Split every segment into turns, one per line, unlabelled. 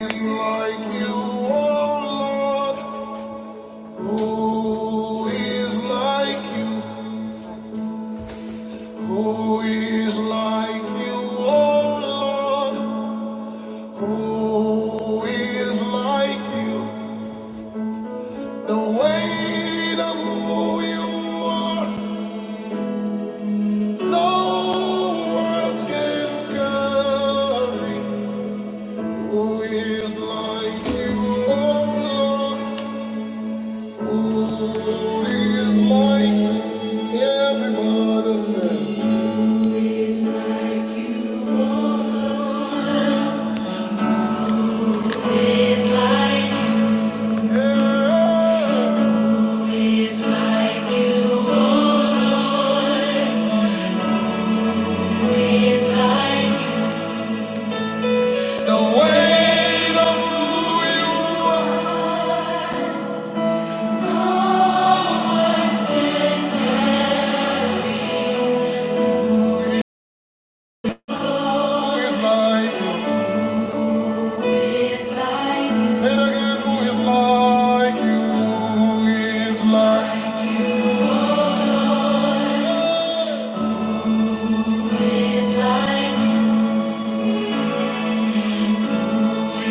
is like you, oh Lord? Who is like you? Who is like you, oh Lord? Who is like you? The weight of who you are, no words can carry. Who is like you, oh Lord? He is mine. Everybody say. Yeah. The weight of who you are. like you? Say again. Who is like you? Who is like?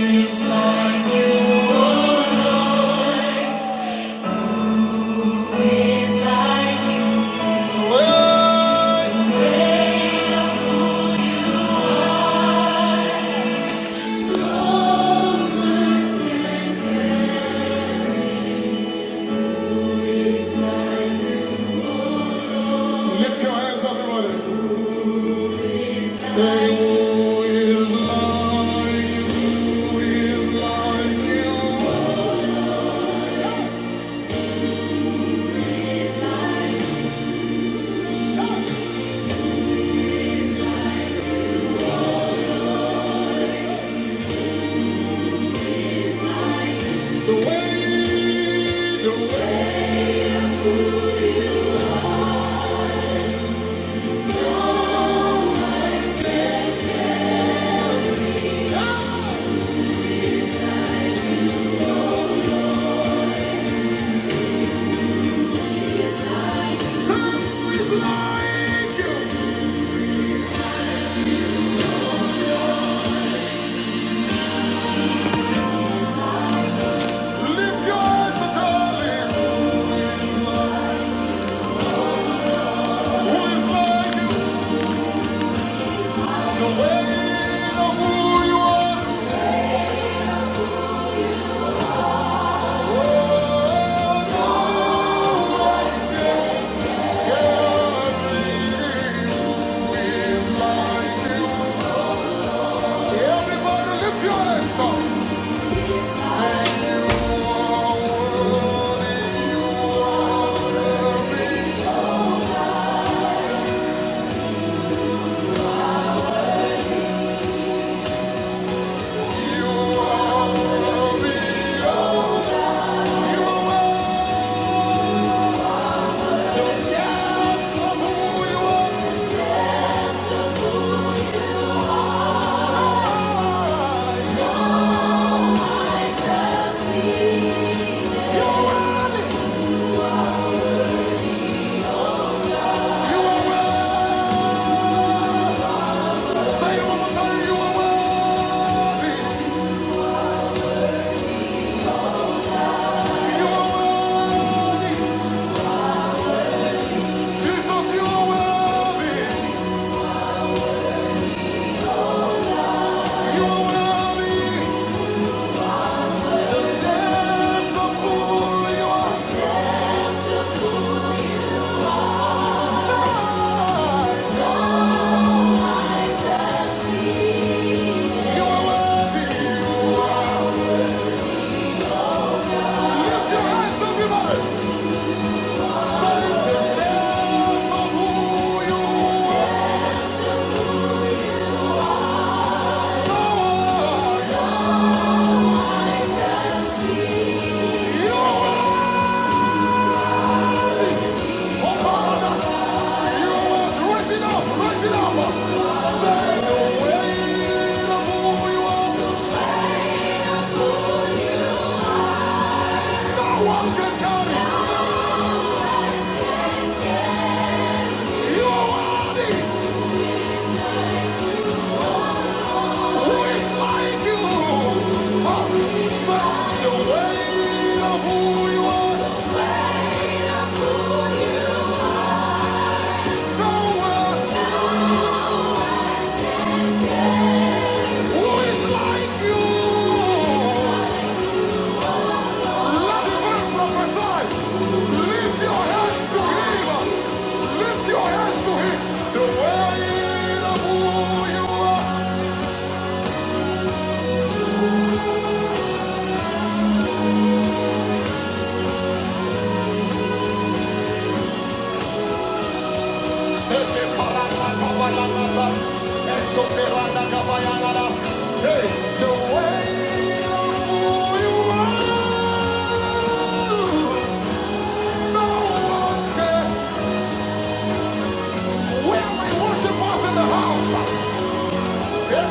Is like you? Well, lift your hands everybody. Say, who is like you, who is like The way, the way. Lift your eyes darling. Who is like you? The way of who you are. Yeah, who is like you? Everybody lift your hands up. Lift your hands, everybody! Who is like you? Love your hands for Lift your hands to Him. Lift your hands to Him. The weight of who you are. Sete parana kabayana. Eto perana kabayana. Hey, the weight of who you are. No one's there. Where we worship us in the house. Somebody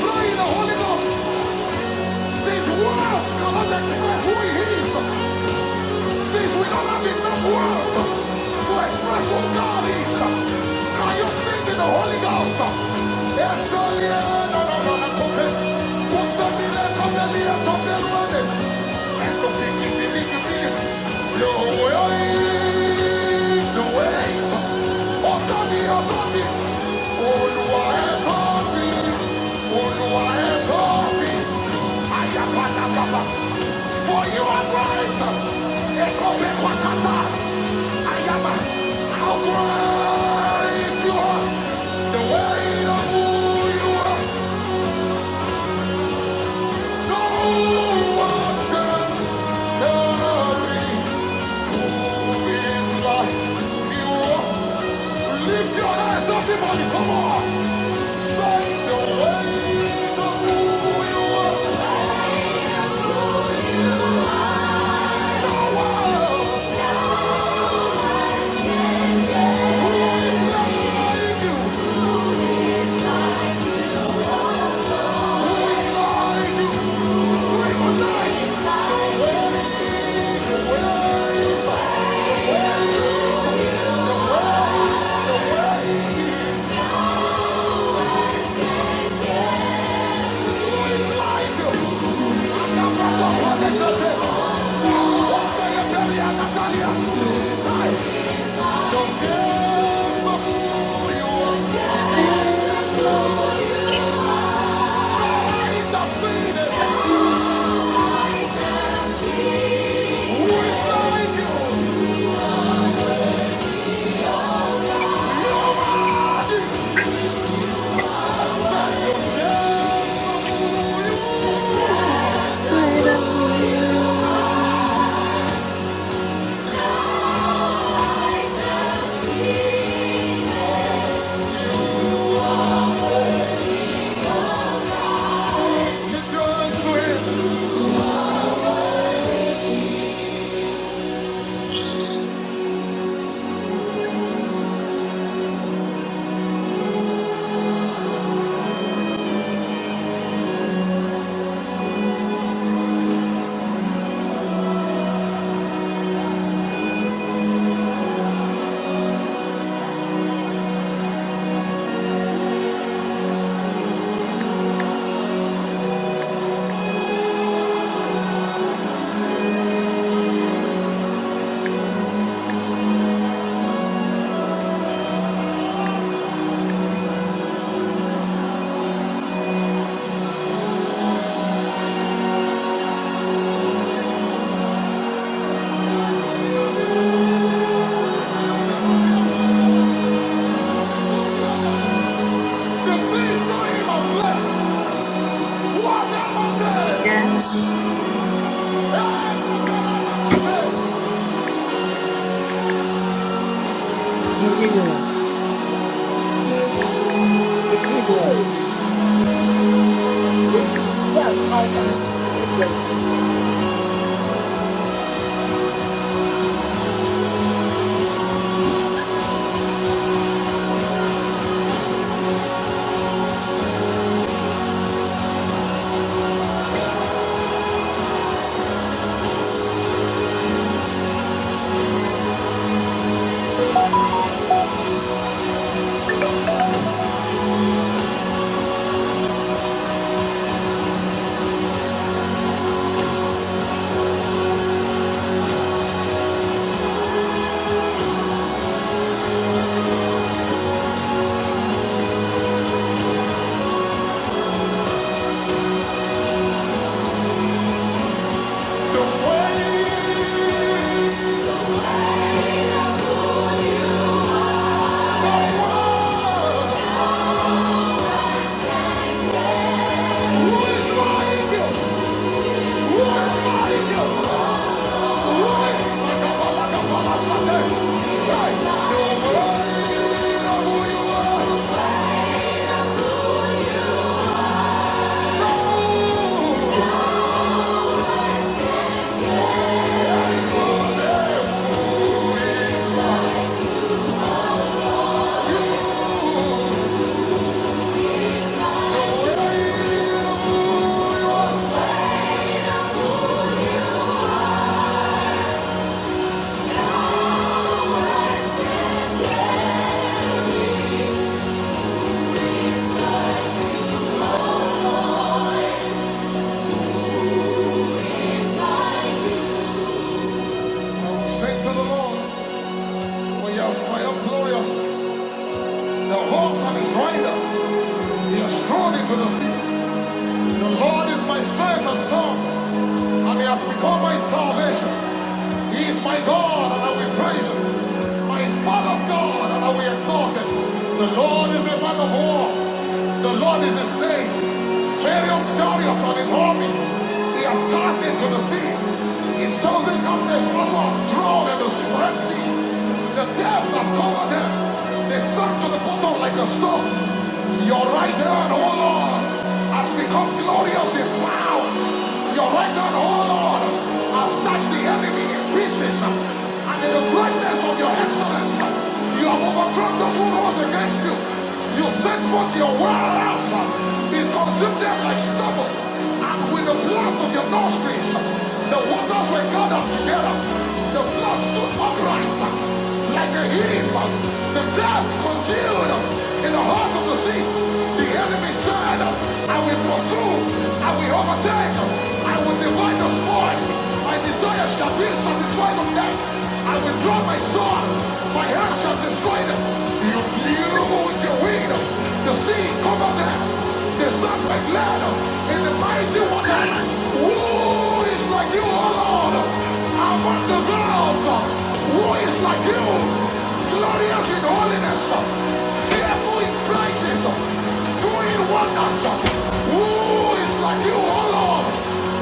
pray in the Holy Ghost. Says words cannot express who he is. Since we don't have enough words to express what God is, can you sing in the Holy Ghost? Yes, I am. no, no, no, no, okay. Who said me let come and me and come and run it? And to pick it, No way, no way. Oh, Tommy, oh, Tommy. Olúwa ẹ̀ tọ́ mi, Olúwa ẹ̀ tọ́ mi. Ayapalapapa. For you are great. Ekope kwakata. Ayaba. How great you are. The way of who you are. No one can carry his life. You are. Lift your hands up, everybody. Come on. Say the way Who is like you? Who is like you? We
I don't know
Just
you.
win. The sea saw him aflame. What a mountain!
Yeah,
The
she did. She did great for me.
way, the world. Who is like you? Who is like you? Who is like a like a Sunday? Right. The way of who you are. No way. Say to the Lord, for he has triumphed glorious. The horse and his rider. He has thrown into the sea. The Lord is my strength and song, and He has become my salvation. He is my God, and I will praise Him. My Father's God, and I will exalt Him. The Lord is a man of war. The Lord is His name. Various chariots on His army. He has cast into the sea. His chosen captives also are thrown into the Red Sea. The depths have covered them. They sunk to the bottom like a stone. Your right hand, O Lord, has become glorious in power. Your right hand, O Lord, has touched the enemy in pieces. And in the greatness of your excellence, you have overthrown those who rose against you. You sent forth your word, Alpha. It consumed them like stubble. And with the blast of your nostrils, the waters were gathered together. The flood stood upright like a hidden The dogs concealed them in the heart of the sea. The enemy side them. I will pursue. I will overtake them. I will divide the spoil. My desire shall be satisfied of them. I will draw my sword. My hand shall destroy them. You knew with your wings. The sea covered them. They sunk like ladder in the mighty waters. Who is like you, O Lord? Among the gods, who is like you? Glorious in holiness, fearful in praises, doing wonders. Who is like you, O Lord?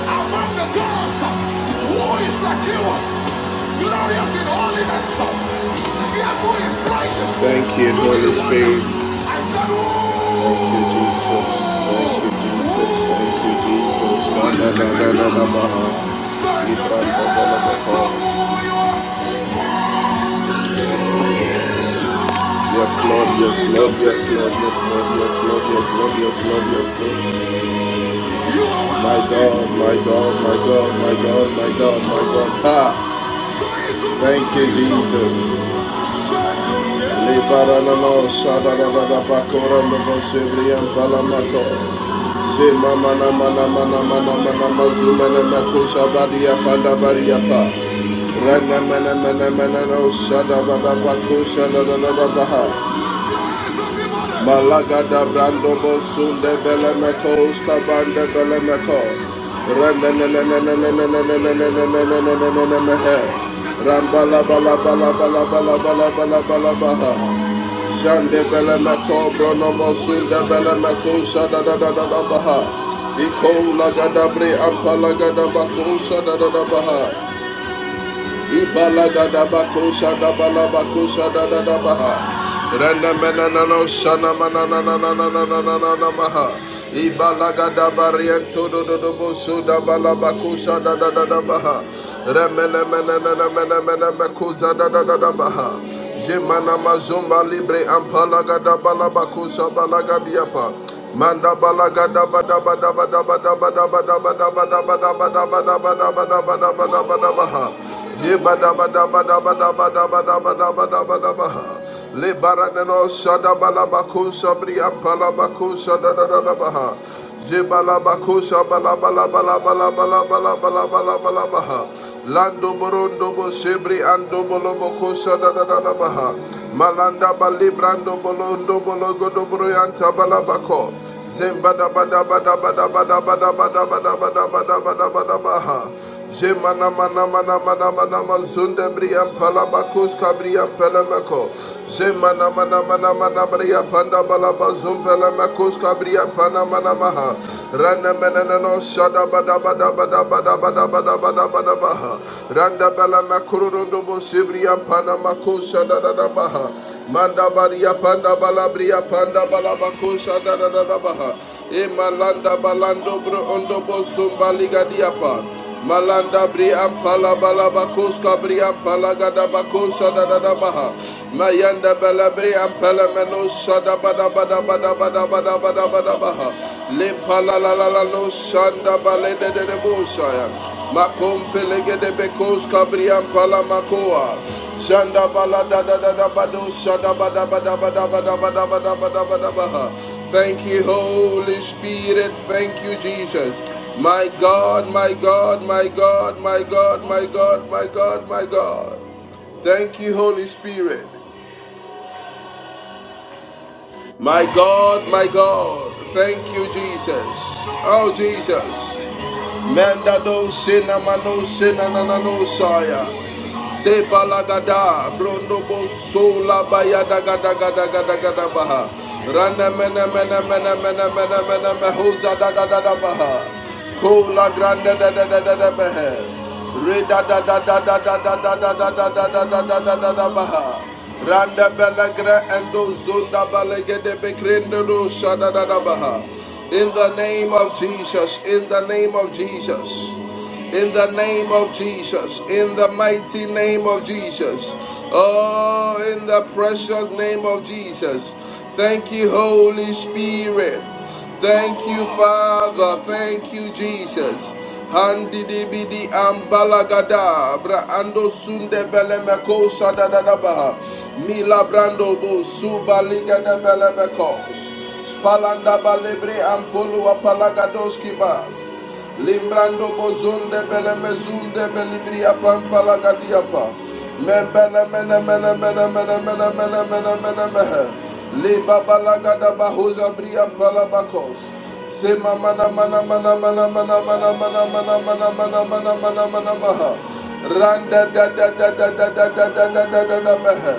Among the gods, who is like you? Glorious in holiness, fearful in praises. Thank you, Holy Spirit. I said, Thank you, Jesus. Thank you, Jesus. Thank you, Jesus. Da, da, da, da, da, da, baha. Libra, da, da, da, da, baha. Yes, Lord, yes, Lord, yes, Lord, yes, Lord, yes, Lord, yes, Lord, yes, Lord, yes, Lord. My God, my God, my God, my God, my God, my God. Ha! Thank you, Jesus. Lebaranano, shadadadada, bakoranabo, shevriyan, palamako. Zema mana mana mana mana mana mazuma na makusha bari ya panda bari ya pa. Rana mana mana mana na ushada bada bakusha na na na na baha. Malaga da brando bosunde bele mekos kabande bele meko. Rana na na na na na na na na na na na na na na na na na mehe. Rambala bala bala bala bala bala bala bala baha. Shande belemeko bronomo sunde belemeko shada da da da da baha. Iko lagada bre ampa lagada bako shada da da baha. Ibalagada Ibalagada da balabakosha da da da baha. Renda menanano shana mananananananananana maha. Ibalagada bariento do do do boso da balabakosha da da da baha. baha. Renda Ibalagadabako shadabalabako shadadadabaha. Rendemenanano da da da da baha. Jemana Jemanamazomba libre ampalagadabalabako balagabiapa. Manda balaga da ba da ba da ba da ba da ba da ba da ba da ba da ba da ba da ba da ba da ba da ba da ba da ba da ba ha. Ye ba da ba da ba da ba da ba da ba da ba da ba da ba da ba ha. Le baraneno shada balabaku sabri ampalabaku shada da da da ba ha. Je balabaku shabala bala bala bala bala bala bala bala bala ba ha. Lando borondo bo sebri ando bolo boko Malanda balibrando bolondo bologo dobroyanta balabako. Zemba bada bada bada bada bada bada bada ba da ba da ba da ba da ba da ba da ba da ba da ba ha. Zema na ma na ma na ma na ma na ma zunda brian palabakus kabrian pelemeko. Zema na ma na ma na ma na bria panda balabazum zum pelemakus kabrian pana mana maha. Rana mena no shada bada bada bada bada bada bada Randa bala makuru rondo bo sibri ampana makosha da Manda baria panda bala bria panda bala bakosha da da da da baha. E malanda balando bro ondo bo sumbali gadiapa. Malanda bri ampala bala bakoska bri ampala gada bakosha da da da baha. Mayanda balabri ampala meno shada bada bada bada bada bada bada bada baha. Limpala la la la no shanda bale de de de bushaya. Makompe lege de bekos kabri ampala makoa. Shanda bala da da da da bado shada bada bada bada bada bada bada bada bada baha. Thank you Holy Spirit. Thank you Jesus. My God, my God, my God, my God, my God, my God, my God. Thank you Holy Spirit. My God, my God, thank you, Jesus. Oh, Jesus. Manda do sina mano sina nanano saya. Se balagada, brondo bo sola bayada gada gada gada gada baha. Rana mena mena mena mena mena mena mehuza da da da da baha. Kola grande da da da da da baha. Reda da da da da da da da da da da da da da da da da baha. Randa belagra endo zunda balegede bekrendo do shada da da baha. In the name of Jesus, in the name of Jesus. In the name of Jesus, in the mighty name of Jesus, oh, in the precious name of Jesus, thank you, Holy Spirit. Thank you, Father. Thank you, Jesus. Handi di bidi ambalagada bra ando sunde bele meko shada ba mila brando bo suba liga de bele meko spalanda balebre ampolu apalagadoski bas limbrando bozunde bele mezunde belibri apampalagadia pa membele mene mene mene mene mene mene mene mene mene mehe libabalaga da bahuza bri ampalabakos Say mama na mana mana mana mana mana mana mana mana mana mana mana mana maha. Randa da da da da da da da da da da da da maha.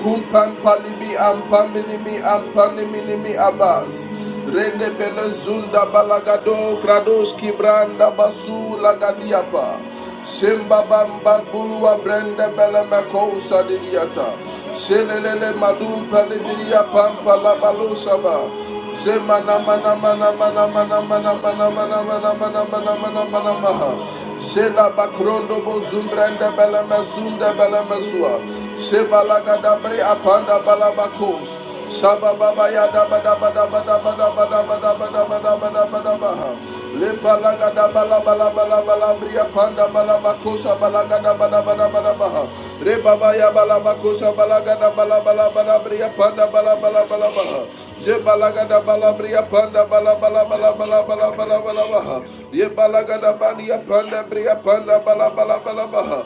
Kumpan palibi ampan minimi ampan minimi abas. Rende bele zunda balagado grados kibranda basu lagadiapa. Simba bamba gulua brenda bele makosa didiata. Selelele madum palibiria pampa la balusaba. Semana mana mana mana mana mana mana mana mana mana mana mana mana maha. Shela bakrondo bozumbrende bele mesunda bele mesua. Shebala gadabre apanda balabakos. Shabababa ya da da da da da ba ba ba da ba da ba da ba da ba da ba da ba da ba ha. Lebala balaga da bala bala bala bala bria panda bala bakosa balaga da ba da ba da ba da ba ha. Rebaba ya bala bakosa bala da la bala bala bria panda bala
Yes,
bala bala bala
Lord. Yes, Lord.
balaga da bala panda bala bala bala
Thank
bala
you, Holy Spirit.
Ye
Thank
balaga da
you,
balia
Holy
panda
Spirit.
bria panda bala
Remove
bala bala
another
baha.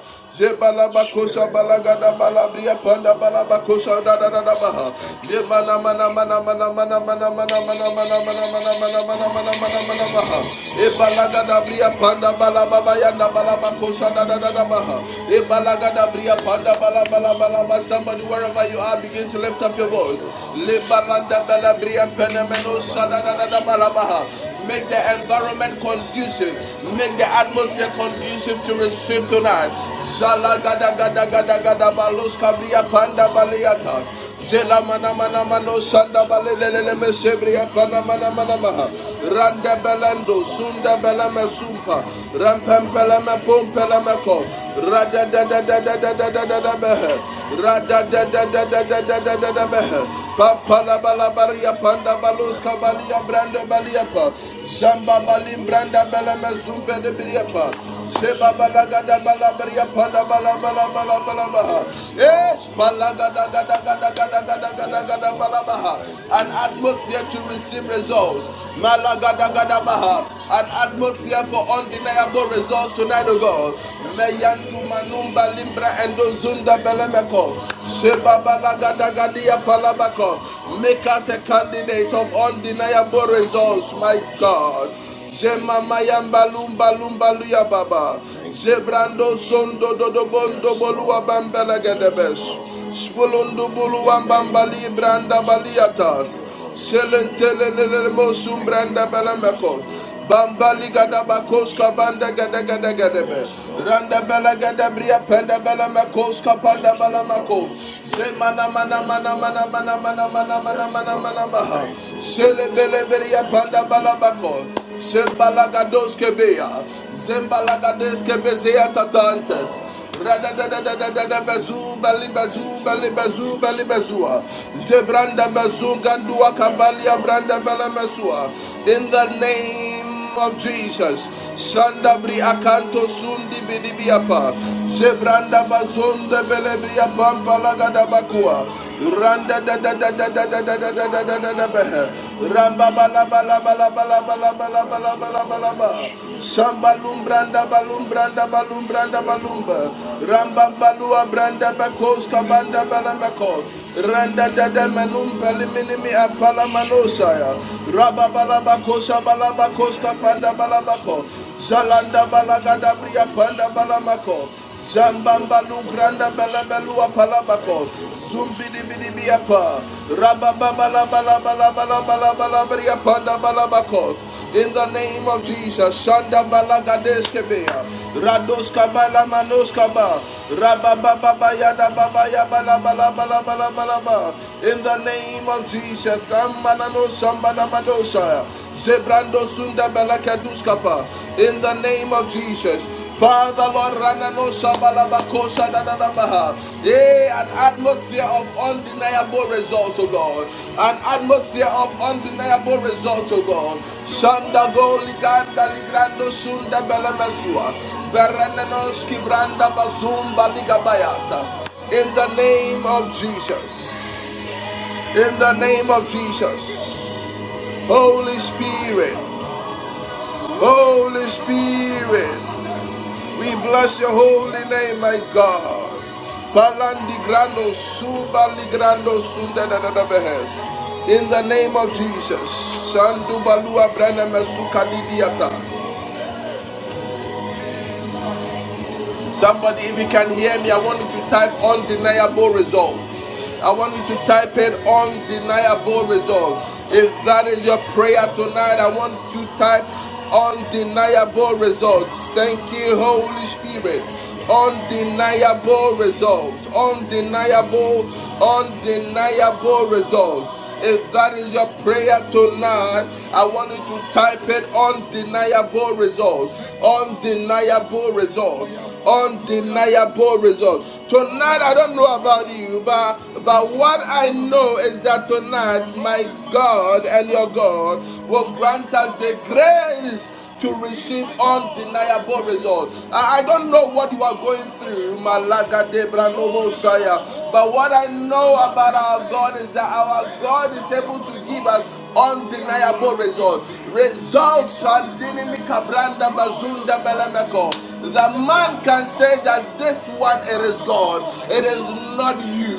spirit of
balaga
the
da
living
bala
God
panda
in the
bala
name of
da da da
Jesus.
da baha.
Thank
Je
you,
mana
Holy
mana mana
Spirit.
mana mana mana mana mana mana mana mana mana mana mana mana
Thank you,
E
Holy
balaga da
Spirit.
bria panda bala baba yanda bala
Thank you, Holy Spirit.
E
Thank you, Holy Spirit.
Somebody wherever wherever you are, begin to lift up your
Thank
voice.
you, Holy Spirit.
Limbaranda bela brian penemeno
Father, we
shadadadada
bless you, Lord.
balabaha. Make the
Father, we honor
environment
you, Lord.
conducive.
Thank you,
Make the
Holy
atmosphere
Spirit.
conducive to receive
Rebo
tonight. Shala
Ambara,
gada gada gada
Rebo
gada balos
Ambara,
kabria
Rebo
panda
Ambara.
baliata. Zela mana
In the
mana mano
name of
sanda
Jesus.
balelele me
Thank you,
pana mana
Holy
mana maha.
Spirit.
Randa
Thank
belando,
you,
sunda
Holy
belame
Spirit.
sumpa. Rampem pele
Thank
me
you,
pom
Holy
ko.
Spirit.
Rada da da da da da da da da da behe.
Thank you,
Rada da da da
Jesus.
da da da da
Thank
da da
you,
behe.
Jesus.
Pampa la baria panda
Yes,
baluska balia
Lord.
branda
Yes,
balia pa.
Lord. Yes,
Zamba
Lord.
balim branda belame me zumbe de biria
Thank you, Holy
Seba
Spirit.
balagada balabaria panda balabala balabalabaha.
Yes,
Yes,
Lord.
balagada gada gada gada gada gada
Yes,
gada
Lord.
balabaha.
Thank
An
you, Jesus.
atmosphere to
Thank
receive
you,
results.
Jesus.
Malagada
Thank
gada
you,
baha. An
Jesus. Thank you,
atmosphere for
Jesus. Yes,
undeniable
Lord.
results tonight, O
Yes,
God.
Lord. Yes, Lord.
Meyandu
Yes, Lord.
manumba limbra endo
In the
zunda
name of
belemeko.
Jesus, by
Seba
the
balagada
power and
gadia
the authority
palabako.
of the Holy
Make us a
Spirit.
candidate of undeniable
Thank you,
results, my
Holy Spirit.
God.
Thank
Jema
you, Holy
mayamba lumba
Spirit.
lumba luya baba.
Thank you,
Zebrando
Holy
zondo
Spirit.
dodo bondo
Yes,
bolua
Lord.
bambela
Yes,
gedebesh.
Lord.
Spulundo
In
bulu
the name
wambambali
of
branda
Jesus. Thank
baliatas.
you, Holy Spirit.
Selentele nelele mosum
Thank you,
branda
Holy
belemeko.
Spirit.
Bambali
Thank you,
gada
Holy
bakoska
Spirit.
banda gada gada gada
Yes, Lord.
Randa bela gada
Yes,
bria
Lord.
panda bela mekoska
Thank
panda
you,
bela meko.
Holy Spirit.
Zemana mana
Yes,
mana mana
Lord.
mana mana mana mana mana
Yes,
mana
Lord. Thank you, Jesus. Thank you, Jesus.
Zembalagados kebea. Zembalagades kebezea tatantes.
Oh,
Radadadadadada bezu bali bezu
thank you,
bali
Holy Spirit.
Zebranda bezu
Yes,
kambalia
Lord.
branda bala In the name name of Jesus. Shandabri akanto sundi bidibiapa. Sebranda bazonde belebria pampalaga dabakua. Randa da da da da da da da da
Yes,
da da da
Lord.
da da beh.
Thank you, Holy
Ramba bala
Spirit.
bala bala bala bala bala bala
Thank you,
bala bala
Holy
ba.
Spirit.
Samba
Rebo
lumbranda
Ambara.
balumbranda balumbranda balumba.
Rebo
Ramba
Ambara.
balua branda bakos kabanda
Rebo
balamako.
Ambara.
Randa dada menum
Rebo and
peliminimi
Father,
apala
Spirit
manosaya.
of the
Raba
Living
balaba
God,
kosa balaba koska
in the
panda
name of
balabako.
Jesus.
Zalanda
Thank you,
balagada bria
Holy
panda
Spirit.
balamako.
Thank you,
Zambamba lu granda
Holy
belebelu
Spirit. Thank
apalabako.
you, Holy
Zumbi di bidi
Spirit.
biapa. Raba baba la bala bala bala bala bala bria panda balabako miracles in the name of Jesus. Shanda balagadeskebea, radoska balamanoska ba, rabababa yada baba yabala bala bala bala bala bala ba. In the name of Jesus, kamanano sambada badosa, zebrando sunda balakaduskapa. In the name of Jesus. Father, Lord, Ranano Shabalabakosha Dadadabaha. Eh, an atmosphere of undeniable results, oh God. An atmosphere of undeniable results, oh God. Shanda go liganda ligrando sunda belemesua. Berenenos kibranda bazumba ligabayatas. In the name of Jesus. In the name of Jesus. Holy Spirit. Holy Spirit. We bless your holy name, my God. Balandi grando suba In the name of Jesus, Shandu Somebody, if you can hear me, I want you to type undeniable results. I want you to type in undeniable results. If that is your prayer tonight, I want you to type undeniable results. Thank you, Holy Spirit. Undeniable results. Undeniable, undeniable results. If that is your prayer tonight, I want you to type it undeniable results. Undeniable results. Undeniable results. Tonight, I don't know about you, but, but what I know is that tonight, my God and your God will grant us the grace to receive undeniable results. I, don't know what you are going through, Malaga de Branovosaya, but what I know about our God is that our God is able to give us undeniable results. Results Shandinimi Kabranda Bazunda Belemeko. The man can say that this one it is God, it is not you.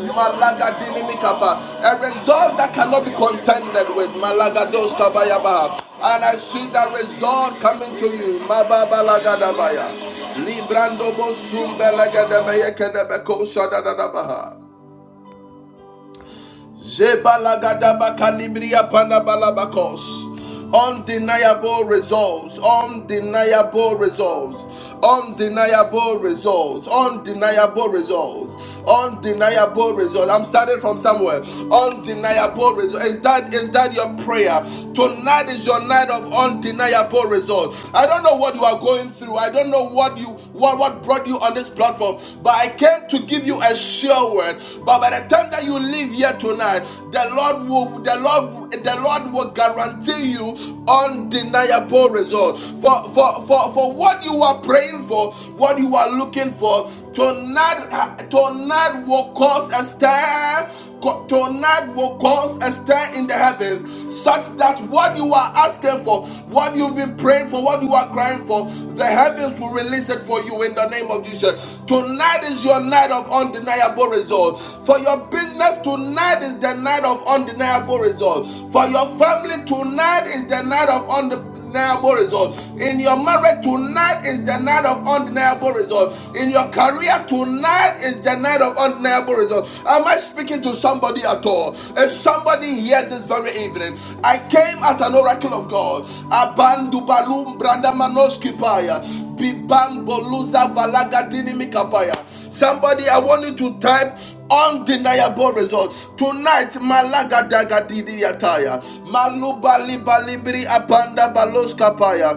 A result that cannot be contended with. Malaga dos kabayaba. And I see that result coming to you. Mababa lagadabaya. Librando bosumbelegadabaya kedebeko shadadadabaha. Undeniable results, undeniable results, undeniable results, undeniable results, undeniable results. I'm starting from somewhere. Undeniable results. Is that is that your prayer? Tonight is your night of undeniable results. I don't know what you are going through. I don't know what you what what brought you on this platform platform, but I came to give you a sure word. But by the time that you leave here tonight, the Lord will the Lord the Lord will guarantee you undeniable results. For for for, for what you are praying for, what you are looking for, tonight tonight will cause a stir. Tonight will cause a stir in the heavens, such that what you are asking for, what you've been been praying for, what you are crying for, the heavens will release it for you in the name of Jesus. Tonight is your night of undeniable results. For your business, tonight is the night of undeniable results. For your family, tonight is the night of undeniable undeniable results. In your marriage tonight is the night of undeniable results. In your career tonight is the night of undeniable results. Am I speaking to somebody at all? It's somebody here this very evening. I came as an oracle of God. Abandubalum brandamanoskipaya. Bibamboluza valagadini mikapaya. Somebody, I want you to type undeniable results tonight malaga daga didi maluba liba libri apanda balos kapaya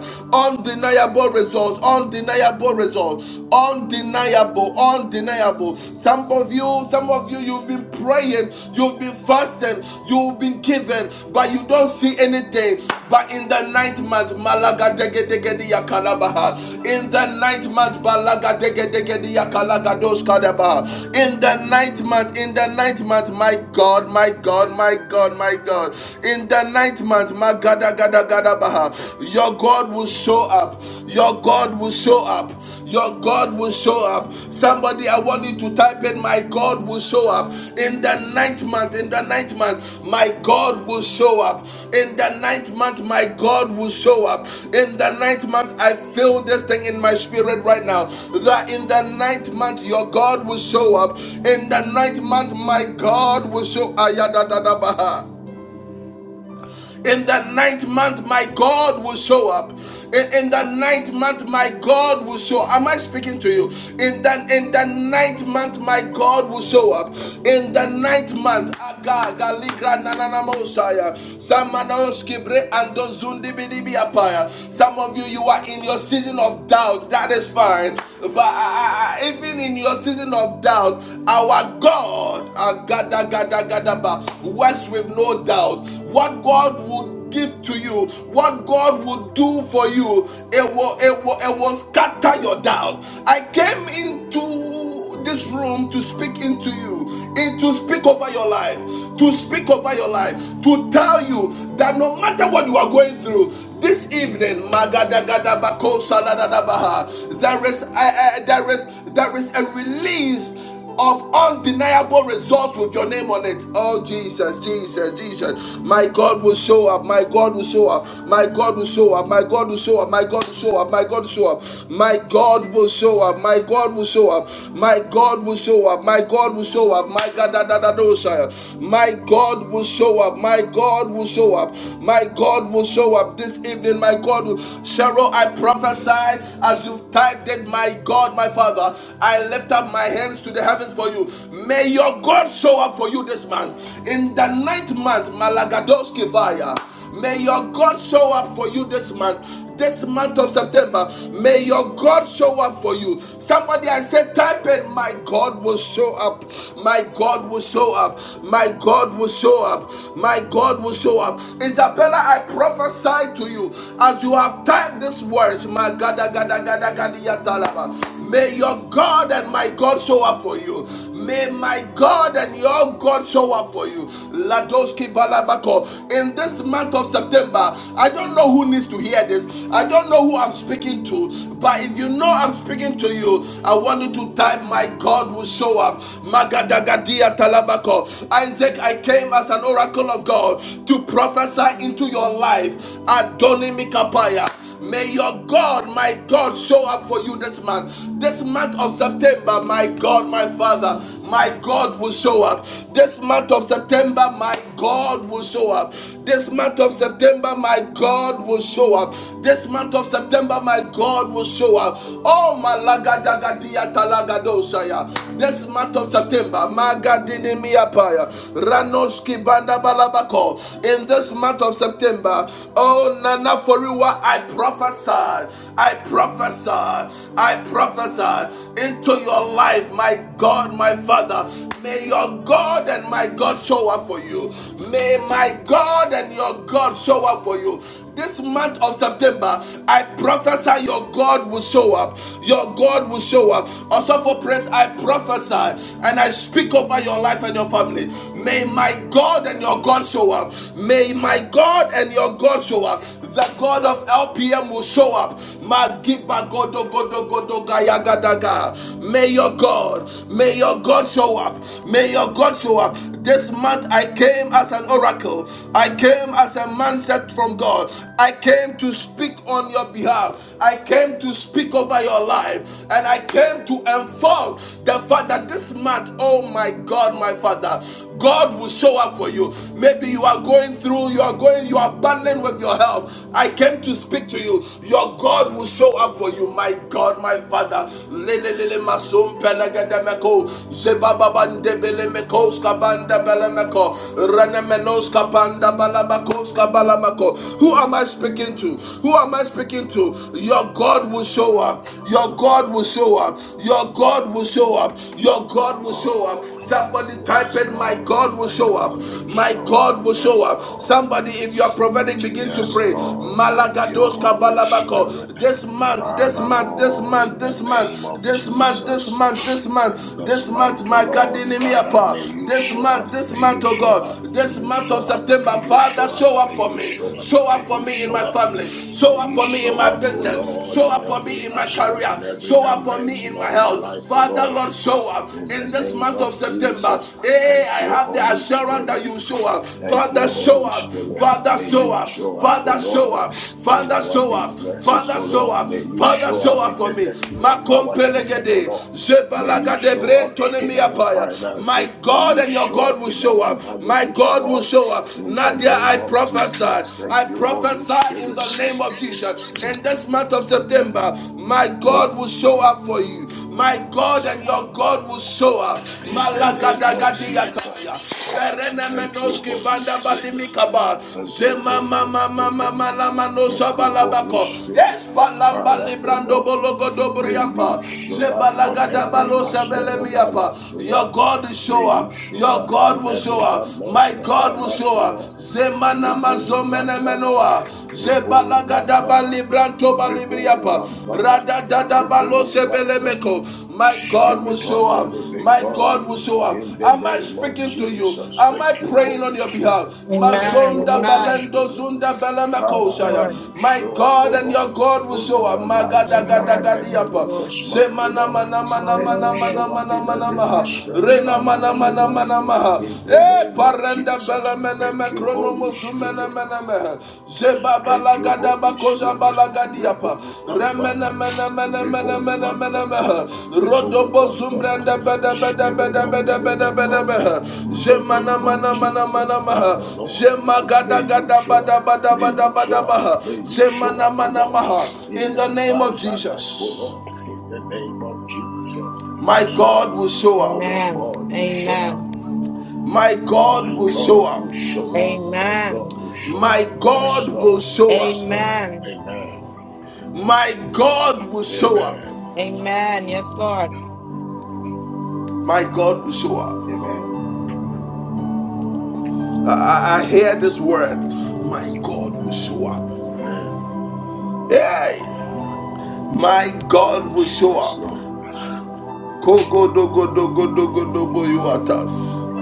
undeniable results undeniable results undeniable undeniable undeniable. Some of you, some of you, you've been praying, you've been fasting, you've been given, but you don't see anything. But in the ninth month, Malaga dege dege diya kalabaha. In the ninth month, Balaga dege dege diya kalaga dos kadabaha. In the ninth month, in the ninth month, my God, my God, my God, my God. In the ninth month, Magada gada gada baha. Your God will show up. Your God will show up. Your God will show up. Somebody, I want you to type in, My God will show up. In the ninth month, in the ninth month, my God will show up. In the ninth month, my God will show up. In the ninth month, I feel this thing in my spirit right now that in the ninth month, your God will show up. In the ninth month, my God will show up. In the ninth month, my God will show up. In, in the ninth month, my God will show. up. Am I speaking to you? In the in the ninth month, my God will show up. In the ninth month, Aga Galigra Nananamosaya. Samanoski Bre Ando Zundi Bidibi Apaya. Some of you, you are in your season of doubt. That is fine. But I, I, even in your season of doubt, our God, Agada Gada Gadaba, works with no doubt what God would give to you, what God would do for you, it will, it will, it will scatter your doubts. I came into this room to speak into you, and to speak over your life, to speak over your life, to tell you that no matter what you are going through, this evening, magadagadabakosaladadabaha, there is, uh, uh, there is, there is a release of undeniable results with your name on it. Oh Jesus, Jesus, Jesus. My God will show up. My God will show up. My God will show up. My God will show up. My God will show up. My God will show up. My God will show up. My God will show up. My God will show up. My God will show up. My God da, da, da, do, sire. My God will show up. My God will show up. My God will show up this evening. My God will Cheryl, I prophesy as you've typed it, my God, my Father. I lift up my hands to opens to the heaven for you. May your God show up for you this month. In the ninth month, Malagadoski Vaya. May your God show up for you this month. This month of September, may your God show up for you. Somebody I said, type in, my God will show up. My God will show up. My God will show up. My God will show up. Isabella, I prophesy to you as you have typed these words. My God, God, God, God, May your God and my God show. up show up for you. May my God and your God show up for you. Ladoski Balabako. In this month of September, I don't know who needs to hear this. I don't know who I'm speaking to. But if you know I'm speaking to you, I want you to type, My God will show up. Magadagadia Talabako. Isaac, I came as an oracle of God to prophesy into your life. Adoni Mikapaya. May your God, my God, show up for you this month. This month of September, my God, my Father, my God will show up. This month of September, my God will show up. This month of September, my God will show up. This month of September, my God will show up. Oh, malagadagadia talagadoshaya. This month of September, magadinimiapaya, ranoski banda balabako. In this month of September, oh, Nana Foriwa, I prophesy, I prophesy, I prophesy into your your life, my God, my Father. May your God and my God show up for you. May my God and your God show up for you. This month of September, I prophesy your God will show up. Your God will show up. Also for praise, I prophesy and I speak over your life and your family. May my God and your God show up. May my God and your God show up the God of LPM will show up. Magiba godo godo godo gaya May your God, may your God show up. May your God show up. This month I came as an oracle. I came as a man sent from God. I came to speak on your behalf. I came to speak over your life. And I came to enforce the fact that this month, oh my God, my Father, God will show up for you you. Maybe you are going through, you are going, you are battling with your health. I came to speak to you. Your God will show up for you. My God, my Father. Lelelele masum pelagademeko. Zebababandebelemeko skabanda belemeko. Renemenos kapanda balabako skabalamako. Who am I speaking to? Who am I speaking to? Your God will show up. Your God will show up. Your God will show up. Your God
Yes,
God will show
Lord.
up. Somebody type
Yes,
it, my
Lord.
God will
My
show up.
God will
My
show up.
God will show
Yes,
up.
Lord.
Somebody, if you are prophetic, begin to
Yes,
pray.
Lord. Thank you,
Malagados
Holy Spirit.
Kabalabako. This month, this
Father,
month, this
Lord,
month,
in the
this
name
month,
of
this month, this
Jesus.
month, this
In
month, this
this month,
month,
oh
my God,
Lord, Father, may
Dinimiapa.
you
This
show up,
month, this
may you
month, oh
show
God,
up, may
this
you
month of
show up, may
September,
you
Father,
show up,
show
may
up for
you
me.
show up,
Show
may
up for
you
me in
show
my
up,
family. Show
may
up
you
for me in
show
my
up, oh
business.
Lord,
Show
in
up for
every
me in my career
aspect,
career.
in every
Show up for me in
dimension
my
of my life,
health.
oh
Father,
Lord.
Lord, show up
In
in
the
this
name
month of
of
September.
Jesus, thank
Hey, I
you,
have the
Holy
assurance
Spirit.
that you show up.
Thank you,
Father, show
Holy
up.
Spirit.
Father,
May
show
you
up.
show up, O
Father, show
Lord,
up.
in
Father,
our
show up.
businesses,
Father,
O
show
Lord.
up.
May you
Father,
show
show
up in
up for
the
me.
destiny of our children, O
Makompelegede.
Lord. May you
Jebalagade
show up in our
brentonemiapaya. My
finances. May
God
you
and your
show
God
up
will
in
show
our
up. My
marriages, O
God will
Lord.
show up.
In the
Nadia, I
name of
prophesy.
Jesus.
I
Thank you, Holy
prophesy fire
Spirit.
in the name of Jesus. In this month of September, my
Thank
God will show
you,
up
Spirit.
for you.
Yes,
My
Lord.
God and your God will show up.
In the name of Jesus.
Malagadagadiyataya.
Thank you,
Berenemenoski
Holy
banda
Spirit.
balimikaba.
Thank you,
Zema
Holy
mama
Spirit.
mama mala
Thank
manosha
you, Holy
balabako.
Spirit.
Espalamba
Father, O
librando
Lord,
bologo
may you
dobriampa.
show up on
Zebalagada
every
balosa
aspect of our
belemiapa.
lives, O
Your
Lord.
God will
May
show
you
up.
show
Your
us
God
in
will
every
show up. My
dimension
God.
of our
God will
lives,
show
O
up.
Lord.
Zemanama
Ribble one brother,
zomenemenoa.
ribble
Zebalagada libranto
Rebo
balibriapa.
Wambara,
Rada dada
Rebo
balose
Wambara,
belemeko. My God will
Spirit
show
of the
up.
Living
My
God,
God will show up.
in the
Am I
name of
speaking to you?
Jesus,
Am
thank
I
you,
praying on
Holy
your
Spirit.
behalf?
Thank
Amen.
you,
Mazonda
Holy
Amen.
balendo
Spirit.
zunda belemeko
Yes,
Father, may
shaya.
Lord.
you
My
show up, O
God and your
Lord,
God will
on
show up.
our lives,
Magada
in our
Amen. Thank you,
destiny
Magadagadagadiapa.
Lord.
this month, O Lord.
Zemanama nama
May
nama
you
nama
Hallelujah.
show
nama
up in
nama
every
nama.
aspect of
Rena
our
mana
lives, O
mana
Lord,
mana maha.
in the
Eh,
name of
parenda
Jesus.
bela mena
Thank
me
you,
krono
Holy
mozumena
Spirit.
mena me. Zeba
Thank you,
balagada
Holy
bakoja
Spirit. Rebo
balagadiapa.
Wambara,
Remena mena mena mena
Rebo
mena mena
Wambara,
meha.
Rebo
Rodobo
Wambara.
zumbranda beda beda
Spirit
beda
of the
beda beda
living
beda
God,
meha.
in the
Zemana
name of
mana mana
Jesus,
mana maha.
Father, Lord, may
Zemagada
you
gada
show up.
bada bada
May
bada
you
bada
show up.
maha.
May you show
Zemana
up, O
mana
Lord,
maha.
in
In the
the
name of
life, O
Jesus,
Lord, in the name of Jesus.
my
Yes, Lord.
God will show up.
Our
Amen.
God will show up.
Amen.
My God
My
will show
God
up.
will show up. My God
Amen.
will show up.
My
Yes,
God
Lord.
will show
Yes,
up.
Lord.
Amen.
Amen.
My God will show up.
Amen.
Amen. Yes, Lord.
My God will show up.
Amen.
I, I hear this word. My God will show up.
Amen.
Hey, my God will show
Yes,
up.
Lord.
Kogo dogo dogo dogo dogo yuatas.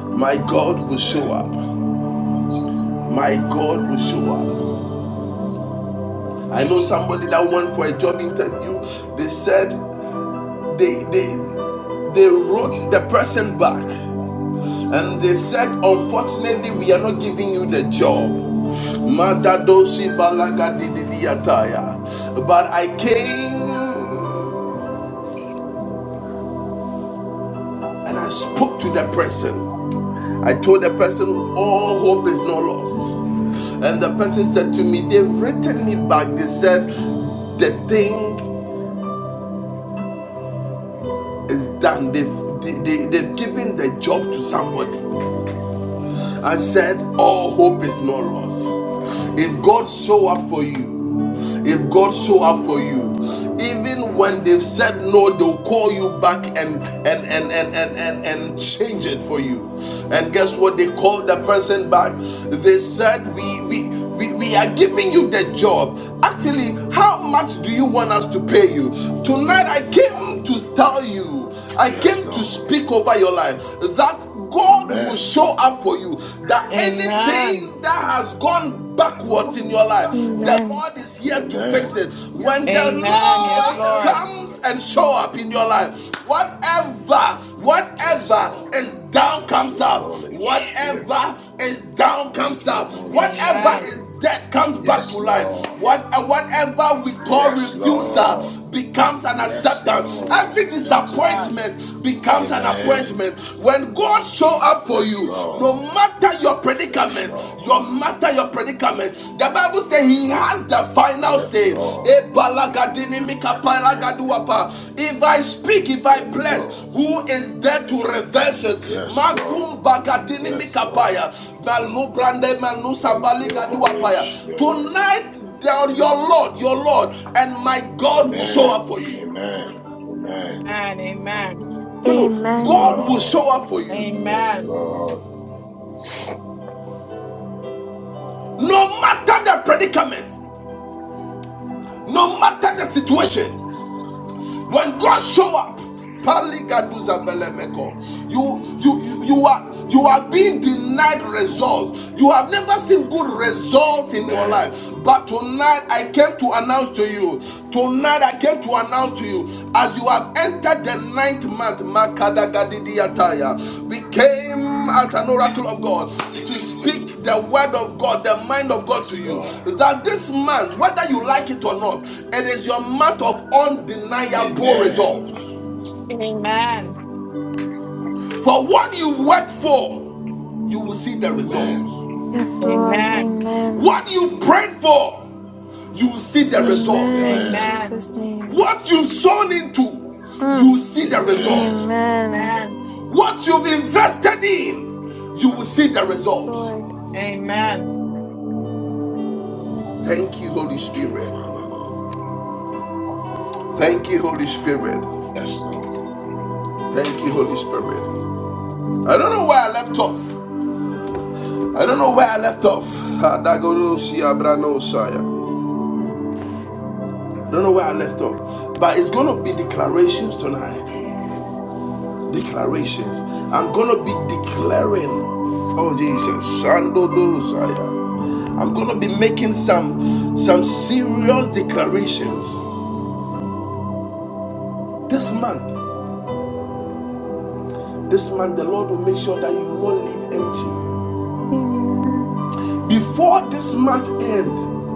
My God will show
Amen.
up. My God will show up. I know somebody that went for a job interview. They said they they they wrote the person back. And they said, Unfortunately, we are not giving you the job. But I came and I spoke to the person. I told the person, All hope is not lost. And the person said to me, They've written me back. They said, The thing is done. They've, they, they, they've given the job to somebody. I said, all hope is not lost. If God show up for you, if God show up for you, even when they've said no, they'll call you back and and and and and and, and change it for you. And guess what? They called the person back. They said, we we we, we are giving you the job. Actually, how much do you want us to pay you? Tonight, I came to tell you, I
Yes,
came to
Lord.
speak over your life that God will
Amen.
show up for you. That
Amen.
anything that has gone
Yes,
backwards
Lord.
in your life, the
Amen.
Lord is here to fix
Amen.
it. When the
Amen. Yes,
Lord
Lord.
comes and show up in your life, Whatever,
Yes,
whatever
Lord.
is down
Thank
comes
you,
up.
Holy Spirit.
Whatever is down
Thank
comes
you,
up.
Holy
Whatever
Amen.
is
Spirit.
dead comes back to
Yes,
life.
Lord.
What, uh, whatever we call
Yes,
refusal
Lord.
becomes an
Yes,
acceptance.
Lord.
Every
Yes, Lord.
disappointment becomes an
Amen.
appointment. When God show up for
Yes,
you, no
Lord.
matter your
Yes,
predicament,
Lord.
your matter, your predicament. The Bible says he has the final
Yes,
say. Eh,
Lord.
If I speak, if I
Yes,
bless,
Lord.
who is there to reverse it?
Yes, Lord.
Magum bagadini
Yes, Lord.
mikapaya. Malubrande
Thank you, Holy
manusabaligaduapaya.
Spirit.
Tonight, the- your Lord, your Lord, and my God will show up
Amen.
for you.
Amen. Amen.
Amen.
You know,
Yes,
God
Amen.
will show
Lord.
up for you.
Yes,
Amen. Amen.
Lord.
No matter the predicament, no matter the situation, When God show up, Paligaduzavelemeko, you, you you you are you are being denied results. You have never seen good results in your
Amen.
life. But tonight I came to announce to you. Tonight I came to announce to you as you have entered the ninth month, Makadagadidiyataya, became as an oracle of God to speak the word of God, the mind of God to
Yes,
you.
Lord.
That this month, whether you like it or not, it is your month of undeniable
Amen.
results.
Amen.
For what you worked for, you will see the
Amen.
results.
Yes, Lord.
Amen.
Amen.
What you prayed for, you will see the
Yes, Lord.
results.
Amen. In
Amen.
Amen.
Jesus' name.
What you've sown into,
Mm.
you will see the results.
Amen.
Amen.
Amen.
What you've invested in, you will see the
Yes,
results.
Thank
Lord.
Amen.
Thank you, Holy
you, Father,
Spirit.
Lord.
Thank you, Holy Spirit.
Yes, Lord.
Thank you, Holy Spirit. I don't know where I left off. I don't know where I left off. Ah, I don't know where I left off. But it's going to be declarations tonight. Declarations. I'm going to be declaring. Oh, Jesus. I'm going to be making some, some serious declarations. This month, this month, the Lord will make sure that you will not leave empty.
Amen.
Before this month end,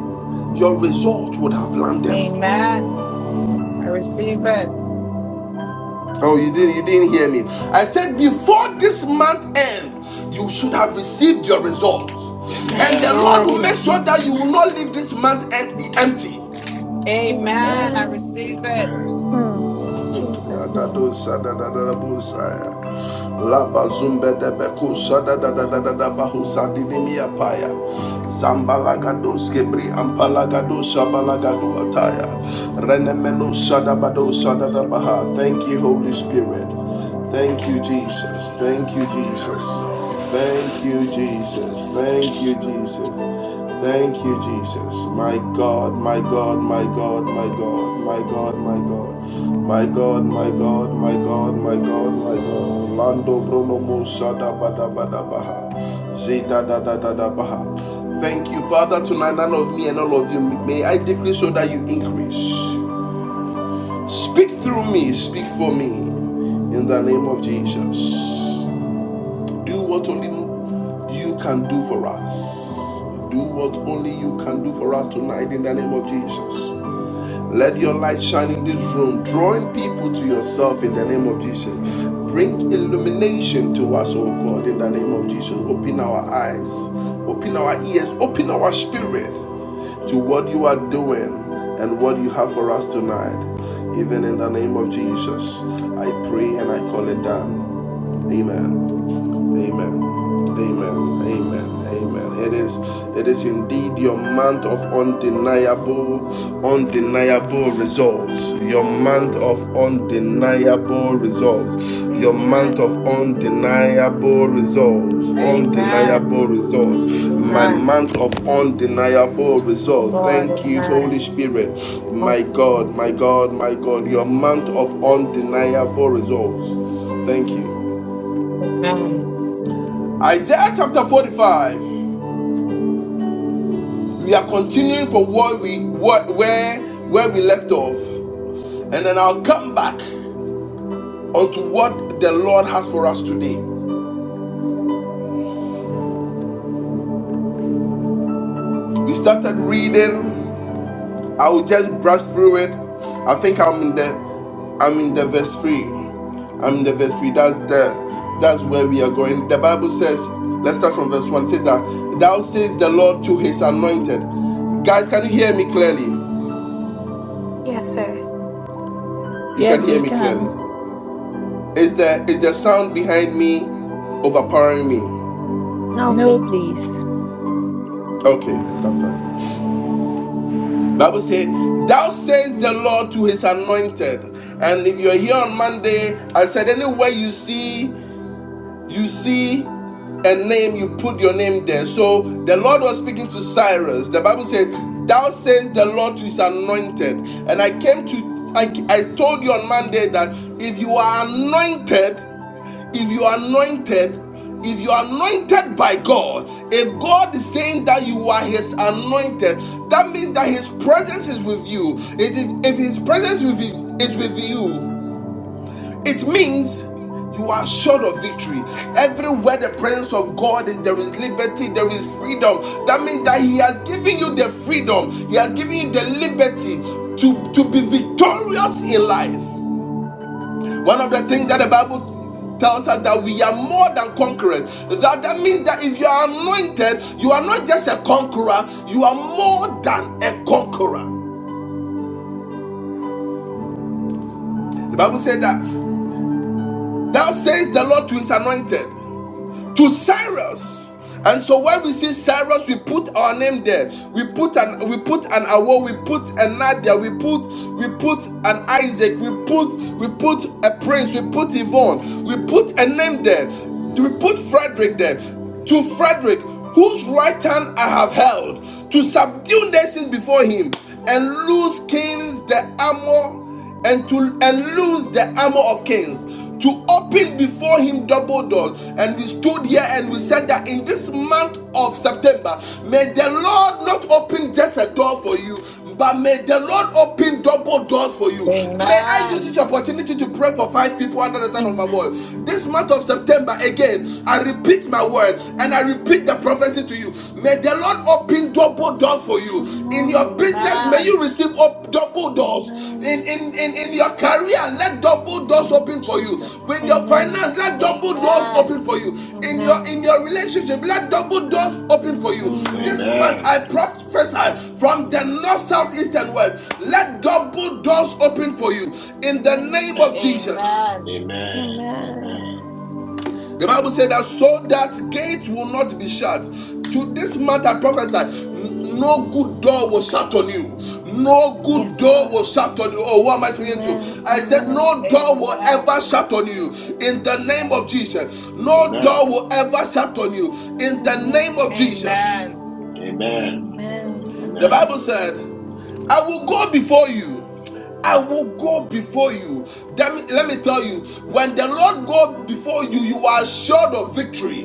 your result would have landed.
Amen. I receive it.
Oh, you didn't you didn't hear me. I said before this month ends, you should have received your results. And
Yes,
the
Amen.
Lord
Lord.
will make sure that you will
Amen.
not leave this month and be empty.
Amen.
Amen.
I
Amen.
receive it.
Amen.
Hmm. Jesus' name.
Yadadosa dadadadabosaya. Labazumbedebekosa dadadadadabahosa didimiapaya. Zambalagadoske bri ampalagadosa balagaduataya. Renemenosa dabadosa dadabaha. Thank you, Holy Spirit. Thank you,
Oh.
Jesus. Thank you, Jesus.
Yes, Lord.
Thank you, Jesus. Thank you, Jesus. Thank you, Jesus. My God, my God, my God, my God, my God, my God, my God, my God, my God, my God, my God. Lando Bruno Musa da ba da ba da baha. Zeda da da da da baha. Thank you, Father, tonight, none of me and all of you. May I decrease so that you increase. Speak through me, speak for me in the name of Jesus. Do what only you can do for us. Do what only you can do for us tonight in the name of Jesus. Let your light shine in this room, drawing people to yourself in the name of Jesus. Bring illumination to us, oh God, in the name of Jesus. Open our eyes, open our ears, open our spirit to what you are doing and what you have for us tonight. Even in the name of Jesus, I pray and I call it done. Amen. Amen. Amen. Amen. Amen. It is it is indeed your month of undeniable undeniable results. Your month
Amen.
of undeniable results. Your month
Amen.
of undeniable results.
Amen.
Undeniable results. My
Amen.
month of undeniable
Yes,
results.
Lord.
Thank you Holy
Amen.
Spirit.
Thank
My
you,
God,
Jesus.
my God, my God. Your month of undeniable results. Thank you.
Amen.
Isaiah chapter 45. We are continuing from what we what, where where we left off. And then I'll come back onto what the Lord has for us today. We started reading. I will just brush through it. I think I'm in the I'm in the verse 3. I'm in the verse 3. That's the that's where we are going. The Bible says, let's start from verse 1. It says that thou says the Lord to his anointed. Guys, can you hear me clearly?
Yes, sir.
You can
Yes,
hear
we
me clearly.
can.
Is the is the sound behind me overpowering me?
No,
No,
please.
please.
Okay, that's fine. Bible says, Thou says the Lord to his anointed. And if you're here on Monday, I said anywhere you see you see a name, you put your name there. So the Lord was speaking to Cyrus. The Bible said, Thou says the Lord to his anointed. And I came to I, I told you on Monday that if you are anointed, if you are anointed, if you are anointed by God, if God is saying that you are His anointed, that means that His presence is with you. If, if His presence with is with you, it means you are sure of victory. Everywhere the presence of God is, there is liberty, there is freedom. That means that He has given you the freedom, He has given you the liberty to, to be victorious in life. One of the things that the Bible tells us that we are more than conquerors. That, that means that if you are anointed, you are not just a conqueror, you are more than a conqueror. The Bible said that, Thou says the Lord to His anointed. to Cyrus. And so when we see Cyrus, we put our name there. We put an we put an Awo, we put a Nadia, we put we put an Isaac, we put we put a prince, we put Yvonne, we put a name there. We put Frederick there. To Frederick, whose right hand I have held, to subdue nations before him and loose kings the armor and to and loose the armor of kings to open before him double doors and we stood here and we said that in this month of september may the lord not open just a door for you but may the lord open double doors for you may i use
Amen.
this opportunity to pray for five people under the sound of my
Amen.
voice this month of september again i repeat my word and i repeat the prophecy to you May the Lord open double doors for you. In
Amen.
your business, may
Amen.
you receive op- double doors. In,
Amen.
in, in, in your career, let
In the
double doors
name of
open for you.
Jesus.
When your
Amen.
finance, let double doors
Amen.
open for you. In your in
Amen.
your relationship, let double doors open for you. This
Amen.
month
Amen.
I prophesy from the north, south, east, and west. Let double doors open for you in the name
Amen.
of
Amen.
Jesus.
Amen.
Amen.
Amen.
Amen.
The Bible said that so that gate will not be shut. To this matter, prophesy, n- no good door was shut on you. No good
Yes,
door
Lord.
will shut on you. Oh, who am I speaking
Amen.
to? I said,
Amen.
No door will
Amen.
ever shut on you. In the name of Jesus. No
Amen.
door will ever shut on you. In the name
Amen.
of Jesus.
Amen.
Amen.
Amen.
The
Amen.
Bible
Amen.
said, I will go before you. I will go before you. Let me, let me tell you, when the Lord goes before you, you are assured of victory.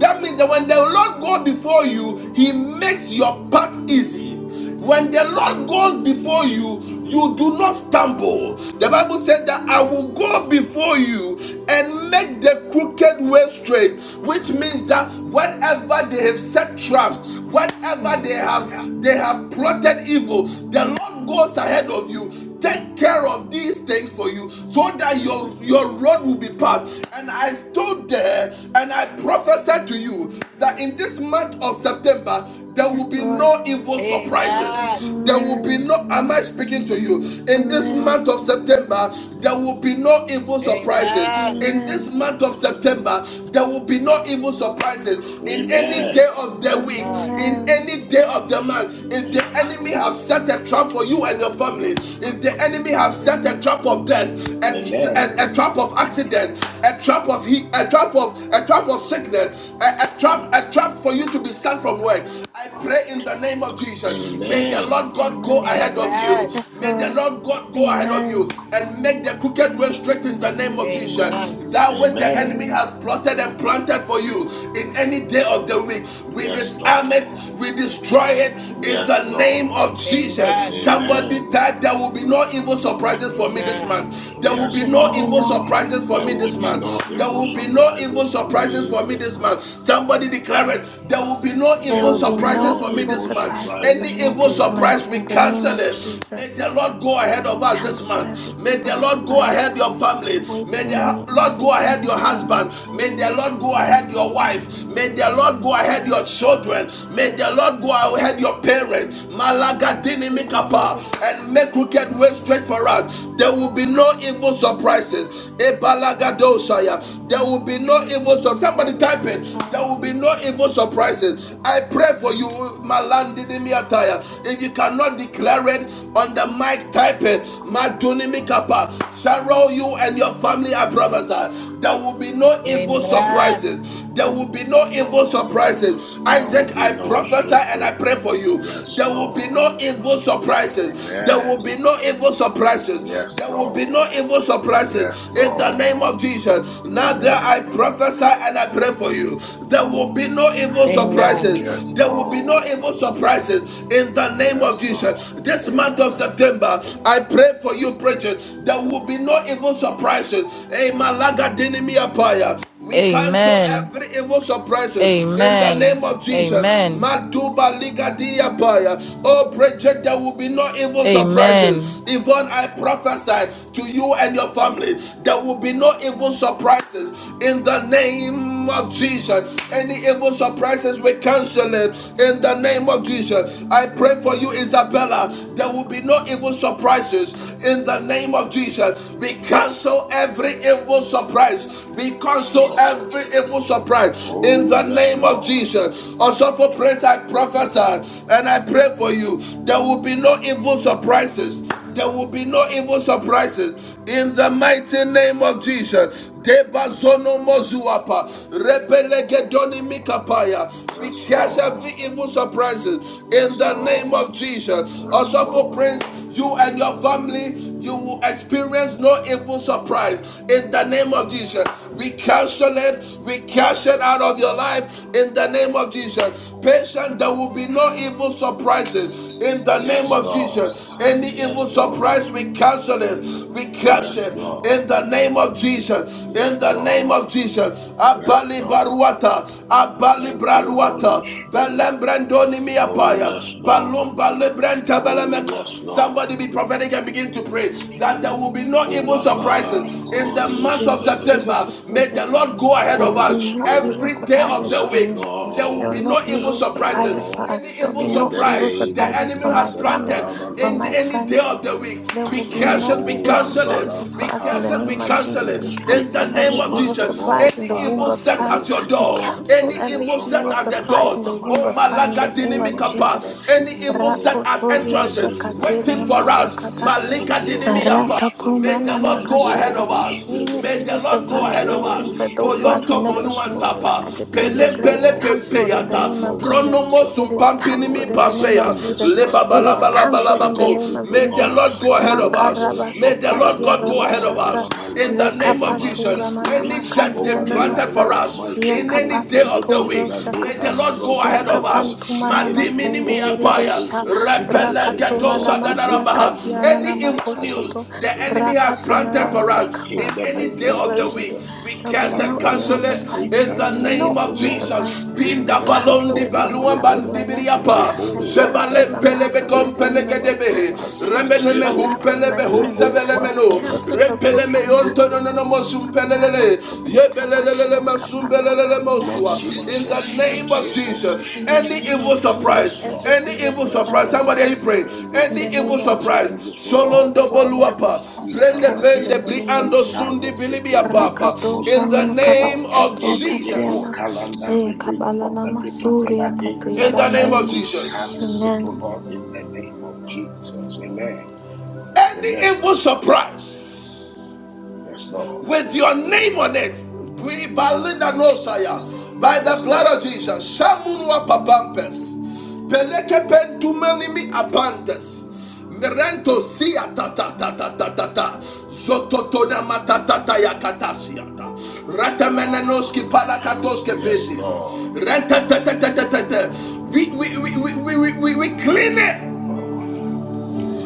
That means that when the Lord goes before you, He makes your path easy. When the Lord goes before you, you do not stumble. The Bible said that I will go before you and make the crooked way straight, which means that whenever they have set traps, whenever
Mm.
they have they have plotted evil, the Lord goes ahead of you to take care of these things for you so that your your road will be paved and i stood there and i prophesied to you that in this month of september there will
Yes,
be
Lord.
no evil surprises
Amen.
there will be
Amen.
no am i speaking to you in this month
Amen.
of september there will be no evil surprises
Amen.
in this
Amen.
month of september there will be no evil surprises in any day
Amen.
of the
Yes,
week
God.
in
Amen.
any day of the month if the enemy have set a trap for you and your family family. If the enemy have set a trap of death, a,
Amen.
a, a trap of accident, a trap of he, a trap of a trap of sickness, a, a trap, a trap for you to be sent from work. I pray in the name of Jesus. May the
Amen.
Lord God go
Amen.
ahead of you.
Amen.
Yes,
May the
Lord.
Lord God go ahead of you
Amen.
and make the crooked way straight in the name of Jesus.
Amen.
That which the
Amen.
enemy
Amen.
has plotted and planted for you in any day of the week, we
Yes,
disarm
Lord.
it, we
Yes,
destroy
Lord.
it in
Yes,
the name
Lord.
of Jesus.
Amen.
Somebody
Amen.
type, there will be no evil surprises for me this
Amen.
month. There will be
Yes,
There will
no
be
evil
no
Lord.
surprises for
There
me
will
this
be
month.
no
There
evil
will be no evil
surprises for
surprises
me
for me
this
this month.
month.
Somebody declare it. There will be no
there
There
evil
will
will
be
be
no
surprises
no
for me
evil
evil
this month.
surprises for
Any
surprises for
me
evil evil
me
this
this
month
surprise,
month.
we
in the name
cancel
of
it. May the
Jesus.
Lord go ahead of us this
Cancel every
month. May
evil
the Lord go
surprise
ahead your family. May the
waiting,
Lord go ahead
waiting, my
your
loved
husband.
ones.
May the Lord go ahead your wife. May
This
the Lord go ahead your children. May
so
the Lord go ahead your parents. Malaga
be no
dinimikapa
evil
and
surprise
make crooked
waiting
ways
me.
straight for us. There will
Waiting
be
for
no evil
waiting
surprises.
for
Ebalaga
waiting
dosaya.
for my
There
loved
will
ones.
be no evil surprises.
No
Somebody type
evil
it.
surprise.
There will be no evil surprises. I pray declare for you, Malandidimiataya. If you cannot declare it on the mic, type it. Madunimikapa. Cheryl, you and your family are prophesy. There will be no evil
Amen.
surprises. There will be no evil
Oh,
surprises.
There will
Isaac,
be
I
no
prophesy and I
sleepless.
pray for you.
Yes,
There will be
Lord.
no evil surprises. There
Amen.
will be no evil surprises.
Yes,
There will be no
Lord.
evil
Yes,
surprises in the
Lord.
name of Jesus. Now, there I
Amen.
prophesy and I pray for you. There will be no evil
Amen.
surprises.
Yes,
There will be no
Lord.
evil surprises in the name of
Yes, Lord.
Jesus. This month of
Amen.
September, I pray for you, Bridget. There will be no evil surprises. Amen. Lagadinimiapaya. We cancel
Amen.
every evil suppression in the
Amen.
name of Jesus.
Amen.
Matuba ligadia paya. Oh, Bridget, there will be no evil
Amen.
surprises. Yvonne, I prophesy to you and your family, there will be no evil surprises in the name name of Jesus. Any evil surprises, we cancel it. In the name of Jesus. I pray for you, Isabella. There will be no evil surprises. In the name of Jesus. We cancel every evil surprise. We
Yes,
cancel
Lord.
every evil surprise. In
Oh,
the
yes,
name of
Lord.
Jesus. Also for praise, I prophesy and I pray for you. There will be no evil surprises. There will be no evil surprises in the mighty name of Jesus. Debazono mozuapa. Rebelegedoni mikapaya. We
Yes,
cast every
Lord.
evil surprises in
Yes,
the name of
Lord.
Jesus.
Yes,
Also for Prince,
Lord.
you and your family, you will experience no evil surprise in the name of Jesus. We cancel it. We cash it out of your life in the name of Jesus. Patient, there will be no evil surprises in the name
Yes,
of
Lord.
Jesus. Any evil
Yes, Lord.
surprise, we cancel it. We cancel curse
Yes,
it in
Lord.
the name of Jesus. In
Yes,
the name of
Lord.
Jesus.
Yes,
Abali
Lord.
baruata, abali
Thank you,
braduata,
Holy Spirit.
belembrendoni
Oh,
miapaya,
yes,
balum
Lord.
balebrenta
Oh,
belemeko.
yes, Lord.
Somebody be prophetic and begin to pray that there will be no
Oh,
evil
Wambada,
surprises in the
Holy
There
month
will
of
be no
Spirit.
evil
September. May the
surprises.
Lord go ahead
There
of
will be
Holy
us
no
Spirit.
evil
every day of the
surprises for
Yes,
week.
me.
There will
There
be
will
Lord.
no
no
evil
evil
Yes,
surprises
surprises.
for
Lord.
us.
Any
There will
evil
be
In
no
the
evil
surprise
name
the
of
surprises
enemy
for
has
my
Jesus,
family,
planted
Father,
for
in
my
Lord.
any day day
friends,
of the week.
There
We
will be no
cancel it, we
Rebo
evil
cancel
Wambara,
it,
surprises
we
for us in the
cancel
Father,
it, we
name of
cancel
in
Jesus.
it.
I
this week,
In the
cancel
in
name
this
every
of
month,
evil
O
Jesus,
Lord,
surprise in
any
the womb
evil
Father,
of
there
set
time.
at
will
your
be
I
door,
no
cancel
any
sorrowful
every
evil set
evil
at the
surprises
surprise
door,
in
over
the
my
womb
oh
of
life,
time in the
Malaga
name of
over my
Jesus.
Dinimikapa, any
destiny, O
evil set
Lord,
at
in
Rakotoria
the
entrances,
name of
waiting
shakatelia
for us,
masakata.
Jesus. Thank
Malika
you, Holy
Dinimiapa. May
Spirit.
the Lord
Thank
go
you,
ahead
Aratakumanamakashata.
of
Holy
us.
Any
Spirit.
May the
evil
Lord go
Thank
surprise
ahead
you,
of
waiting
us.
Holy
for those who
Spirit.
are
Poyonto
connected
Yes,
to me,
Lord.
monuantapa.
I decree and
Yes,
Pele
declare is
pele
Lord, in
cancelled
the
in the
pempeyata.
name
name
of
of
Jesus.
Pronomo
Jesus,
It is
Father,
cancelled
sumpampinimi
Lord,
in the name
pampeya.
of
in this
Jesus.
month,
Leba
O
It is
balabala
Lord,
cancelled
in
in the
this
name
balabako.
week,
of
O
May the
Jesus.
God.
Lord go
There
ahead of
will be no
us. May the Lord
surprises,
God
O
go ahead
Lord,
of us.
over
Makarabasikatiarabashata.
my
In the
life,
name
over
of
my
Jesus.
destiny,
Any death
over
they've
the
planted
life
Lekapanturamanamakantyanamasa.
for
of my
us in
children.
any day of the
Anything
week.
that they
May the
have
Yakapasutoroshakata.
Lord go ahead
programmed, O
of
God,
us.
any evil
Madiminimi apaya.
Yakapantumanamasendelerebeshata.
incantations,
Rebele
divinations,
Rakato
O Lord,
gedosa
manamasia
relieved from
dadarabaha.
their
katiana
Any evil
altars
news
namakosoto.
against
the
us, O Lord.
enemy has
Rakata
planted for
Father,
us in
manamasakava.
in the
any
Christ with
day
name
the
of
of
blood
the
of
week.
Jesus.
Jesus.
We
There'll be
curse and
no
Father,
evil
Lord,
cancel it
we
surprises.
in the
cancel
name
No
it,
of
to
evil
God.
Jesus.
surprises.
We
I
Pinda
curse it
cancel
balondi
from
it
its
on
baluan
root,
behalf
O
of
Lord.
my
bandibiri
nephews. I
Rebo one
cancel it
Zebalem
bara,
on behalf
pelebe
of my
kom
family
rebo one
members.
bara,
I cancel it
Rembeneme
on
rebo,
hum
behalf of my
pelebe
friends.
rebo one
I
sevelemeno.
bara.
cancel it on
Rempeleme
and
yontononomosum
on behalf of my panta. On
Lord
behalf of my
in the
Jesus,
name
friends.
thank
of
you, Holy
Jesus,
In the
any
Spirit.
name of
evil
Jesus,
Yes,
surprise,
every
Lord.
any
evil
evil
Yes,
surprise
surprise,
is
Lord.
somebody are you
cancelled.
praying?
Any
In
Any
the
evil
evil
name of
surprise,
Jesus,
surprises from all,
Sholondo
every
Father,
evil
Boluapa,
surprise
we
is
come
Brende
cancelled. In
Bende
the
against it,
name
we
of
Briando
Jesus.
Sundi
silence it, or
Bilibia
we
Papa,
Rakato
in
shani
deprogram
the
it to God.
name of
kabasoto
Any evil
Jesus,
katiana.
calendar
Eh,
released from
kabalana
the pit of hell
masuria
against
in
our
the name
life,
of
we
katishandan.
Jesus,
silence it, O
Amen.
Lord, in the name of Jesus. Amen.
any
Amen.
evil surprise.
Yes, Lord.
with your name on it. by the
Yes,
blood of
Lord.
Jesus. Shamunwa papampes. Peleke pentumanimi abantes. Merento siya ta ta ta ta ta ta ta. Zototona matatata ya katasiata. Ratamananoski palakatoske
Yes,
pedis.
Lord.
Rentatatatatatata. We, we, we, we, we, we, we we clean it.
Oh,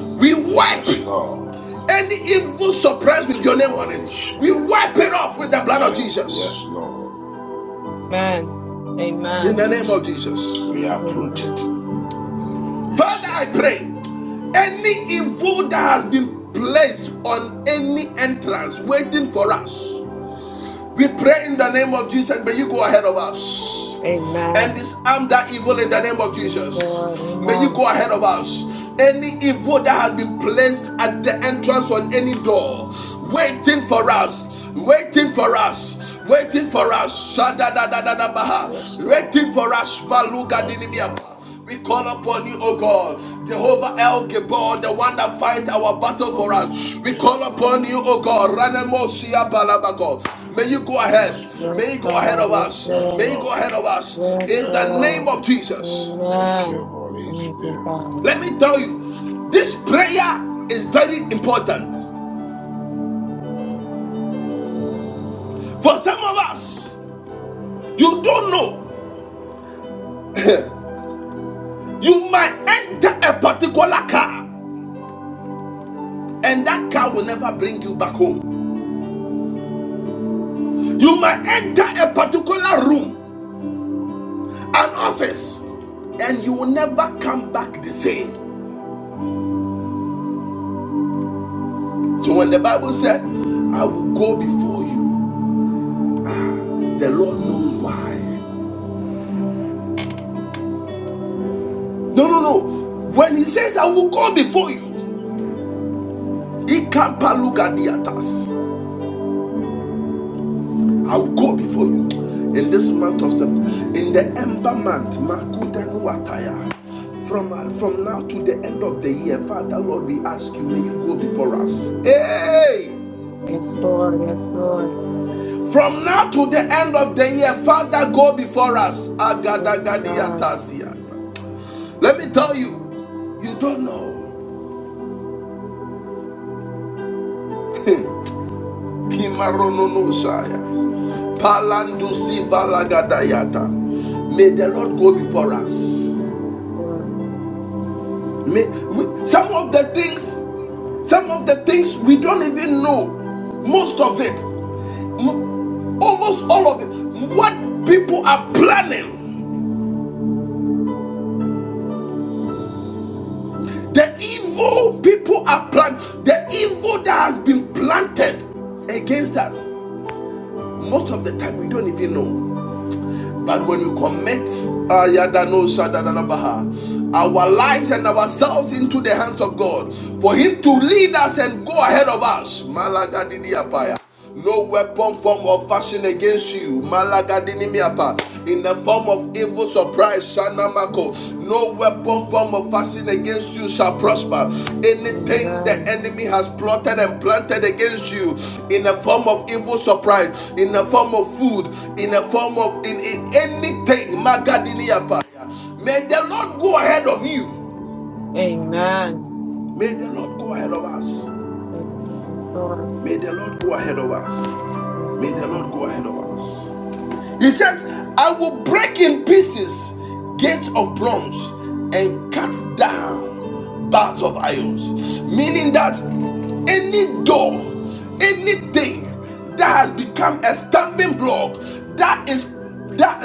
We wipe
Yes,
it.
Lord.
Any evil surprise
Thank
with
you,
your name on
Holy
it, we
Spirit.
wipe it off with the blood of
Amen.
Jesus.
Yes, Lord.
Amen.
In the
Amen.
name
It.
of Jesus.
We uproot it.
Amen.
Yes,
Father, I
Lord.
pray any evil that has been placed on any entrance waiting for us. We pray in the name of Jesus. May you go ahead of us and
Amen.
disarm that evil in the name of
Yes, Lord.
Jesus. May you
Amen.
go ahead of us. Any evil that has been placed at the entrance on any door, waiting for us, waiting for us, waiting
Yes,
for
Lord.
us,
Yes,
Shadadadadabaha. waiting
Lord.
for us, Baluga
Yes, Lord.
dinimiapa. We call upon you, O God, Jehovah El Gibor, the one that fights our battle for
Holy
us. We call
Spirit.
upon you, O God, Ranemo Shia Balabago. May you go
Holy
ahead.
Spirit.
May you
Yes,
go ahead
God.
of
Yes,
us.
Yes,
May you
Lord.
go
Lord.
ahead of us.
Yes,
In
Yes,
the name
Lord.
Lord.
of Jesus.
Thank you,
Amen.
Holy
Thank you,
Spirit.
God.
Let me tell you, this prayer is very important. For some of us, you don't know. you might enter a particular car, and that car will never bring you back home. You might enter a particular room an office and you will never come back the same. So when the Bible said, I will go before you, the Lord knows why. No, no, no. When he says, I will go before you, he can't look at the others. I will go before you. In this month of September, in the ember month, Makuta Nuataya from from now to the end of the year father lord we ask you may you go before us hey
Yes, Lord. Yes, Lord.
From now to the end of the year, Father, go before us.
Yes, God.
Agadagadiatasiata.
Thank
Let me tell
you, God.
you, you don't know. Kimarononosaya. Palandusi valagadayata. May the Lord go before us.
Lord
May, we, some of the things, some of the things we don't even know. Most of it, almost all of it, what people are planning. The evil people are planted. The evil that has been planted against us. Most of the time, we don't even know. But when
Jesus.
we commit ah, no our lives and ourselves into the hands of God, for Him to lead us and go ahead of us. No weapon form or fashion against you. In the form of evil surprise shanamako no weapon form of fasting against you shall prosper anything the
Amen.
enemy has plotted and planted against you in the form of evil surprise in the form of food in the form of in, in anything Magadiniapa. may the lord go ahead of you
Amen.
may the lord go ahead of us
Amen. Yes, Lord.
may the lord go ahead of us
Yes,
may the lord
God.
go ahead of us He says, I will break in pieces gates of bronze and cut down bars of irons. Meaning that any door, anything that has become a stumbling block that is that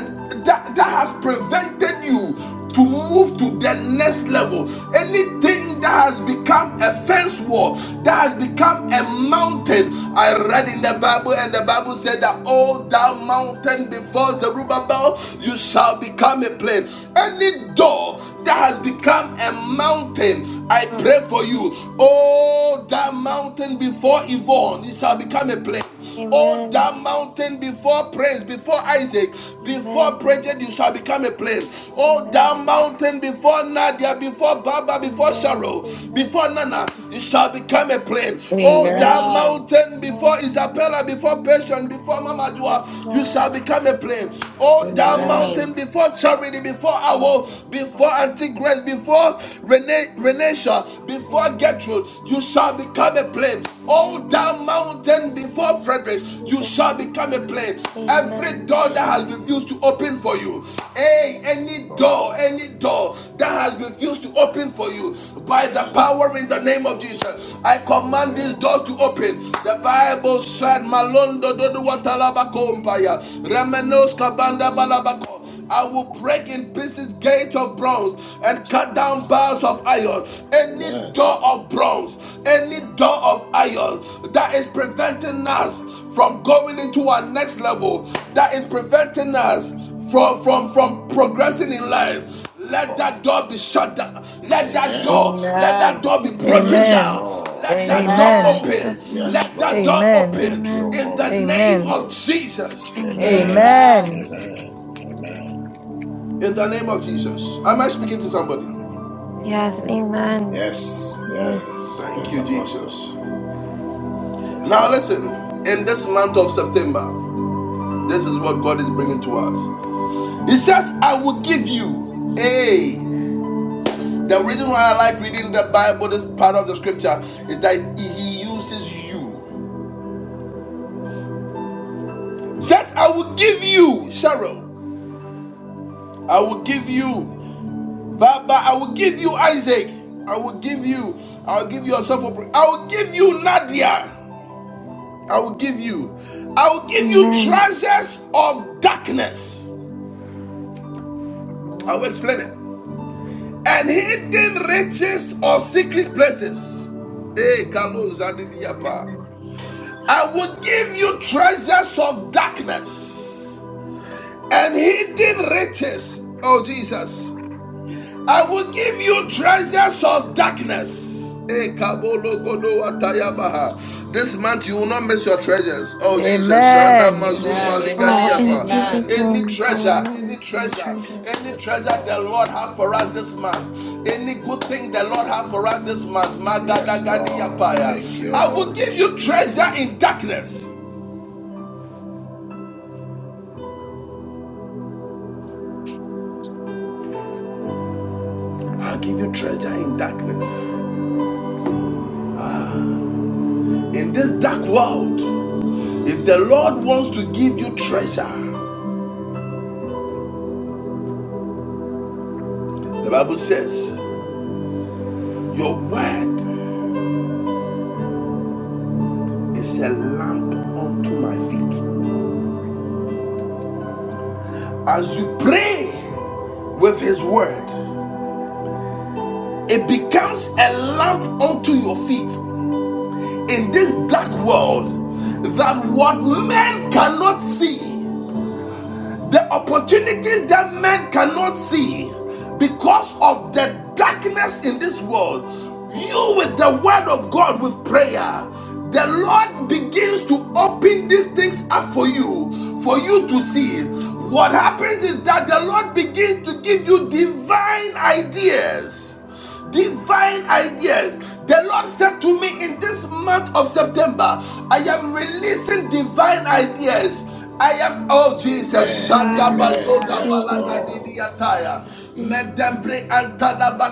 that that has prevented you to move to the next level anything that has become a fence wall that has become a mountain i read in the bible and the bible said that all thou mountain before zerubbabel you shall become a plain any door that has become a mountain i
Mm.
pray for you all that mountain before yvonne it shall become a plain Oh,
Amen.
that mountain before praise, before Isaac,
Amen.
before Bridget, you
Amen.
shall become a plain. Oh,
Amen. Amen.
that mountain before Nadia, before Baba, before
Amen.
Cheryl,
Amen.
before Nana,
In
you
Jesus'
shall become
name.
a plain. Oh, that
Amen.
Amen.
mountain
Yes,
before
Lord.
Isabella, before Patience, before Mama Dua,
Yes,
you
Lord.
shall become a plain.
Amen.
Oh, that
Amen.
mountain
Amen.
before Charity, before
Oh, yes,
Awo,
Lord.
before Auntie Grace, before Renee, Renesha, before Get
Amen.
Gertrude, you shall become a plain. Oh,
Amen.
that mountain before Frederick, you
Jesus
shall
name.
become a plain. Every
Amen.
door that
Amen.
has refused to open for you, hey, any
Lord.
door, any door that has refused to open for you, by the
Amen.
power in the name of Jesus, I command these
Amen.
doors to open. The Bible said,
Amen.
Malondo dodo watalabakompaya, remenos kabanda balabako. I will break in pieces gates of bronze and cut down bars of iron. Any
Amen.
door of bronze, any door of iron that is preventing us from going into our next level, that is preventing us from from from progressing in life. Let that
Lord.
door be shut down. Let that
Amen.
door, let that
Amen.
door be broken
Yes,
Amen.
Amen.
down.
Lord.
Let that
Yes,
door
Amen.
Amen.
Lord.
open.
Jesus
Yes,
Let
name.
that
Lord.
door
Amen.
open
Thank you,
Amen.
in the
Holy
name
Amen.
of
Spirit.
Jesus.
Amen.
Amen.
Amen.
Amen.
Amen. Amen.
In the name of Jesus. Am I speaking to somebody?
Yes.
Amen.
Yes, sir.
Amen.
Yes, yes,
Yes.
Thank
yes,
you,
Apostle.
Jesus.
Yes,
Now,
Lord.
listen, in this month of September, this is what God is bringing to us. He says, I will give you. Hey, the reason why I like reading the Bible, this part of the scripture, is that He uses you. Says, I will give you, Sarah. I will give you, Baba. I will give you, Isaac. I will give you, I will give you yourself. I will give you, Nadia. I will give you, I will give you
Amen.
treasures of darkness. I will
Amen.
explain it. and hidden riches of secret places. Hey, Carlos
Amen.
Adidiyapa.
Amen.
I
Holy
will
Spirit.
give you treasures of darkness and hidden riches. Oh, Jesus. I will give you treasures of darkness. Eh, This month you will not miss your treasures. Oh Jesus, Shanda
Amen.
Amen.
Mazumba
Amen.
Amen.
Oh, in
Amen.
Amen.
Jesus
Ligadiapa. Any
name, I will
treasure,
not
any
miss my
treasure,
treasure.
any
Yes,
treasure the
Lord.
Lord has for us this month. Any good thing the Lord has for us this month.
Yes, Lord. Thank
Magadagadiapaya.
you,
I will
Holy
give you
Spirit.
treasure in darkness. I'll give you treasure in darkness. In this dark world, if the Lord wants to give you treasure, The Bible says, Your word is a lamp unto my feet. As you pray with His word, it becomes a lamp unto your feet in this dark world that what men cannot see. The opportunities that men cannot see because of the darkness in this world, you with the word of God, with prayer, the Lord begins to open these things up for you, for you to see. What happens is that the Lord begins to give you divine ideas divine ideas. The Lord said to me in this month of September, I am releasing divine ideas. I am, oh Jesus,
Amen.
Amen.
Shanda
Amen.
Amen.
Amen.
See
Yes,
that.
Balaga
Lord.
Didiataya,
See.
Medembre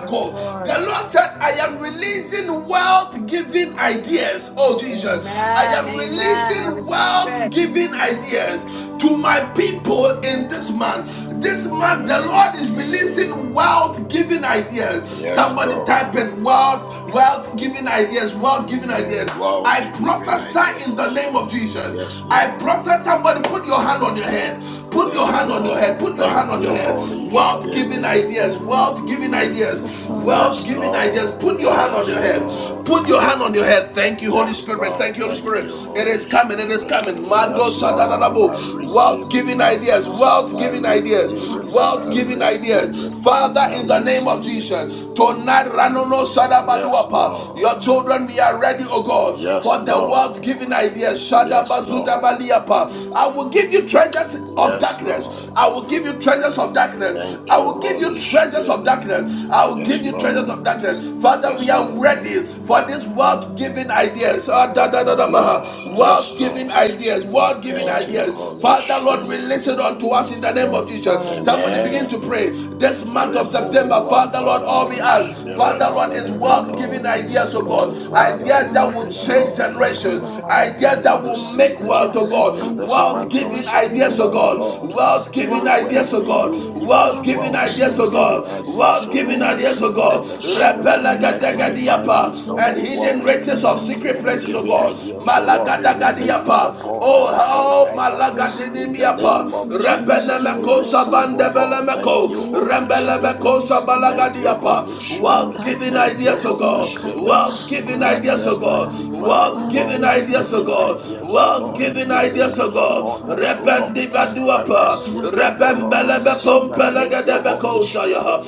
Yes, Lord.
The Lord said, I am releasing wealth giving ideas. Oh Jesus, I
Amen.
am
Amen. I
releasing
receive
wealth
it.
giving
Amen.
ideas to my people in this month. This month, the Lord is releasing releasing wealth giving ideas.
Yes,
Somebody type
Lord.
it wealth, wealth giving ideas, wealth
Amen.
giving ideas.
Amen.
I
World giving
prophesy in the
ideas.
name of Jesus.
Yes,
I
Lord.
prophesy somebody put your hand on your head. Put your
Yes,
hand on your head.
Lord.
Put your hand
Thank
on your
you,
head.
Holy
Wealth giving
Spirit.
ideas. Wealth giving
Yes,
ideas.
Lord.
Wealth
Yes,
giving ideas.
Lord.
Put your hand on your
Yes,
head.
Lord.
Put your hand on your head. Thank you, Holy
Yes,
Spirit.
Lord.
Thank you, Holy
Thank
Spirit.
you,
It is
Holy
coming. It is
Spirit.
coming. Mado
Yes,
Amen.
Lord. I
shadadadabo.
Thank you,
receive
Wealth
it.
giving
Jesus.
ideas. Wealth
Father, we
wealth
I
thank you,
giving
Lord, for the work
ideas,
receive
you're
it.
Wealth
doing
wealth
I
with
giving.
giving
these
I
people.
receive
ideas.
it.
God,
Father,
you
I
in the
release them
name
to
of
receive it.
me,
Jesus,
Jesus.
tonight, Ranono
Yes,
Shadabaduapa, your
Lord.
children, we are ready, oh God,
Yes,
for the wealth
Lord.
giving ideas.
Yes, Lord.
Shadabazudabaliapa. I will give you treasures of
Yes,
darkness.
Lord.
I will give you treasures of darkness.
Thank
I
you,
will give you
Holy
treasures of
Amen.
Spirit.
darkness. I
give
will
you
Yes,
give you
thanks,
treasures
Lord.
Lord.
of
Just
darkness. Father, we
Yes,
are
Lord.
ready for these wealth giving
Amen.
ideas. Ah, da,
Yes,
da, da,
God. Yes,
Lord.
God.
Yes,
Wealth
Lord.
giving ideas.
Yes,
Wealth have given
Thank
Lord.
you,
ideas.
Holy
Father, Lord,
Spirit.
release it unto us in the name of
Yes,
Jesus.
God.
Somebody begin
Amen.
to
Amen.
pray. This month of
Rebel
September, Father, Lord, all we
Wambara,
thank
Hallelujah.
ask,
Spirit
Father,
you.
of
Lord,
the
is
Amen.
Living
worth giving
God.
Makatoriya
ideas, oh God.
Father,
Ideas
we
that
Lama,
will
pray
this
the
change
month
Lord
of September,
generations.
O God, I
Ideas
in
that
pray
will
this
make
that
season,
you
wealth, oh God.
release
in
unto
this
Wealth
month
us
of
wealth
giving ideas,
September,
oh
giving
O
God.
Lord.
ideas.
Wealth giving
May
Wealth
ideas,
we,
oh
may
giving
God.
you
ideas.
give us
Wealth
Wealth
giving
wealth,
giving
ideas, oh
ideas.
God.
giving ideas,
Wealth
O
There's
giving
only
Lord.
you
ideas, oh
that gives
God.
Let
us
the
the power
Spirit,
to make
let the
wealth.
Repelagadagadiapa.
divine wisdom
And
of
Gloria
hidden
wealth
riches
Sheketian
of
Mama
secret places, oh
Giving
Siakatama.
God
ideas, so Lord, be
Give us
released
wealth.
malagadagadiapa
upon
oh
our head
how
right now.
Wow.
In the
malagadinimiapa
name
World
of
making
Jesus, we
rebenemeko
ideas, O
receive,
God.
oh Lord. Thank
sabandebelemeko
you,
Lead us
Holy
to the
Spirit.
hidden
rembelebeko
riches and
Thank you,
secret
sabalagadiapa
Holy
places and
wealth
Spirit.
giving
darkness.
Thank you,
ideas oh
Holy
God
Spirit.
Makadiyama
wealth giving
Let
Sukoraba
ideas
the
oh
uh,
God
shatra,
wealth
divine
Wealth
giving
word
giving
ideas oh
giving
ideas.
God
ideas, oh
wealth
Lord, be
giving
Bless us with
ideas
it
oh
released
God
today,
upon
both
us, oh
giving
Lord.
and
I
deeds.
rebendibaduapa
receive it, oh
Makato
Lord.
mana
Father,
mashanta
thank
mana
you,
masa.
Holy
rebembelebepompelegedebeko
Spirit.
sayaha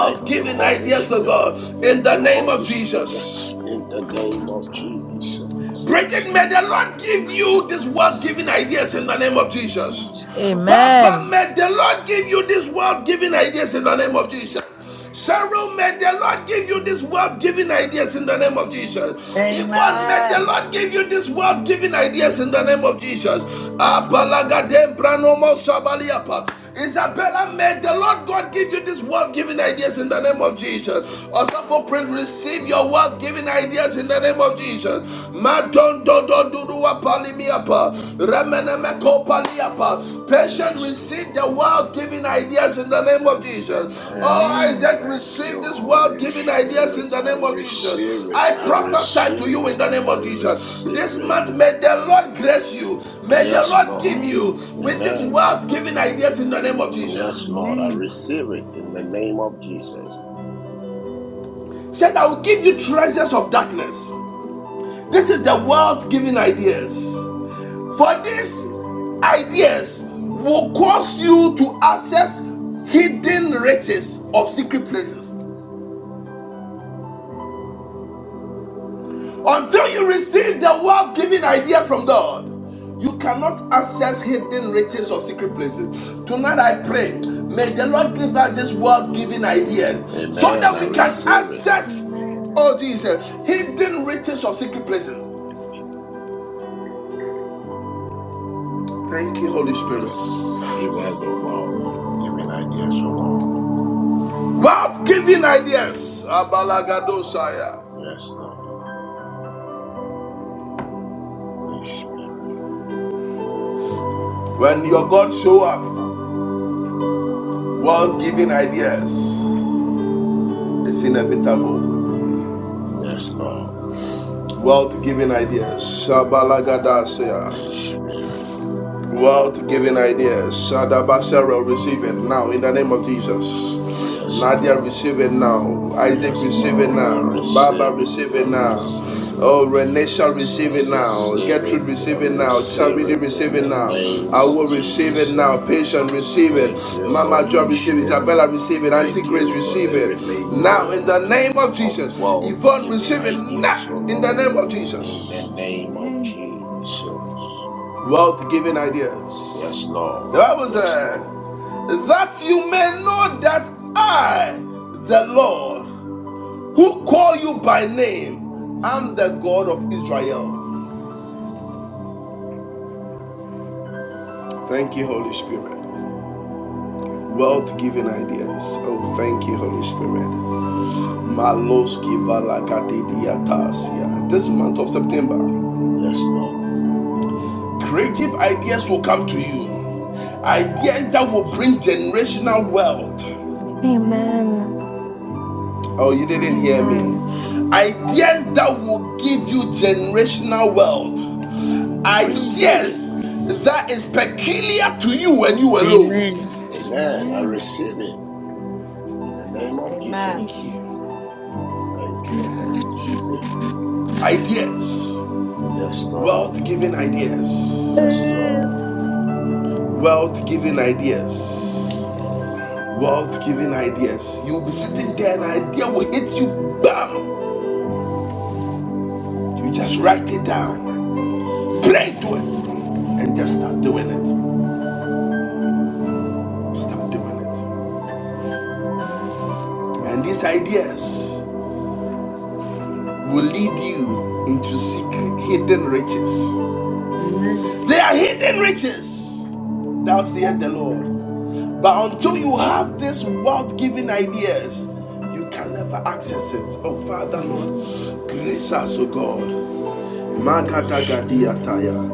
Thank you,
giving
Holy
ideas
makanta
oh
Spirit.
mana
God in
Thank
the
you,
name of
Holy
masukotosh.
Spirit.
Jesus
In the name
Masakatan
of
pana
Jesus.
masukotosh.
Bridget, may the Lord give you these
Makata
world
masha.
giving ideas in the name of Jesus.
Mashato
Amen.
And
kati
Baba,
Amen.
may the
masuta.
Lord give you these world giving ideas in the name of Jesus. Cheryl, may the Lord give you this
Amen.
world giving ideas in the name of Jesus. Yvonne, may the
Amen.
Lord give you this world giving ideas in the name of Jesus.
Amen.
Isabella, may the Lord God give you this world giving ideas in the name of
Amen.
Jesus. Also for Prince, receive your world giving ideas in the name of Jesus. Madon don, Dodurua palimiapa,
oh,
remenemeko paliapa. Patient,
yes,
receive the
Lord.
world giving ideas in the name of Jesus. Oh,
Amen.
Amen.
Isaac,
Thank
receive
you,
this world
Holy
giving ideas
Spirit.
in the
I
name of
receive
Jesus.
it.
I
I
prophesy to
receive
you
it.
in the name
I
of Jesus.
receive
This
it.
month, may the Lord grace you. May the
Yes,
Lord give
Lord.
you
Amen.
with this
Amen.
world giving ideas in the name of Jesus.
Yes, Lord. I receive it in the name of Jesus.
Said, I will give you treasures of darkness. This is the world giving ideas. For these ideas will cause you to access hidden riches of secret places. Until you receive the wealth giving idea from God, you cannot access hidden riches of secret places. Tonight I pray, may the Lord give us these wealth giving ideas so
Amen.
that
I
we can
Amen.
receive it.
access,
Amen.
oh Jesus, hidden riches of secret places. Thank you, Holy
Yes.
Spirit.
Give us the
Amen.
world giving ideas, O Lord.
Wealth giving ideas.
Oh,
Abalagadosaya.
yes, Lord. Holy Spirit.
When your God show up, wealth giving ideas is inevitable.
Yes, Lord.
Wealth giving ideas. Shabalagada Seya.
Holy Spirit.
Wealth giving ideas. Shadaba Sarah, receive it now in the name of Jesus.
Yes,
Nadia, receive
Lord.
it now. Isaac,
Yes,
receive it
Lord. I
Amen.
now. Baba,
receive it.
receive it
I
now.
receive it.
Oh, Renisha,
I
receive it now.
receive
Gertrude,
it. I
receive it now.
receive
Charity,
it
receive
in
it
the
now.
name
I
of
will receive it
Jesus.
now. Patient, receive it.
Thank you,
Mama
Holy
Joy,
Amen. I
receive it.
Spirit.
receive
Isabella,
it.
receive it. Auntie
Thank
Grace,
you for the
receive it.
release, O
Now, in
Lord,
the name of
of
Jesus.
world
Yvonne,
giving
receive it now.
ideas, O
In the
Lord,
name of
in
Jesus
the name of
Amen.
Jesus.
wealth giving ideas.
Yes, Lord.
The Bible
Yes,
said,
Lord.
That you may know that I, the Lord, who call you by name, am
Mm.
the God of Israel. Thank you, Holy Spirit. Wealth giving ideas. Oh, thank you, Holy Spirit.
Yes, Lord.
Maloski valakadidiatasia. This month of September,
Yes, Lord.
creative ideas will come to you. Ideas that will bring generational wealth.
Amen.
Amen.
Oh, you didn't hear me.
Amen.
Ideas that will give you generational wealth.
Amen.
Receive it.
Ideas that is peculiar to you and you alone.
Amen.
Amen. I
Amen.
receive it. In the name of
Amen.
Thank
Jesus.
you.
Thank you, Holy Spirit.
Ideas.
Yes, Lord.
Wealth giving ideas.
Yes, Lord.
Wealth giving ideas.
Oh,
Wealth giving ideas. You'll be sitting there, and an idea will hit you. Bam! You just write it down. Pray to it. And just start doing it. Start doing it. And these ideas. will lead you into secret hidden riches.
Amen.
They are hidden riches. Thou saith the Lord. But until you have this wealth giving ideas, you can never access it. Oh Father Lord,
Mm.
grace us, O God.
Holy Spirit.
Magadagadiataya.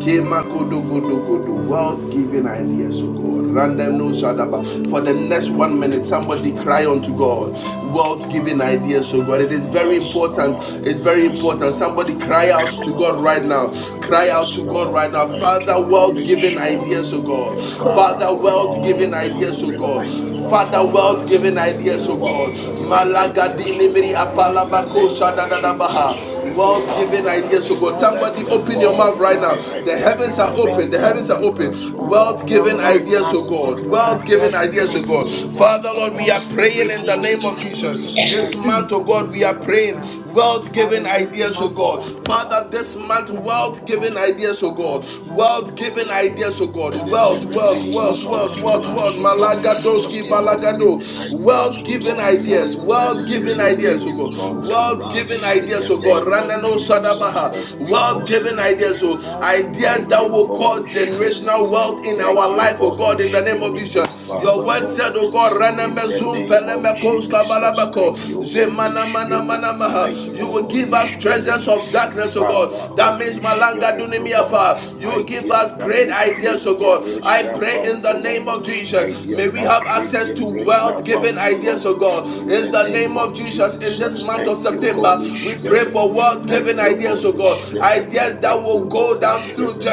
Kemakodogodogodo. Wealth giving ideas, oh God. Random no shadaba. For the next one minute, somebody cry unto God. Wealth giving ideas, oh God. It is very
Yes,
important.
Lord.
It's very
Yes,
important.
Lord.
Somebody cry
Well,
out
Yes,
to God right
Lord.
now. Cry out
Yes,
to God
Lord.
right now.
Thank you,
Father, wealth
Holy
giving
Amen.
Spirit.
ideas, oh God.
Father,
Father,
O
wealth giving
united
Lord, may
ideas,
you
in
oh
the
God.
mighty
release
name of
Father,
upon
Jesus,
wealth
us
Father,
giving
for
ideas, oh God.
world
united in
giving
the mighty
ideas, O
Malagadini
name of
miri
Lord, in the
Jesus,
apalabako
name of Jesus,
shadadadabaha
for
Rebo
world giving
Ambara.
Father,
ideas to God.
bless my
Let
Somebody
the
God,
open your
world
mouth right
united
now.
giving
in the
The
ideas be
heavens
mighty
are
Father,
name
well
open.
of
The
released
heavens
given
are
Jesus,
unto
open.
I
ideas
us,
and
pray.
O
God, Father,
World
Lord,
don't
giving
hold us
ideas
I
back
love
to
Rebo
you,
into
God.
me, oh
united
Ambara,
World
God. Well
giving
in the
given
ideas to God.
mighty
ideas, oh
Rebo
name of
God,
Father, Lord,
Jesus,
Ambara,
we
that
are
would change
praying
united
in
my
the
life,
in the
Rebo
name
oh
of
mighty
God, would
Jesus.
change the
Ambara. So,
life
This
name
of my
of
month,
Mm.
oh
Jesus,
family
God,
united
we are
member, oh
in
praying.
God.
the mighty
World
Out
giving
in this
ideas to
name
month,
of
oh
God.
Jesus,
God, oh God,
united in
Father, this month,
it's
the mighty
Sunday, oh
world
name
God.
giving ideas to
Father, I
God.
of
ask you,
Jesus.
Lord, to
World giving ideas to
Lord, give you
God.
Let
come,
it
Lord,
Wealth,
be
oh
wealth,
ideas,
God,
oh
well
wealth,
released
God,
wealth,
in
given
unto
wealth, wealth.
ideas,
us,
oh
O Lord,
God, from the
the
east
Malagadoski
the
to
world
the
mighty name
balagado.
God.
giving
of Jesus.
wealth
ideas,
Lord,
O
giving
Lord.
give
ideas
you
Well
ideas,
ideas, oh
given
Let
world
God,
it
giving
be
in
ideas,
the
and
ideas, oh
the
mighty
released
God.
name
west,
of
unto
World
Jesus.
giving
us in
Lord,
and
ideas,
the
oh
give
to the
God.
name
you
of
family,
Ranano
ideas, oh
Lord,
Jesus.
God, in
given
Shadabaha.
the
Thank you,
spirit
ideas,
of
World
family.
God.
Holy
giving ideas,
Spirit.
oh.
Well given
Ideas
In
Thank
that
you,
God,
will
this
Holy
cause
ideas,
is the
Spirit.
generational
ideas that will
wealth
present
in our
Thank
this
you,
life, oh
Holy
God, in the
now
name of
Spirit,
Jesus.
and
God
to
in
Your
our
the
Father,
word
west,
life.
said,
Lord,
oh
In the
God,
mighty
in
Raname
name
the
of
Zoom
name
Jesus,
of
Peleme
Amen.
Koska
I pray.
Jesus.
Amen.
I
Balabako.
Thank
shall
you,
begin
Holy
Zemana
every
Mana
Spirit.
day
Mana Maha.
Thank
You
you,
will give
Holy
like
us
This
Spirit.
treasures
in the
of
mighty
darkness,
name
oh
of
God.
Father,
Jesus.
That
Holy
means
Abba
Malanga
Spirit, oh
Father, I
Dunimiapa.
God,
You will
ask you
give
ideas
again.
us
that
great
will
Lord,
create
ideas, oh
giving
God.
ideas
I
in
generational
the
pray
wealth,
in
mighty
oh
the name
name of
Lord,
name of
Jesus.
Jesus. May
Lord,
ideas
we
that
have
giving
create
access
ideas
to
in the
wealth
mighty
generational
name
giving
wealth,
of
oh
ideas,
Lord,
oh
Jesus.
God.
in
Lord,
In
the
the
giving
name
name
of
of
ideas
Jesus, in
open
this
Jesus.
month
in
of
the
Thank you,
mighty
September,
Holy
name of
we pray
Spirit.
for
Jesus. Lord,
wealth
Thank
giving
you,
giving
ideas, oh
Holy
ideas in
God.
the
Spirit.
Ideas that
Thank
mighty name
will
you,
of
go
Holy
Jesus.
down
Lord,
through
Spirit.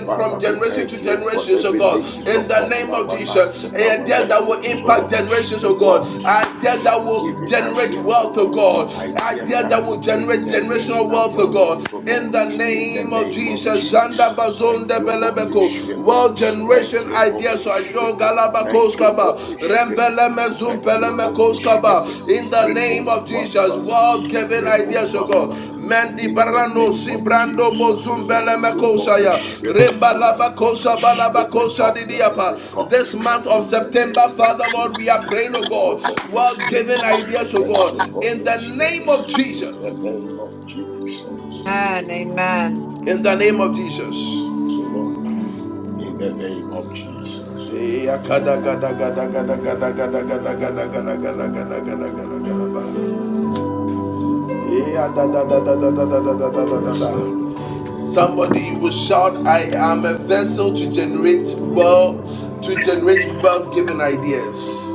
giving ideas in the mighty
from
we
generation
name
to
thank you for the
generation, oh
of
God.
Jesus. Lord, giving
release
ideas that
In
is
the
upon
name of
our
Jesus,
lives and our
ideas that
all about
will
destinies, O
me.
impact
Lord.
I ask for
generations,
A
oh God.
my
world
ability
Ideas
to
that
receive
will
giving
generate
favor.
ideas, O
wealth, oh
I
Lord.
God.
need that which I
Ideas
Ideas
that
that will
will bring
generate generational
generational
wealth,
Thank you.
oh
wealth,
God.
O
that
In
we can
Lord.
the
reach in the
In
stomach
the
name of
in
name
the
of
Jesus,
Jesus.
Tanda
Thank
bazonde
you, Holy
belebeko.
name of
Spirit.
World
Jesus.
Thank
generation
you,
Ah,
ideas
Holy
are your
Spirit. Thank
galabakos
you,
kaba.
Holy Spirit.
Rembele
shada
mezum
gada
Thank you,
bada
Holy
bada
pelemekos
bada bada. Ah, shada gada bada bada bada bada.
Spirit.
In
Ah,
the
shada
name
Ribble
gada
of
bada bada
one
bada
Jesus,
brother.
bada
world
bada.
giving
Ah,
Ribble
ideas of
one
shada
God.
gada bada
brother.
bada bada bada
Mendi
In the
barano
name
si
bada.
of
brando bozum
Jesus. Thank you,
belemekosha
Holy
ya.
Spirit,
Lord,
Remba
give
O
me
Lord.
ideas, oh
labakosha
God.
Spirit
Lord,
balabakosha
give
of
me
the
ideas,
didiapa.
oh
living
God. Lord,
God.
This month
In
of
the
give me
September,
ideas,
name
oh God.
of
Father Lord, we
Jesus.
are praying,
Lord, give me
oh
Thank
ideas, oh
you,
God.
God.
Holy
In
World
Spirit.
giving ideas, oh
Thank
God.
you,
the mighty name of Jesus, I pray. Lord,
In
Holy
the
give me
name
Spirit.
of
ideas,
In
oh
Jesus.
God.
the name of
I'm a
Jesus.
In the name of Jesus.
So Lord, in the name of Jesus.
Somebody
Yes, Lord.
you will shout, I am a vessel to generate wealth, to generate wealth given ideas.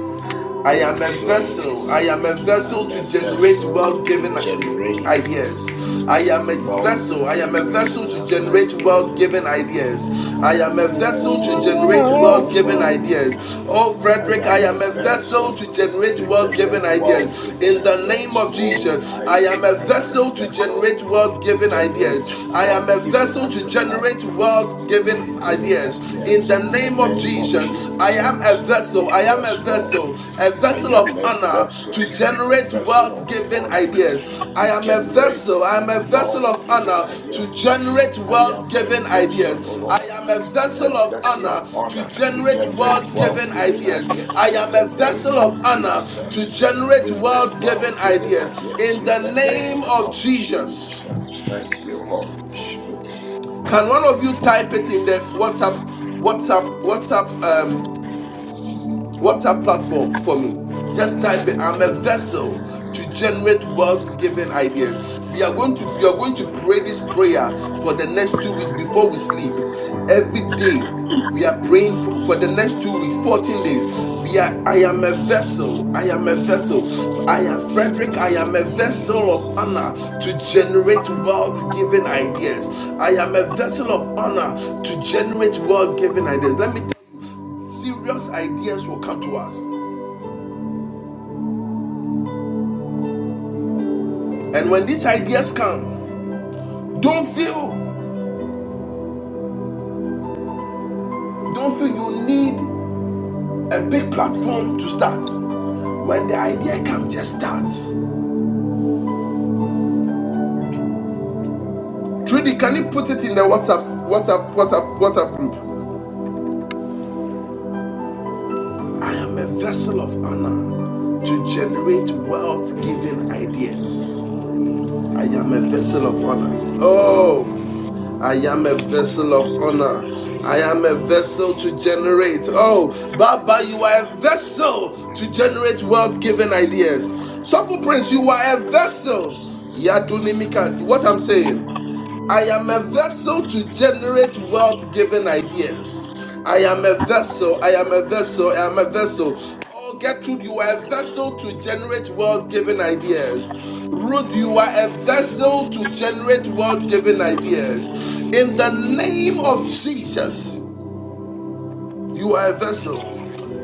I am a
vessel
vessel. I am a
to
vessel
I'm a
to generate
vessel
wealth
to
giving
generate
ideas. I am a vessel. I am a vessel to
multi-generational
generate
ideas.
wealth giving ideas.
I
I am
am
a
a
vessel,
vessel to
the
vessel to
chambers
generate
was
generate
wealth giving
given like
world-giving
this.
ideas. Oh,
ideas.
I am a
Frederick,
I
I
am a
am a
vessel,
vessel
vessel
to generate
to
wealth giving
generate
ideas.
world-giving
In the name
ideas.
of
Oh,
Jesus, I
Isaac,
am a
I am a
vessel to
vessel
generate wealth
to
giving
generate
ideas. I am a
world-giving
vessel to
adre-
Students
uh,
work
generate
given
wealth giving
ideas
giving
ideas
and
in
ideas
the
in the
practice.
name of
name
Students
of
Jesus,
work
I am
given
a
Jesus.
vessel. I
in
am
the
a
Yes,
mighty
Lord.
vessel,
name of
a
I
vessel
am
Jesus.
of
a
I pray.
honor
vessel,
to
I'm a
a
generate
vessel to
vessel
wealth
of
generate
giving
work
honor,
given
ideas. I
ideas.
to
am a
I'm a
vessel.
generate
I am a
vessel to
vessel
wealth
of
generate
giving
honor
ideas,
to generate
given ideas
I
wealth
in
am
the
a
giving
mighty
vessel,
name of
O
ideas. I
Lord,
Jesus.
am a
I'm a
a
vessel
vessel
of
to
vessel of
honor
generate
to
work
honor to
given ideas
generate
in the
generate
wealth
wealth
giving
giving
mighty
ideas.
name
ideas
I
of
in
am a
the
Jesus. I'm a
vessel
name of
of
vessel to
honor to
Jesus.
generate work
generate
given
Generate
wealth
ideas
giving
wealth giving
in the
ideas.
ideas
In
mighty
in
the
name
the
of
name
Jesus.
name
of
of
Jesus.
Jesus. Thank you, Holy
Amen.
Spirit.
Can one of you type it in the WhatsApp, WhatsApp, WhatsApp? Um, WhatsApp platform for me. Just type it. I'm a vessel to generate wealth-giving ideas. We are going to we are going to pray this prayer for the next two weeks before we sleep. Every day we are praying for, for the next two weeks, 14 days. We are I am a vessel. I am a vessel. I am Frederick. I am a vessel of honor to generate wealth-giving ideas. I am a vessel of honor to generate wealth-giving ideas. Let me serious ideas will come to us. And when these ideas come, don't feel don't feel you need a big platform to start. When the idea comes, just start. Trudy, can you put it in the WhatsApp WhatsApp WhatsApp WhatsApp group? I am a vessel of honor to generate wealth-giving ideas. I am a vessel of honor. Oh, I am a vessel of honor. I am a vessel to generate. Oh, Baba, you are a vessel to generate wealth giving ideas. Sofu Prince, you are a vessel. Yadunimika, what I'm saying. I am a vessel to generate wealth given ideas. I am a vessel. I am a vessel. I am a vessel. Oh, Gertrude, you are a vessel to generate wealth given ideas. Ruth, you are a vessel to generate wealth given ideas. In the name of Jesus. You are a vessel.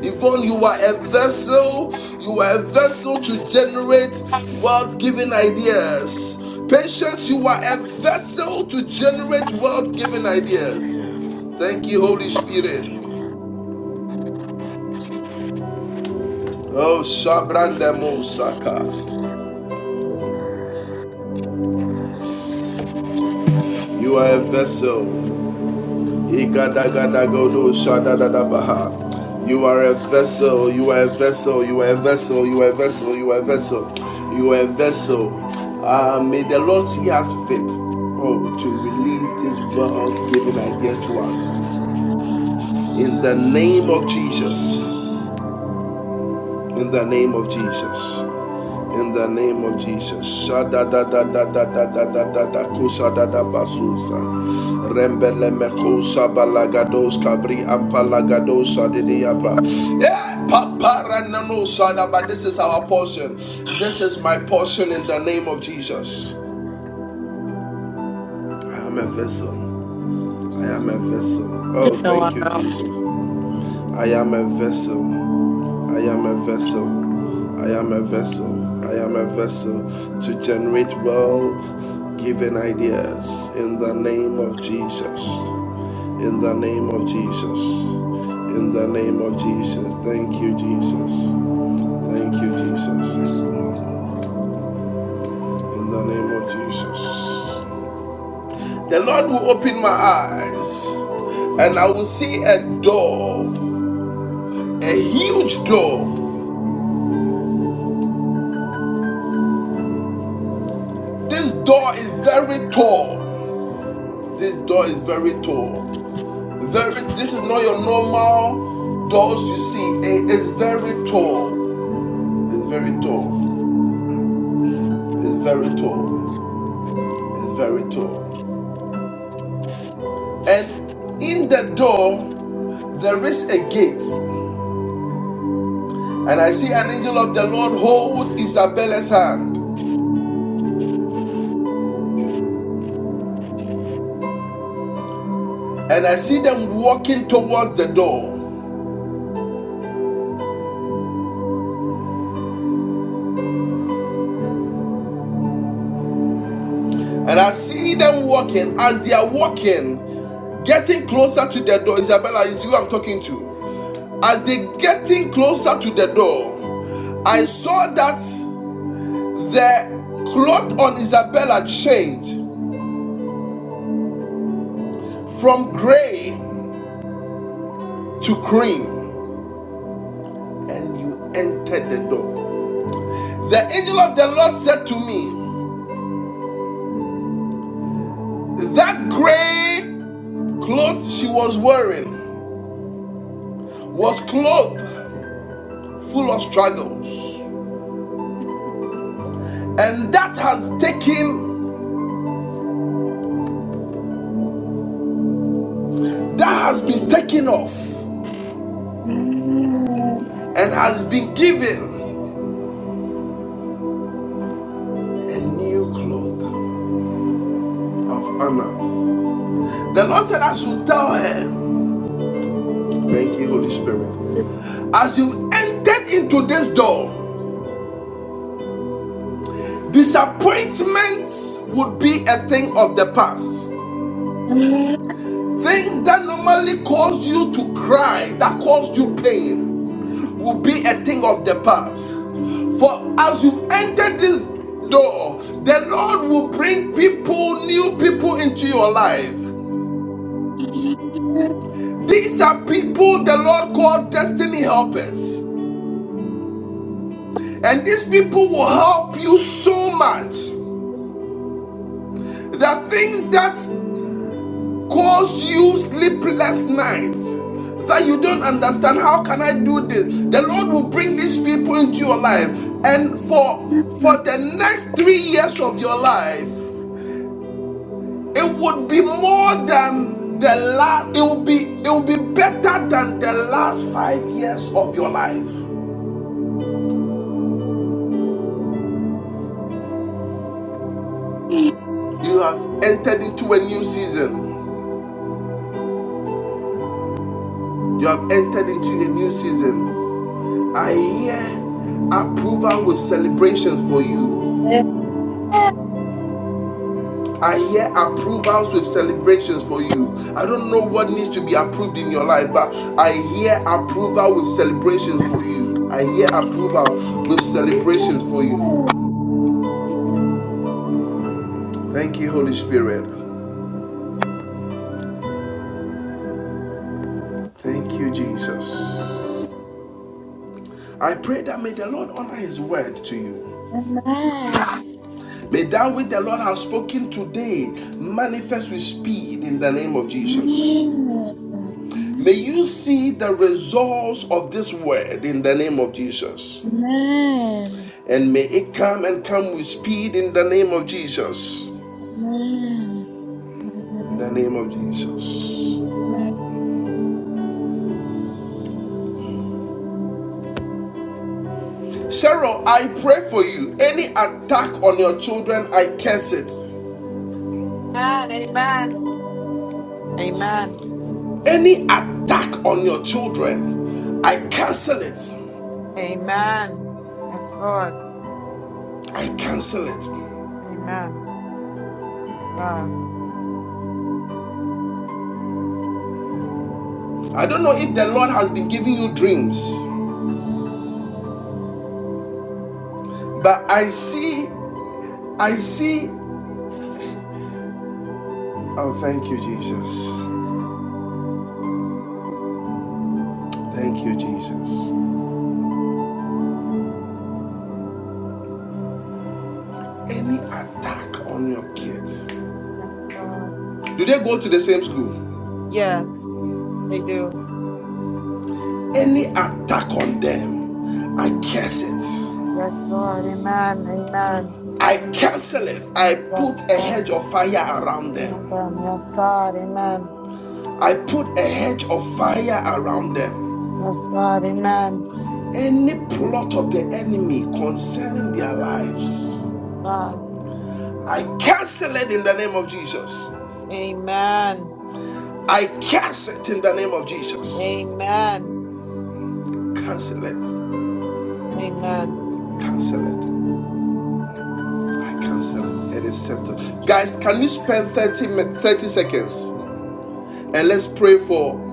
Yvonne, you are a vessel. You are a vessel to generate wealth giving ideas. Patience, you are a vessel to generate wealth giving ideas. Thank you, Holy Spirit. Oh, Shabrandemo Saka. You are a vessel. Igadagadagodo shadadadabaha. You are a vessel, you are a vessel, you are a vessel, you are a vessel, you are a vessel, you are a vessel. Uh, may the Lord see us fit oh, to release this world giving ideas to us. In the name of Jesus, in the name of Jesus. In the name of Jesus. Shada da da da da da da da da da kusha da da basusa. Rembele me kusha balagados kabri ampalagadosa didiapa. Yeah, papara nanosa da, but this is our portion. This is my portion in the name of Jesus. I am a vessel. I am a vessel. Oh,
It's all
thank you,
right.
Jesus. I am a vessel. I am a vessel. I am a vessel. I am a vessel to generate wealth, given ideas in the name of Jesus. In the name of Jesus. In the name of Jesus. Thank you, Jesus. Thank you, Jesus.
Yes, Lord.
In the name of Jesus. The Lord will open my eyes and I will see a door, a huge door. This door is very tall. This door is very tall. Very, this is not your normal doors you see. It is very tall. It's very tall. It's very tall. It's very tall. And in the door, there is a gate. And I see an angel of the Lord hold Isabella's hand. And I see them walking towards the door. And I see them walking as they are walking, getting closer to the door. Isabella is you I'm talking to. As they getting closer to the door, I saw that the cloth on Isabella changed from gray to cream, and you entered the door. The angel of the Lord said to me, That gray cloth she was wearing was cloth full of struggles, and that has taken, that has been taken off,
Oh,
and has been given a new cloth of honor. The Lord said, I should tell him." Thank you, Holy Spirit. As you entered into this door, disappointments would be a thing of the past. Things that normally cause you to cry, that cause you pain, will be a thing of the past. For as you have entered this door, the Lord will bring people, new people into your life. These are people the Lord called destiny helpers. And these people will help you so much. The thing that caused you sleepless nights that you don't understand how can I do this? The Lord will bring these people into your life and for for the next 3 years of your life it would be more than the last it will be it will be better than the last 5 years of your life. You have entered into a new season. You have entered into a new season. I hear approval with celebrations for you. I hear approvals with celebrations for you. I don't know what needs to be approved in your life, but I hear approval with celebrations for you. I hear approval with celebrations for you. Thank you, Holy Spirit. Thank you, Jesus. I pray that may the Lord honor his word to you. May that which the Lord has spoken today manifest with speed in the name of Jesus. May you see the results of this word in the name of Jesus. And may it come and come with speed in the name of Jesus. In the name of Jesus. Cheryl, I pray for you. Any attack on your children, I curse it.
Amen. Amen.
Any attack on your children, I cancel it.
Amen. Yes, Lord.
I cancel it.
Amen. God.
I don't know if the Lord has been giving you dreams, but I see, I see. Oh, thank you, Jesus. Thank you, Jesus. Any attack on your kids?
Yes, God.
Do they go to the same school?
Yes, they do.
Any attack on them, I
Mm.
curse it.
Yes, Lord. Amen. Amen.
I cancel it. I put
Yes,
a hedge
God.
of fire around them.
Amen. Yes, God. Amen.
I put a hedge of fire around them.
Yes, God. Amen.
Any plot of the enemy concerning their lives,
God.
I cancel it in the name of Jesus.
Amen.
I cancel it in the name of Jesus.
Amen.
Cancel it.
Amen.
Cancel it I cancel it. It is settled.
Thank you,
Guys,
Jesus.
can you spend 30, seconds and let's pray for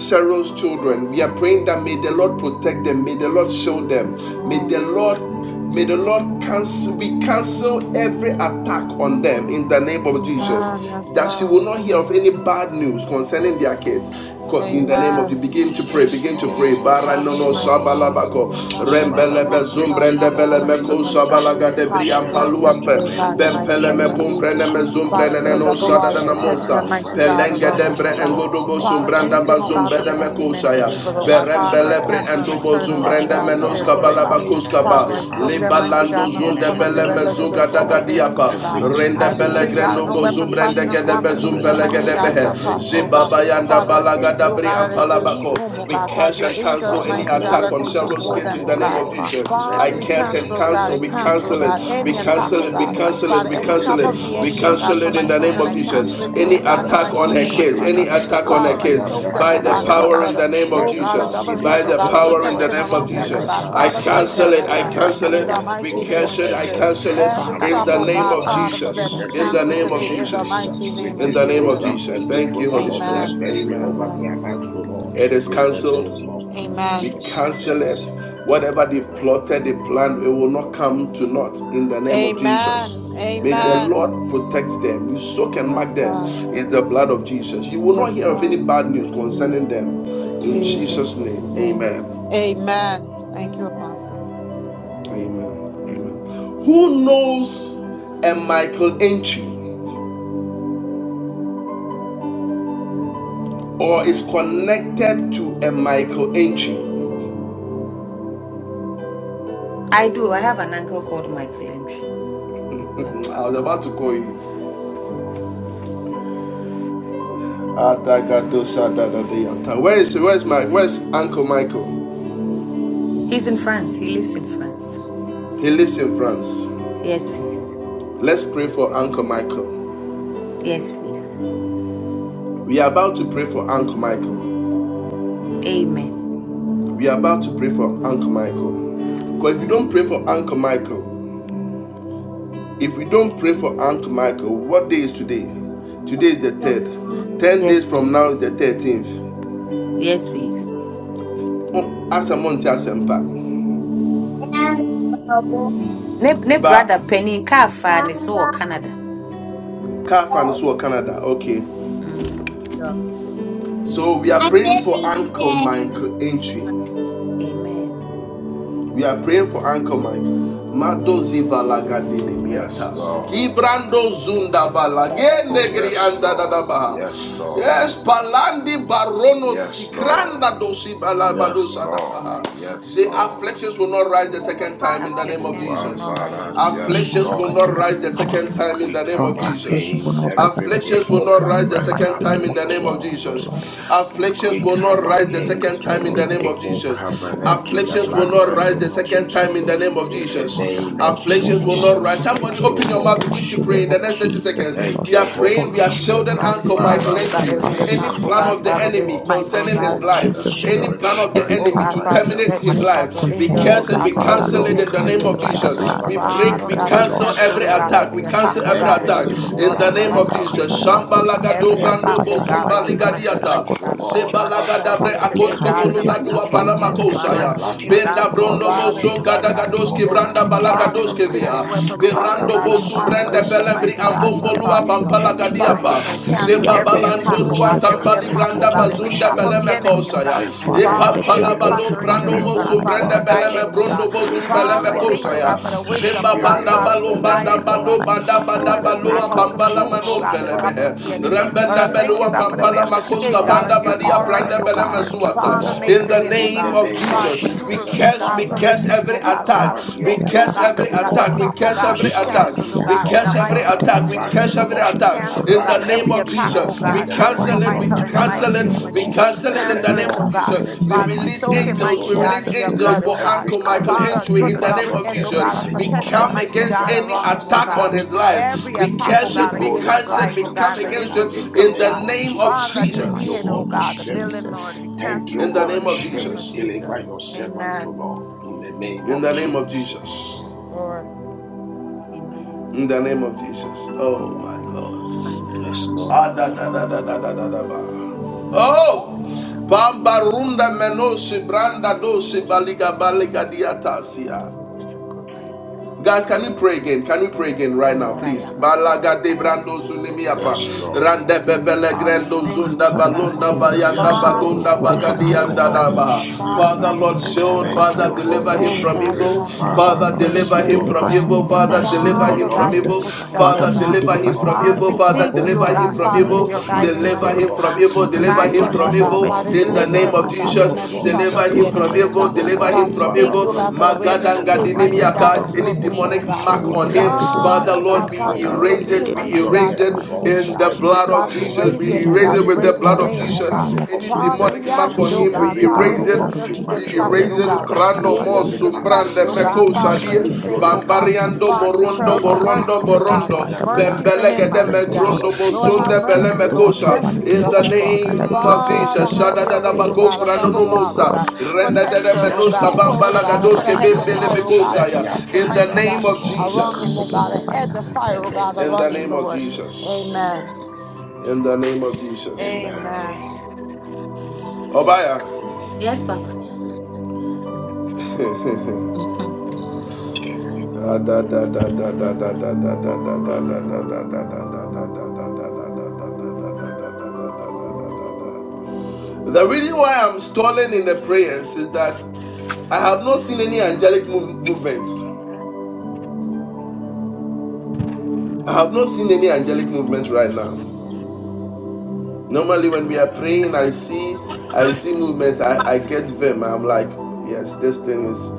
Cheryl's children. We are praying that may the Lord protect them, may the Lord shield them,
Yes,
may
God.
the Lord May the Lord cancel, we cancel every attack on them in the name of
A
Jesus.
counsel
Amen.
of
Yes,
That
insight
she
God.
for
will not
those
hear
of
of
my
any
children and
bad
the name
news
of
concerning
Jesus.
their kids. In
Yara
the name
baba
of
Amen.
you,
kami
begin
Oh,
bana
to pray,
bana
yes,
begin
bana
to pray.
shara
Lord.
bana
Bara
Father,
no
in
bana
the
no
Yes,
bana.
mighty name
Lord.
of
shabalabako,
Jesus, Father,
Yara
we
baba
are
Father,
rembelebe
kami
we
thankful,
bring
shara
God,
zumbrende
Father,
bana bana
for
bele
before
my
bana bana
meko
children, oh
thee
bana
God.
shabalaga
children
bana.
of
debri
Father, I
Sharon
transfer
in the
ampaluampe,
today,
Counsel
God,
name
in
of
the
of
Jakatarabasi
mighty
bempele
insight
name
me
for
of
the
Yataraba
pumprene mene
Jesus.
Jesus.
throne of our children in the name of
mezumbre
Father,
Yakatarada.
put
nene
a
We
We
Jesus.
no
double
plead
shada
cancel
wall
the
of
dana
every
blood
mosa
protection, mighty
over
attack, O
God,
their
Yara
Lord,
pelenge
around
over
them,
lives,
her
dembre
baba baba. Yara baba
oh
O
God.
baba
kids
Lord.
in
engodobo
the
Father,
Father,
mighty
shumbranda
we
anything,
name
oh
of
plead
baba.
God,
bazumbe
the
that
de
the enemy
blood
Jesus.
meant
over
for
mekoshaya
their
Yara
evil, oh
Every
God.
baba
destinies,
baba
berembe
attack
Father,
O
I
of the
lebre
Lord.
cancel
baba.
wicked
and I
one
endobo
turn
against her
around, oh
zumbrende
Father,
God,
children,
for
we
their
Father,
Yara
menoska
we
good,
baba
oh God.
balaba
come
baba
disengage
baba
against it
kuskaba
Father,
every
I
right now
soak
baba baba. Yara baba baba baba baba baba
arrow
in
them,
the
baba.
mighty
mighty
relayed
libalando
God,
name
from
from
the
of
Yara
zunde
the
crown of
pit
bele
their
Jesus.
baba baba
of
baba
head to
baba
hell,
the
mezuga
O
sole
daga
Lord.
of
baba.
My
their feet, oh God.
Every
Yara
Yakatarabasi
rende
I
baba
bele
baba
Yataraba
decree,
my
baba
incantations,
God,
grendo
no
baba.
every
bozu
weapon fashioned
Yakatarabasi
or
gede
divination,
formed
Yataraba
bezum
against
every
them, mighty
gede
God,
enchantment
behe
shall
Yakatarabasi.
relayed
Yeah,
prosper, oh
from
God.
the
jibaba
pit of
yanda
Father,
hell
I
balaga
thank
against
you,
the
oh
dabri
God, that
destiny
as
of
they
these
leave
ampalabako
home,
children,
oh
we
O
God,
Lord.
Yantara
Father,
curse
your
and
Masa
cancel
angels,
any
Father,
mighty
let
God,
attack
are
Yakatarabasi
it
on
be
going
Cheryl's
before
Gates
them,
in
aborted,
oh
the
O
name
God.
of
Lord.
Jesus.
Father, we
Let
I
Father, we
it
curse
be
curse
every
and
cancel, oh
cancelled.
God,
Let
cancel.
I
We
it
attack of
be
the
cancel, oh
cancel
rendered
it.
God,
wicked one
We
any
against our
attack,
cancel
oh
powerless,
it.
O
We
God.
children
Lord.
right
cancel
now
it.
in
Father,
We
the
any
In the
mighty
cancel
trap
it.
of
name of
name
the
of
We
enemy, oh
Jesus,
God,
cancel
oh
for
it in
my
Jesus,
God.
the name
children,
Father,
of
I
We
we
come
plead
cancel
Jesus.
the
it
against every
Any
today,
blood.
God,
attack
in
Let
the
of
the
attack
the
on
blood
mighty
her
wicked
name
one,
of
kids. Any
speak
Father,
Jesus.
Lord. We
attack on
come
her
over
Father, I
against
the
kids.
it
soak them,
right
By
oh
now
destiny,
the
by
God,
O
in
the
your
Lord.
power
blood
in
blood.
the
of
name of
Let
Oh
the
Jesus,
God, a
oh
blood
Jesus.
double
God.
By
hedge, oh
deliver
the
We
God, a
them, O
power in the
Lord.
destroy
protection
every
name of
around them,
Let
demonic
oh
the
God.
Jesus.
blood,
I
agenda
Father, guide
against our
cancel
Father,
them,
it.
oh
I
children
God,
right
protect
cancel
them,
now
in
in
O
the
it.
the
Lord.
We
mighty
mighty
Build
name
name
your
of
of
cancel it. I
edge
Jesus.
of
Jesus.
cancel
fire
it
Every
Father, he
in
trap,
around
the
will
oh
them,
not
O
name
God,
of
Lord.
stand,
Father, for
oh
In
them
Jesus.
Lord.
is
the
In the
name
We
canceled
of
name of
today
destroy
in the
Jesus.
that
Jesus,
mighty
we
name of
In the name of
deprogram
Jesus.
Jesus.
every
Thank you,
program
Holy
of the
Amen.
Spirit.
adversary over
Amen.
Amen.
their lives, O Lord.
It is
In the
cancelled.
name of
We
Amen.
Jesus,
cancel it.
amen.
Whatever they've
Amen.
plotted, they planned, it will not come to naught in the name of Jesus.
Amen.
May the
Amen.
Amen.
Lord protect them. You soak and mark
Yes,
them
God.
in the blood of Jesus. You will not
Yes,
hear of any
God.
bad news
In
concerning them. In Jesus'
Jesus'
name,
name.
amen.
Amen. Thank you, Apostle.
Amen. Amen. Who knows a Michael entry or is connected to a Michael entry?
I do. I have an uncle called Michael Limpi. Papa.
I was about to call you. Where is where is my where's Uncle Michael?
He's in France. He lives in France.
He lives in France.
Yes, please.
Let's pray for Uncle Michael.
Yes, please.
We are about to pray for Uncle Michael.
Amen.
We are about to pray for Uncle Michael. Because if you don't pray for Uncle Michael, if we don't pray for Uncle Michael, what day is today? Today is the third. Ten
Yes,
days from
please.
now is the thirteenth.
Yes, please.
Oh, Asamonte Asempa.
and bubble.
Ne, ne
But
brother Penny Kafa and so Canada.
Kafan Canada. Okay.
Mm.
So we are
I'm
praying for
busy
Uncle
today.
Michael entry.
Amen.
We are praying for Anchor Mike. Mado zivalaga
Yes,
dinimiatas.
Lord.
Kibrando zunda balage
Oh,
negri
yes,
anda
Lord.
dadabaha.
Yes, Lord.
Yes, palandi barono
Yes, Lord.
sikranda dosi
Yes,
balabalosa
Lord.
dabaha.
Yes,
The
Lord.
afflictions will not rise
I'm
the
in a
second time in
bubble.
the name of
Oh,
Jesus.
Ambara,
decision.
yes,
Afflictions will not
Lord.
rise the second time in
We
the name
Father,
come
of
affliction will
against
Jesus.
not rise up
every
the
Afflictions will
second
evil
not
time
rise
in
the
the
bloodline
second
mighty name
time
pattern,
in the
of
so
name of
Jesus,
Lord.
oh Lord.
Jesus. Afflictions
We
will
Confidence
not
come
every
rise the
demonic
second
against
time
agenda, oh
in the
any
Lord,
name of
evil
against
Jesus.
Michael
covenant in
entry in
the
the
Afflictions will not
mighty
bloodline,
rise
name
O
the
of
second
Lord.
time
Jesus,
in
O
the name
Lord.
of
In the
Father,
Jesus.
name of
flesh and will
Afflictions
not
will
rise
not
Jesus,
up
rise.
the
Somebody
thank
second
you,
open
time
your
in
mouth,
the
Holy
begin to
mighty
pray
name
in the
Spirit.
of
next 30
Jesus, O
seconds.
Lord.
Thank
We
you,
are praying,
Holy
we are
Father,
Jesus,
shielding
Lord,
Spirit.
Father,
every
we
Uncle Michael
cancel
demonic
Father, we
about
agenda,
entry
every
Father,
lift
we
any
the
attack,
come
oh
plan
God,
against
of
life,
the
it
Father,
right
O
now in
enemy
this
the
God, the
Michael, oh
mighty
concerning
name
God, in
of
his
soul
the
and
mighty
the
life,
Jesus,
name
O
of
any
Lord.
spirit
Jesus.
plan
of
of the
Every
Oh
enemy
Uncle
plans
God,
of
to
the
Father, we
Michael
wicked
terminate
set
one
his
ag-
dispatch
life,
your
we
concerning
angels, oh
his
before
cancel,
life,
we
God, to
thee, O
Father,
cancel
Lord,
locate
it
we
Lord.
in
him
the name
cancel
areas,
of
it
oh
by the
God.
Jesus.
blood
Father,
of
We break,
every
Father, oh
we
Jesus,
God,
O
we
Lord.
cancel
projection,
cancel,
every
oh
oh
God,
attack,
Lord,
every
we
attack,
cancel
oh
every
God,
every
attack
Yakatarabasi,
against him,
evil
in
Lord,
the
in the
name
bloodline
Yantarabasi,
of
mighty
pattern,
name
oh
of
Jesus.
Jesus.
Lord,
Yakatarabasi,
Shambalaga
Every
Yantarama,
every
attack,
dobrando
oh
evil
God,
bozumba
Yakatarabasi,
against
bloodline
Michael's life,
curses,
oh
ligadiata.
oh
God.
Lord,
Yantarabakotarabashak.
Father, I
Father,
Zebalagadabre
cancel it
Father, we
today,
akonto
God,
every
cancel
in the
every
evil
mighty
bolugandua
attack
name
right
of
now
program
in
Jesus.
the
in
Father, I
their
blood
palamakosaya.
of
soak him
bloodline,
Jesus,
back,
oh
Benda
oh Lord.
God,
brondo
Father, in
We
the
moson
against the
blood
destroy
of
every
life
Jesus,
of
kadagadoske
demonic
Lord.
branda
Uncle
agenda, every
Father,
Michael,
you
balagadoske
oh
put in
Lord.
a
via.
satanic
weapon, passion, oh
Father,
Berando
conspiracy.
God,
we
a
Father,
bosum
form
we
brende
come
silence
against
it,
him,
against it
we
pelembri
mighty
right
God,
now in
uproot
shall
the
it,
ambombolua
we
mighty
prosper.
name of
terminate
Jesus.
Father,
it
pampalagadiapa.
Let it
in
be
cancel
the
every
name
aborted,
attack,
oh
of
Zebabalando
oh
Lord,
God,
every
Jesus.
every
ruantambali
Thank
attack,
satanic
oh
you,
granda
God,
agenda
Holy
every
bazunda
trap
Spirit.
of
concerning
the
beleme
this
enemy, oh
uncle.
kosaya.
God.
Thank you,
E
Father, let
Father,
Holy
it be
to
pampala
Spirit.
dispatch
aborted
balon
your
right
brando
now
angels, oh
in the
God,
mosum
Ribble
Father,
mighty
brende
to
name of
guide
Wambada,
them,
beleme
oh
Jesus.
brondo
God.
bozum
Ribble
Father,
beleme
I thank you,
Shakatarabasi,
Wambada,
kosaya.
God, for the
Yantaraba,
wisdom, oh
Zemba
God.
Spirit
banda
Father,
of the
balon
Yakatarabasi,
to guide
banda
living
them, oh God.
Yantaramasa,
God,
bando banda
You show
banda
in
him,
the
oh
Yakatarabasi,
God,
balua
name
how
of
to
pampala
maneuver, oh
manom
Jesus,
God,
Yakatarabakotarabasi,
the
pelebe.
traps
Father,
of the enemy.
deliver your
Lord, I
Rembende
thank
servant,
you,
belua
God,
O
for
Yantarabakotaraba,
the way
Lord.
pampala
of
makoska
escape,
Shakatarabasi,
banda
Father,
God, as you
deliver
Yantaramasa,
already, oh
Uncle
God.
Michael, O
Father,
Lord,
made
in
for
the
Yakatarabasi,
him, oh
in
name
the
God.
of
name of
Father, for
Jesus,
you
we
Jesus'
reveal,
Jesus,
mighty
curse,
God,
we
to
Father.
name.
curse
Amen.
redeem,
every
oh
We
God.
We
attack.
Father, we
command
cancel
We
your
every
thank you, oh
attack
curse
God,
of
angels,
the
every
O
that
wicked
the
attack.
Lord,
one.
We
Lord.
trap, oh
curse
to
God,
every
We
is
attack.
surround
curse
canceled, oh
every
him, O
We
God, in
attack
the
curse
God.
right now
every
mighty
in
Father,
the
name
attack. We
of
mighty
Jesus.
arise,
curse
name
O
of
every
Lord.
We
attack.
Jesus. O
cancel, oh
Lord.
In
God,
the
Arise
name
We
every
on
of
attack,
curse
oh
behalf
Jesus,
every
we
of
God,
the
attack right
over
cancel
destiny
now
it. We
of
in
Michael
the
in the
Uncle
mighty
cancel
mighty
it.
name
Michael,
of
name
O
of
We
Lord,
Jesus. We
Jesus.
cancel it
and
in
let
the
cancel
We
name
it, oh
of
all
cancel
God.
his
it
Jesus.
in
We
the
enemies
Father, we
be
release
mighty
soak him,
name of
scattered,
angels.
O
mighty
We
Lord.
God,
release
in
Jesus,
your
O
angels
blood,
Let
Lord.
oh
for
God.
We
every
Uncle Michael
arrow
cancel every
Father,
of
Entry
put
in
a
demonic
the name
double
attack,
premature
of
edge,
O
oh
death
Lord,
God,
right
Jesus.
of
relief
now
We
in the
from the
protection,
come
pit
mighty
mighty
of
against
name
God,
hell,
of
any
around
Father,
him, oh
attack
Jesus, O
tonight.
on
God.
Lord.
his
We
life.
Every
We
come
attack,
against
oh
curse
We
every
it.
God,
We
roll
against
it
his
attack
cancel
back
it.
life,
right
oh
to
We
now,
the
come
God,
against
against
sender
it
the
in the
vehicle, oh
in
name
God.
the
of
name
Jesus, O
of
Lord,
Father,
in
Jesus.
the you
the
Thank
be
you,
Jesus.
mighty
oh
name
Holy
of
God, the
Spirit.
building,
Jesus.
Lord. We
Thank
cancel
you,
it,
In the
Lord,
name
Holy
in
of
the name of
Spirit.
Jesus.
Deliver
Jesus.
your servant to
Amen.
Lord in the name
In
of
the name of Jesus.
Jesus.
Yes, Lord.
In the name of Jesus. Oh my God.
Yes,
Ah,
Lord.
Oh! Bamba runda menosi branda dosi baliga baliga diatasia. Guys, can we pray again? Can we pray again right now, please? Balaga de brando sunimiapa.
Yes,
Jesus.
Rande
Lord.
bebele
Father, we
grendo
thank
zunda
you, oh
Yeah.
God.
balunda
Yakatarabasi
bayanda
Yes,
Father,
Yantarabaku
bagunda
Lord.
show up, oh
Turuba
bagadi
Thank
God, and
you,
show
anda
up, oh
Holy
daba.
Yakataramasi
God. Father,
Spirit.
we
Father,
Yantarabaku
ask for
Lord,
Nurba
wisdom,
shield.
oh
Thank
God.
Father,
you,
Yakatarabasi
deliver
Holy
him
Oh
Yantaram.
from
God, we
Spirit,
evil.
ask, oh
Father,
Father,
God,
oh
you
Father,
Lord, may
deliver
you
mercy,
deliver him,
him
O
oh
from
deliver
God.
him
Lord,
evil.
in the
Father,
mighty
mercy,
deliver
name
O
of
him
Father,
from
guide
Lord,
his
Jesus.
evil.
footstep, oh
Father,
Father,
may you
mercy,
God.
deliver
O
deliver
him
him
from
from
Lord,
Father,
evil.
we
every
over
Father,
thank
evil
the
you,
in
oh
deliver
the
him
God,
life
from
of
mighty
evil
Father,
name
for
evil,
of
your
Uncle
guiding
Jesus,
Michael,
O
deliver
light,
O
him
oh
Lord.
Lord.
from
God.
evil,
Father, may
deliver
you
Guide
him
Deliver
him,
deliver
from
oh
him,
him
O
from
God.
evil
God,
every
Father,
in
evil
the
in
deliver
the
name
preserve
him,
of
oh
his
mighty
God,
name
soul,
from
of
O
Jesus,
every
Lord,
trap of
deliver
Jesus, O
the
him
Lord. Ma
from
enemy, oh
protect
evil,
God.
him, O
deliver
God.
him
Yakatarabasi
Father, we
from
Father,
thank
evil.
you, oh
Yantaramasa
God,
build
for the
your
way
Yakata.
of
edge of
escape,
Father, Lord,
fire
mighty
may you
God, that
Magadangadininiaka,
around
you
deliver
Any
have
him,
him
O
from
made, oh
every
God.
demonic
God.
evil,
mark
O
We
on
Lord,
him,
every
cancel
Father
Father,
demonic
oh
every
God,
Lord,
agenda.
we
Father,
Father,
you
program
Lord, may
of
erase
you
reveal,
it, we
deliver
mighty
him
premature
in
God,
erase
to
the
death,
it
O
mighty
redeem,
Lord,
oh
name
in
of
the
God.
every
blood
Jesus.
of
Father, we
arrow
Jesus,
May
raise
we
him,
you
oh
released from
erase
God.
it
We
erase
with
evil
the
raise
it
his
in
blood
the
of
name,
altars,
oh
mighty
God.
Jesus.
name
arrow
of
of
Any
Father,
Jesus.
we
demonic
infirmity,
mark
May
ask,
on
oh
you
him, we
erase
God,
Every
it by
Father,
the
erase
arrow
the
blood
of
of
angels
it
be
we
Jesus, O
premature
dispatched,
death,
Lord,
erase
oh
my
it
God.
Father, we
The
crando mo
angel
roll
be
it
Yakatarabasiyanta.
back to
dispatched,
sumbrande
the
oh
Every
God,
meko
center.
Father,
demonic
for
shadie
his
We
agenda, every
roll
sake, oh
it
God.
back
satanic
to the
bambariando
Father, we
center.
cry
manipulation,
morondo
May
out for
Father,
that
we
borondo
mercy,
come
arrow
oh
catch
against
God.
it
borondo
by
fire,
the
Lord.
blood
Mercy
of
for him,
bembelegede
In the
Jesus,
mighty
O
God.
name
Lord.
megrundo
of Jesus.
Lord,
Let the
have
bosunde bele
agenda
mercy,
of the
Lord.
wicked
mekosha
Thank
one
Mercy,
you,
in
against
the
him,
Holy
Jehovah.
Father,
name
Spirit.
let it be
of
Father,
Jesus
aborted in the
have
shada da
your
da
mighty
way, oh
name of
bagom
God. A
brando no
double
Jesus,
wall,
O
oh
mosa
Lord.
God.
We
renda da da
Protection,
curse
oh
Yes,
every
menoska
God.
Lord.
Pour,
demonic
oh
bambala
Thank
God. I
agenda
put a
gadoske
Yes,
right
hedge
now,
of
O
Lord.
bembele
Lord.
fire, oh God. A
mekosa
Let
ya
Every
your
protection,
in
satanic
the
mighty
program,
name
God.
so
of
manipulation,
Lord,
Lord, we
Around
be
come
him,
Jesus
oh
the
God.
against it
A
program.
right
hedge
now,
of
O
In the
fire,
Lord.
oh God.
name
in
of
the
Around him,
name of
Lord.
Jesus.
Jesus
Amen.
Amen.
in the name of Jesus
Amen. Yes,
Amen.
Obaya
Yes, Papa.
Da da da da da da da da da da da da da The reason why I'm stalling in the prayers is that I have not seen any angelic move- movements. I
Mm.
have not seen any angelic movement right now. Normally, when we are praying, I see, I see movement. I, I get them. I'm like, yes, this thing is.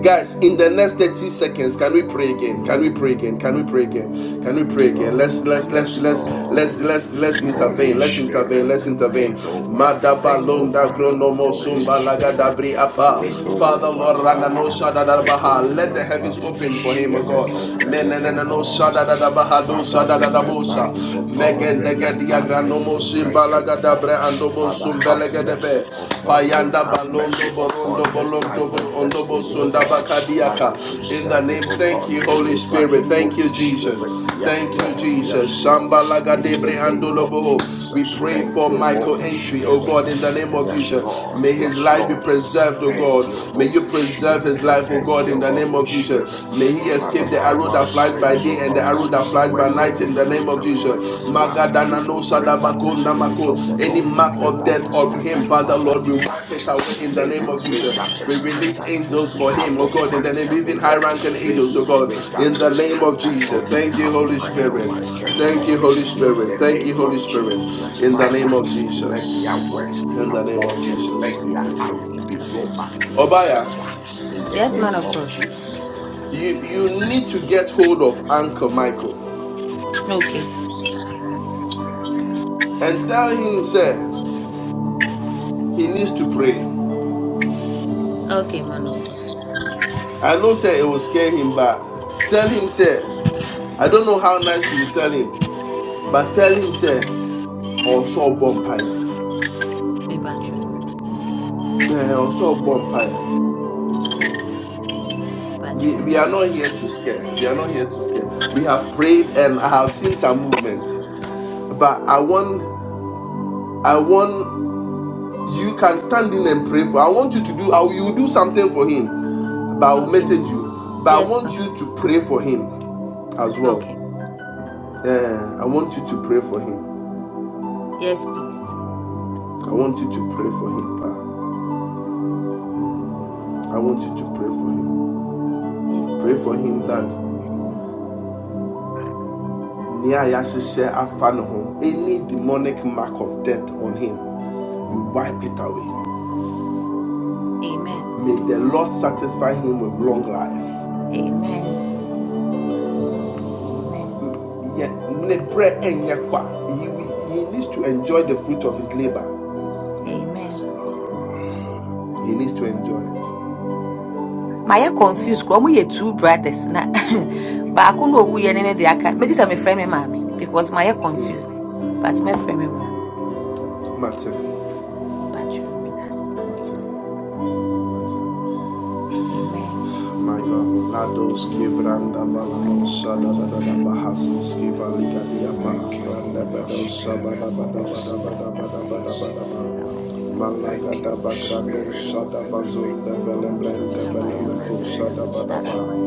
Guys, in the next 30 seconds, can we pray again? Can we pray again? Can we pray again? Can we pray again? Let's
Lord.
let's let's
Yes,
let's let's
Lord.
let's let's
Holy
intervene. Let's intervene.
Spirit,
Let's intervene.
take over,
Madaba
take
londa
over,
gronomo
Holy
sumba laga
Spirit,
dabri apa. Father
Rebo
Lord Ranano
Wambara,
Shadadabaha. Let the heavens
ribble
open for him, O
Spirit
God.
of the Living
Menenano
God.
Shadadabaha do
Father, remember him,
Shadadabosa.
O God.
Megendegedia
Remember
granomo
Uncle Michael, O
simbalagadabre
Lord.
andobo
Father, have mercy
sumbelegadebe.
upon him.
Payanda
Have
balondo
mercy
borondo
upon his
bolondo
life and
bolondo
destiny, O
bosundaba
Lord.
kadiaka.
Father,
In the
preserve him,
name,
O
thank
God.
you, Holy
Deliver
Spirit.
him,
Thank you,
Holy
Jesus.
Spirit. Yes,
Thank you,
Lord.
Jesus.
Yes, Lord. In the
Shambalagadebre
name of
andoloboho. We
Jesus.
pray
Thank
for
you,
Michael
Holy
Entry, oh
Spirit.
God, in the name of
Yes,
Jesus.
Lord.
May his
Yes,
life be
Lord.
preserved, oh
Thank
God.
you,
May you
Holy
preserve
Spirit.
his life, oh
Thank
God, in
you,
the name name
Holy
of
Spirit.
Jesus. May he
Father,
escape the
thy
arrow
word
that flies by
says, O
day and the
Lord,
arrow
that
that flies by
when the
night in the
enemy
name of
comes like a
Jesus.
flood, you
Magadana no
will raise up the
shadabako
Spirit
namako.
of the
Any
Lord, You
mark
raise
of
up
death
a
on
standard.
him, Father
Father,
Lord, we
tonight,
wipe it away in
may
the
you.
name
you
of
raise
Jesus.
up a
We
Amen. I
release
standard in
angels for
behalf
him, oh
of
God, in the name,
Michael, O
even high
Lord.
ranking
May
angels, oh
you
God,
raise up
in the
and
name of
stand up
Jesus.
on
Thank you,
behalf of
Holy
Uncle
Spirit.
Michael, O
Thank you,
Lord.
Holy
In the
Spirit. Thank you,
name
Holy
of
Spirit.
Jesus,
In the
Father,
name of Jesus.
let their works be
In the name of
aborted. Let
Jesus.
their arrows be rolled back to the center.
Obaya.
In the
Yes, man
name
of
of
God.
Jesus.
You you need to get hold of Uncle Michael
Okay.
and tell him, sir, he needs to pray.
Okay, man of God.
I know, sir, it will scare him, but tell him, sir, I don't know how nice you will tell him, but tell him, sir, also bonfire,
Maybe I you.
also bonfire.
Battery.
We, we
you.
are not here to scare. We are not here to scare. We have prayed and I have seen some movements, but I want I want you can stand in and pray for. I want you to do. I will you do something for him. But I will
Okay,
message
bro.
you. But I
Yes,
want
Papa.
you to pray for him as
Okay.
well. Eh, I want you to pray for him.
Yes, please.
I want you to pray for him, Pa. I want you to pray for him.
Yes,
Pray for
please.
him that nea yɛahyehyɛ afa ne any demonic mark of death on him, you wipe it away.
Amen.
May the Lord satisfy him with long life.
Amen. Amen.
He, needs to enjoy the fruit of his labor.
Amen.
Yes, Lord.
He needs to enjoy it.
Maya confused kuro ɔmo two brothers na baako na owu yɛ ne ne de aka megye sɛ friend, me maame because Maya
Hmm,
confused but me friend, me maame
Matter. Matter. My God, Lados Kivranda Valanos Bahazos Kivaliga Diapa,
Thank you,
Randa
Holy
Bedo
Spirit.
Bada
Yes,
Bada
Lord.
Bada Bada Bada
Yes,
Bada
Lord.
Bada
Thank
Malaga da
you,
Bagrano
Spirit of
Sada
the Living
Bazon de
God.
Velembren de
In the
Belemeco Sada
name of
Bada
Jesus.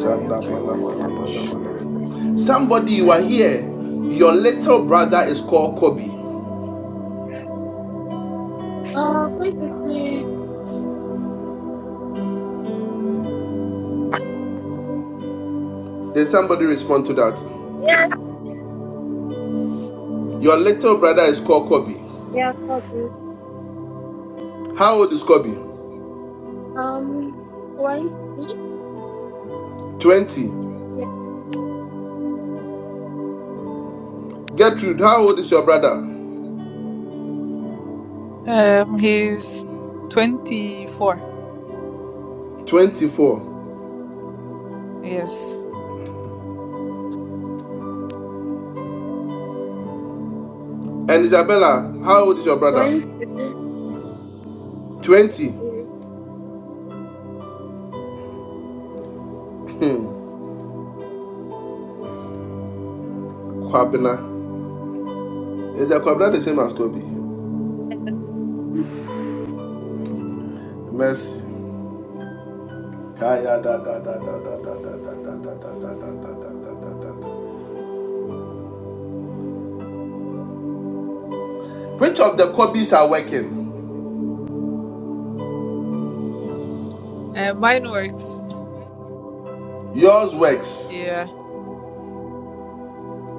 Zanda
Thank you,
Mana
Holy
Mana
Spirit.
Mana Mana. Somebody you are
Thank you,
here,
Lord.
your little brother is called Kobe.
please excuse.
Did somebody respond to that?
Yes.
Your little brother is called Kobe.
Yeah, copy.
How old is Kobe?
Um, twenty.
20.
Yeah,
Gertrude, how old is your brother?
Um, he's 24.
24.
Yes.
And Isabella, how old is your brother?
twenty.
20. Hmm. Kwabena. Is the Kwabena the same as Kobe? Mercy. da da da da da da da da da da da da da da da da da Which of the Kobes are working?
Uh, mine works.
Yours works.
Yeah.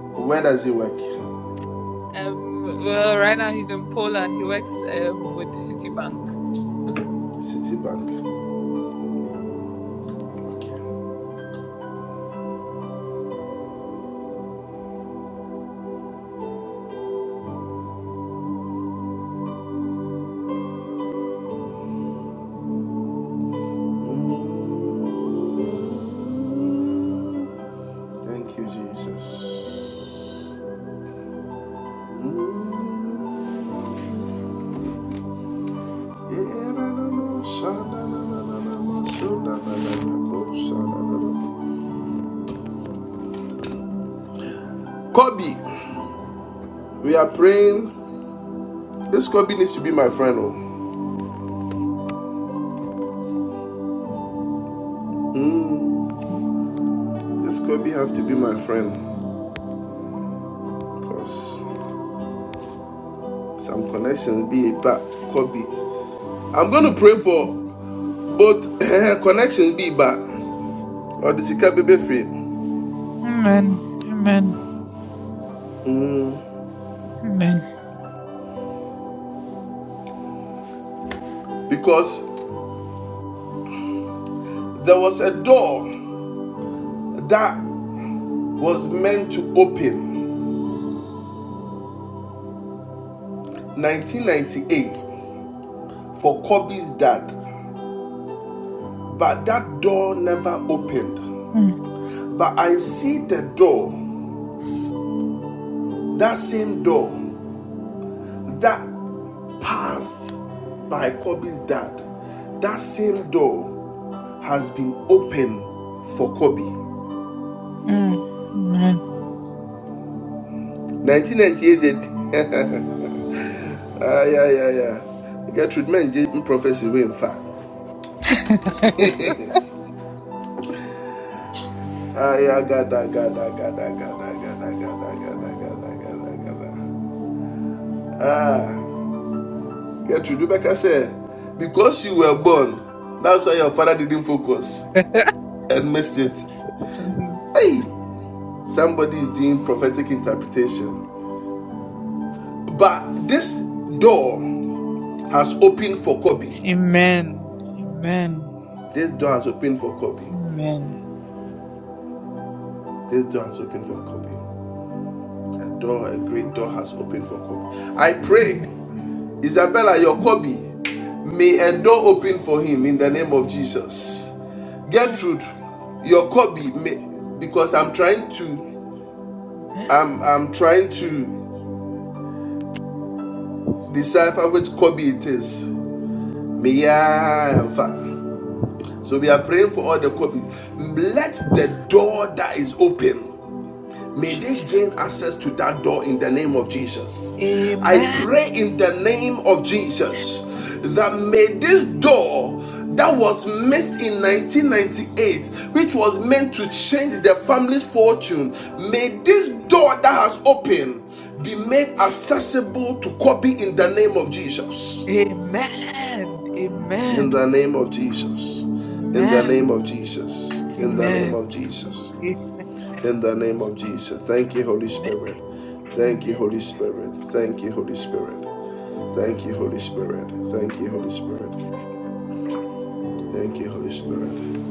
Where does he work?
Um, well, right now he's in Poland. He works um, with Citibank.
Citibank. Okay. Mm. Thank you, Jesus. Mm. Kobe, we are praying. This Kobe needs to be my friend. Oh. Mm, this Kobe have to be my friend because some connections be bad. Kobe, I'm going to pray for both connections be bad or the Sika baby friend,
Amen. Amen. Amen.
because there was a door that was meant to open 1998 for Kobe's dad. but that door never opened.
Mm,
But I see the door, that same door that passed by Kobe's dad, that same door has been open for Kobe.
mm, Amen.
1998, ah, yeah, yeah, yeah. Get Gertrude Menji prophecy way in fact. Ah, yeah, gada, gada, gada, gada, gada, gada, gada, gada, gada, gada, gada. Ah. Gertrude, Rebecca said, because you were born, that's why your father didn't focus and missed it.
Amen.
Hey, somebody is doing prophetic interpretation. But this door has opened for Kobe.
Amen. Amen.
This door has opened for Kobe.
Amen.
This door has opened for Kobe. A door, a great door has opened for Kobe. I pray, Isabella, your Kobe, may a door open for him in the name of Jesus. Gertrude, your Kobe, may, because I'm trying to I'm I'm trying to decipher which Kobe it is. Meya So we are praying for all the Kobe. Let the door that is open May they
Jesus.
gain access to that door in the name of Jesus. I
Amen.
pray in the name of Jesus that may this door that was missed in 1998, which was meant to change the family's fortune, may this door that has opened be made accessible to Kobe in the name of Jesus.
Amen.
In
Amen.
the name of Jesus. In the
Amen.
name of Jesus. In the
Amen.
name
Amen.
of Jesus
Amen.
in the name of Jesus. Thank you, Holy Spirit. Thank you,
Amen.
Holy Spirit. Thank you, Holy Spirit. Thank you, Holy Spirit. Thank you, Holy Spirit. Thank you, Holy Spirit.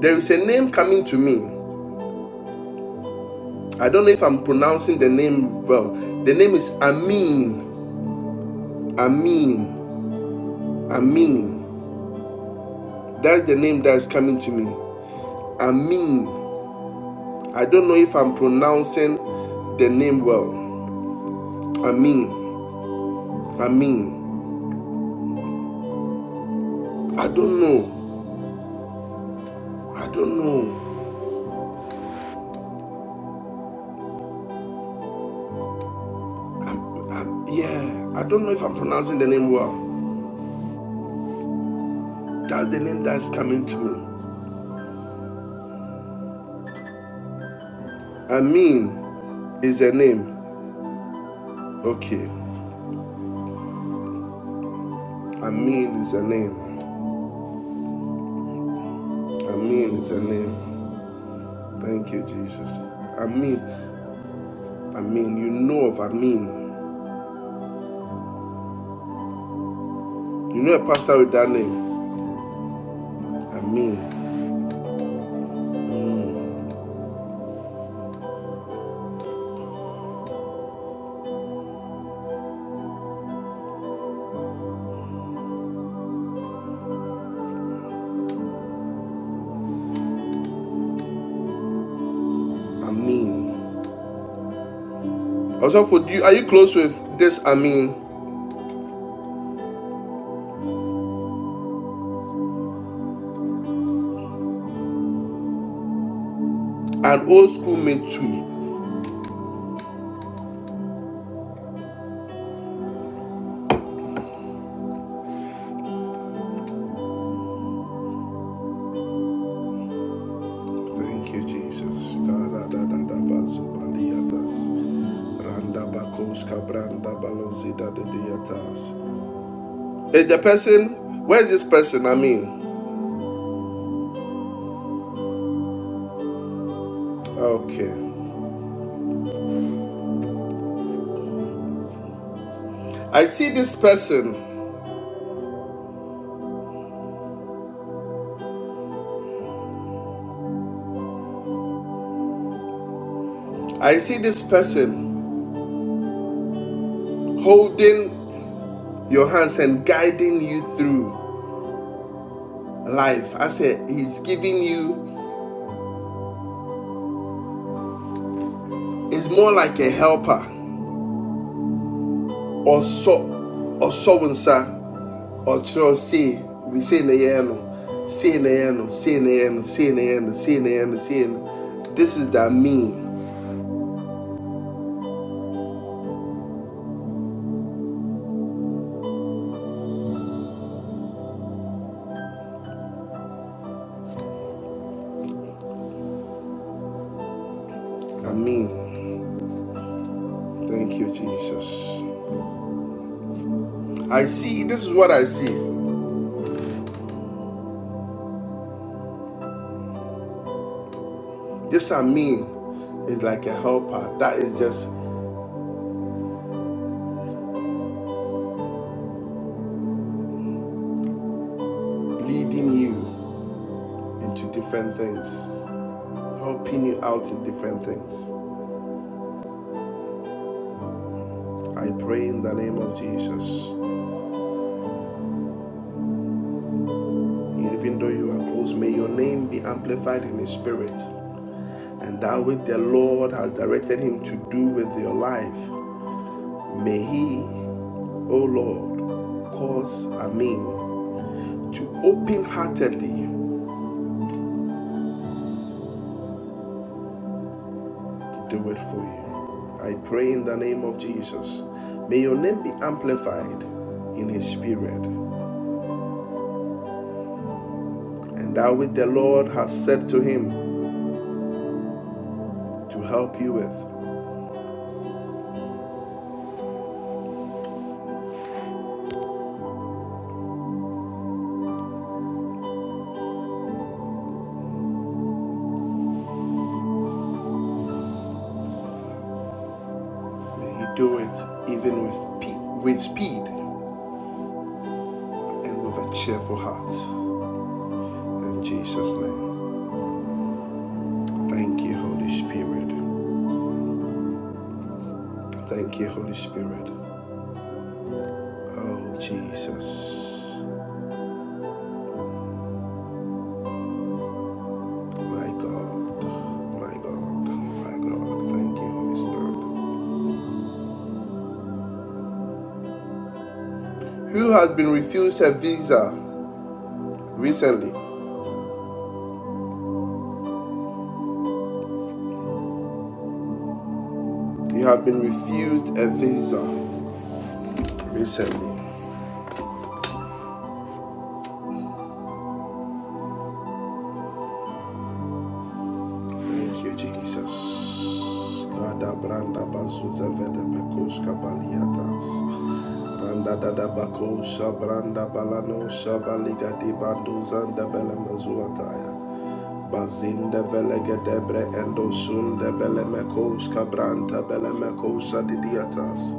There is a name coming to me. I don't know if I'm pronouncing the name well. The name is Amin. Amin. Amin. That's the name that is coming to me. Amin. I don't know if I'm pronouncing the name well. Amin. Amin. I don't know. I don't know. Um, Yeah, I don't know if I'm pronouncing the name well. That's the name that's coming to me. Amin is a name. Okay. Amin is a name. Amin is a name. Thank you, Jesus. Amin. Amin. You know of Amin. You know a pastor with that name. Amin. Amin. Also, for you, are you close with this Amin? An old school mate too. Thank you, Jesus. Is the person? Where's this person? I mean, okay. I see this person. I see this person holding your hands and guiding you through life. I said he's giving you. It's more like a helper or so or so and ɔkyerɛw sei we sei na yɛn no sei na yɛn no sei na yɛn no sei na yɛn no sei na yɛn no sei na this is that mean Amen. Thank you, Jesus. I see, this is what I see. This Amen is like a helper that is just leading you into different things, helping you out in different things. I pray in the name of Jesus. Even though you are close, may your name be amplified in His Spirit. And that which the Lord has directed Him to do with your life, may He, O Lord, cause Amen to open heartedly do it for you. I pray in the name of Jesus. May your name be amplified in his spirit. And that which the Lord has said to him to help you with, may he do it even with, pe- with speed and with a cheerful heart. In Jesus' name. Thank you, Holy Spirit. Thank you, Holy Spirit. Oh, Jesus. My God. My God. My God. Thank you, Holy Spirit. Who has been refused a visa recently? You have been refused a visa recently. Thank you, Jesus. Bazinda velega debre endo sunda belemekoska branta belemekosa didiatas.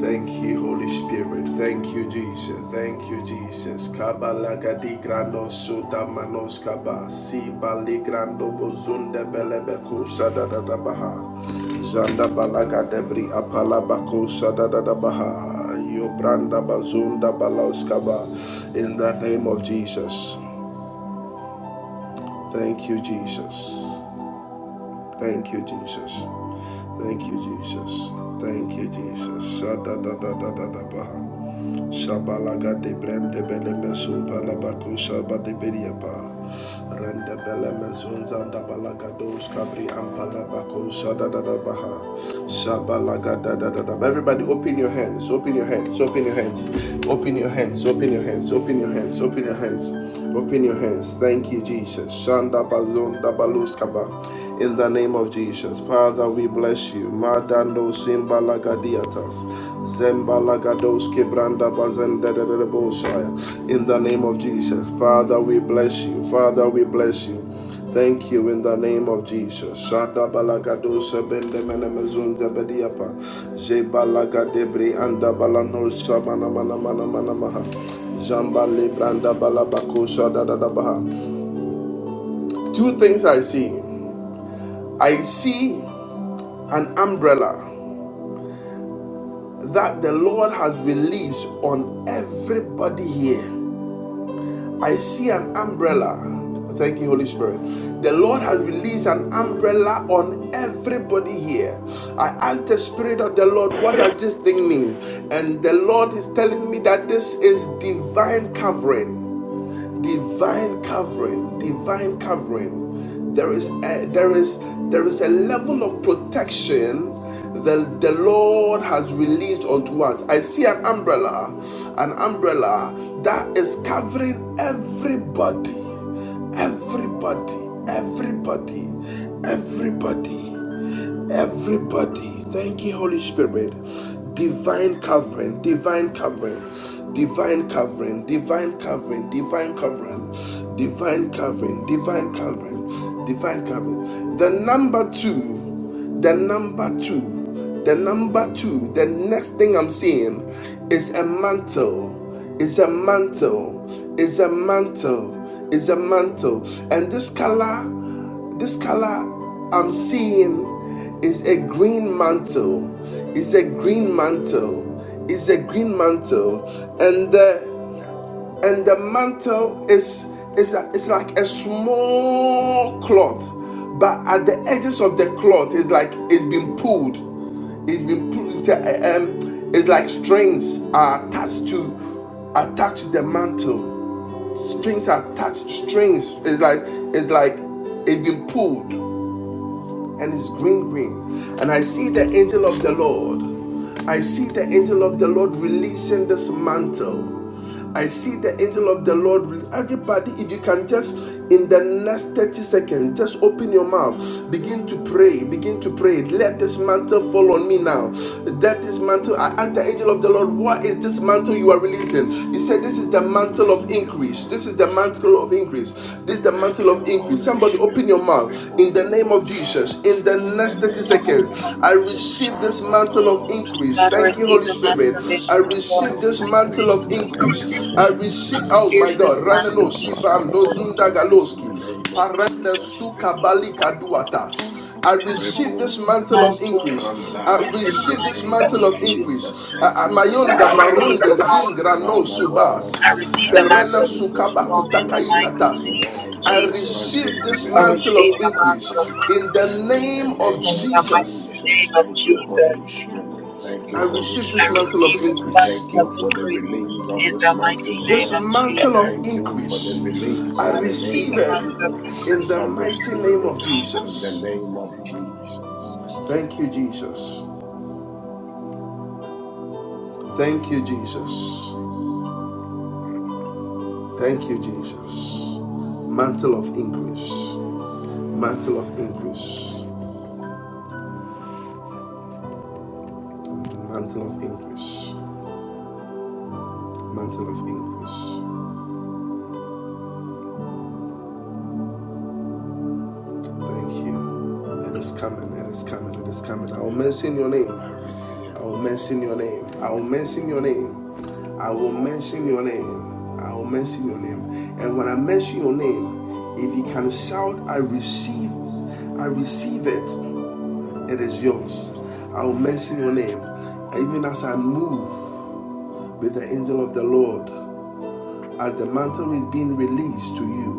Thank you, Holy Spirit. Thank you, Jesus. Thank you, Jesus. Kabalaga di grando suda manos kaba. Si bali grando bozunde belebe kusa da da da baha. Zanda balaga debri apala bakusa da da da baha. Yo branda bazunda balaus kaba. In the name of Jesus. Thank you, Jesus. Thank you, Jesus. Thank you, Jesus. Thank you, Jesus. Sa da da da da da da baha. Shabalaga de brende bele mezun balabaku shalba de beriapa. Rende bele mezun zanda balaga dos kabri ampala shada da da baha. Shabalaga da da da Everybody open your hands, open your hands, open your hands, open your hands, open your hands, open your hands, open your hands, open your hands. Thank you, Jesus. Shanda balon da balos kaba. In the name of Jesus, Father, we bless you. Madando simbalagadiatas, zembalagados kebranda bazenda bazendedebosaya. In the name of Jesus, Father, we bless you. Father, we bless you. Thank you in the name of Jesus. Shada balagadosa bende menemezunza bediapa. Jebalagadebri anda balanosa mana mana mana mana maha. Jamba lebranda balabakosa da da da baha. Two things I see. I see an umbrella that the Lord has released on everybody here. I see an umbrella. Thank you, Holy Spirit. The Lord has released an umbrella on everybody here. I asked the Spirit of the Lord, what does this thing mean? And the Lord is telling me that this is divine covering. divine covering divine covering there is a, there is there is a level of protection that the Lord has released unto us. I see an umbrella, an umbrella that is covering everybody, everybody, everybody, everybody. Everybody, thank you, Holy Spirit. Divine covering, divine covering, divine covering, divine covering, divine covering, divine covering, divine covering, divine covering. The number two, the number two, the number two, the next thing I'm seeing is a mantle, is a mantle, is a mantle, is a mantle. And this color this color I'm seeing is a green mantle. It's a green mantle. It's a green mantle, and the and the mantle is is a- is like a small cloth, but at the edges of the cloth it's like it's been pulled. It's been pulled. It's, uh, um, it's like strings are attached to attached to the mantle. Strings are attached. Strings is like it's like it's been pulled and it's green, green. And I see the angel of the Lord. I see the angel of the Lord releasing this mantle. I see the angel of the Lord. with Everybody, if you can just in the next 30 seconds, just open your mouth, begin to pray, begin to pray. Let this mantle fall on me now. Let this mantle, I ask the angel of
Thank
the Lord, what is this mantle you are
you.
releasing? He said, This
In
is
the
the
mighty
mantle
name
Thank
of
of
you,
increase.
Jesus,
This is
Holy
the
my God,
Spirit.
mantle of increase.
I
This is the
receive
Thank
mantle
you,
of
it in
increase.
Holy
Jesus'
Somebody
name.
open your
Divine
Spirit.
help
mouth
me, I
in the
receive
Remove
it.
name of
one
Let
body
Jesus.
my
In the
life be
in
next
the
30
name
blessed.
of
seconds,
I
I
receive the
Jesus.
receive this
Father,
mantle of
Lord,
increase.
that I
I
Thank you, Holy
receive the
Amen.
mantle
Spirit,
receive
of
mantle
this
I
of
increase, Lord,
increase.
Father,
receive
mantle
in
of
the
receive
this
I
mighty
this
mantle
name
receive
increase
the
of
month,
of
in
O
the
Lord,
Jesus.
mantle of
name
increase.
of
increase.
increase in
I
the
In
mighty
I
the
receive,
Jesus.
mighty
name
oh
name
of
receive
my
of
I
this
God,
Jesus,
Jesus, O
mantle
I
Ranano
of
Lord,
receive
pray.
this
increase,
Father,
I
let
Shibando
Lord,
that
mantle
receive
in
of
the
this
Zunda
month
mighty
increase
mantle of
in the
name
increase
of
name of
by
Parende
Jesus.
prayer,
Jesus.
by force,
Amen.
in
Remove
Sukabali
Jesus'
one body.
mighty name.
Kaduatas. I
I
I
Wakapia
pray this
receive
receive this
sabu
mantle
this
of
mantle
ramesh
of
increase
mantle
in
of
every
Come,
increase.
and
increase in
habit
God,
I
season
of my
the
in
life.
the
receive
mighty
this
It
members
name
might
of
mantle
name
of
of
be
increase
Jesus.
in
Jesus,
increase.
my
thank
I-
you,
finances, in my brother.
Holy
I
Spirit.
receive the
Barunda
in
Lord.
Ahmad
Zingrano
loving
Father,
communities
visit
Subas,
Lord,
I
Monday,
receive
I
Italian
the mantle
Perena
of
receive
National
this
increase,
Maximus
Lord,
and
in
mantle
the
of
Sukabakutakai
Father
increase,
mighty
O
Katasi.
Father
name of
Lord.
I
Let this
Jesus.
Nakatandala
Father
mantle
receive
loving
be
with
this
the
I
Namashata
back
mantle
of
released
receive
of
your
the
upon
mantle
me, O
of
receive
increase
Lord,
in
in
increase
the
Jesus
in the
name
receiving
mighty
of
name
in
its
name
of
the
I
mighty
Jesus.
pray.
increase
name
Jesus.
of
Thank
Ahmad
you,
Jesus.
Holy
loving
Makatia
visit
Spirit.
receive
Thank
it
I
you,
in the
Holy
receive
mighty
I
this
Rabashakataman
name of
Spirit.
mantle of
receive this
Jesus.
I
month
increase.
thank
I
of
you
say
for the
this
increase
Akotu
release
mountain
of
of
Mandiam
in
this
the
envy.
mighty
mantle, O
name
This
of
Namakantam
Lord.
mantle
Jesus
Jesus.
of
Thank
mighty
you
name I
for
and
the
increase
pray.
release
I
I
in the
Ashakatam
I
receive
shall
name
receive
the
not
of
it
month
have
Sokoto
a
of
Jesus.
bad
in
increase.
Arabash
the
I
mighty
receive
name
it
of
I send
in the
increase
Jesus.
this
amount
mountain of
name
of
of
envy in the
increase
mighty name
Jesus.
of
name of
Jesus.
Thank you, Jesus.
Thank you. Jesus.
Thank you, Jesus. Thank you, Jesus. Mantle of increase. Mantle of increase. Mantle of increase. Mantle of increase. Thank you. It is coming. It is coming. It is coming. I will
Yes, Lord.
mention your name. I will mention your name. I will mention your name. I will mention your name. I will mention your name. And when I mention your name, if you can shout, I receive, I receive it, it is yours. I will mention your name. Even as I move with the angel of the Lord, as the mantle is being released to you.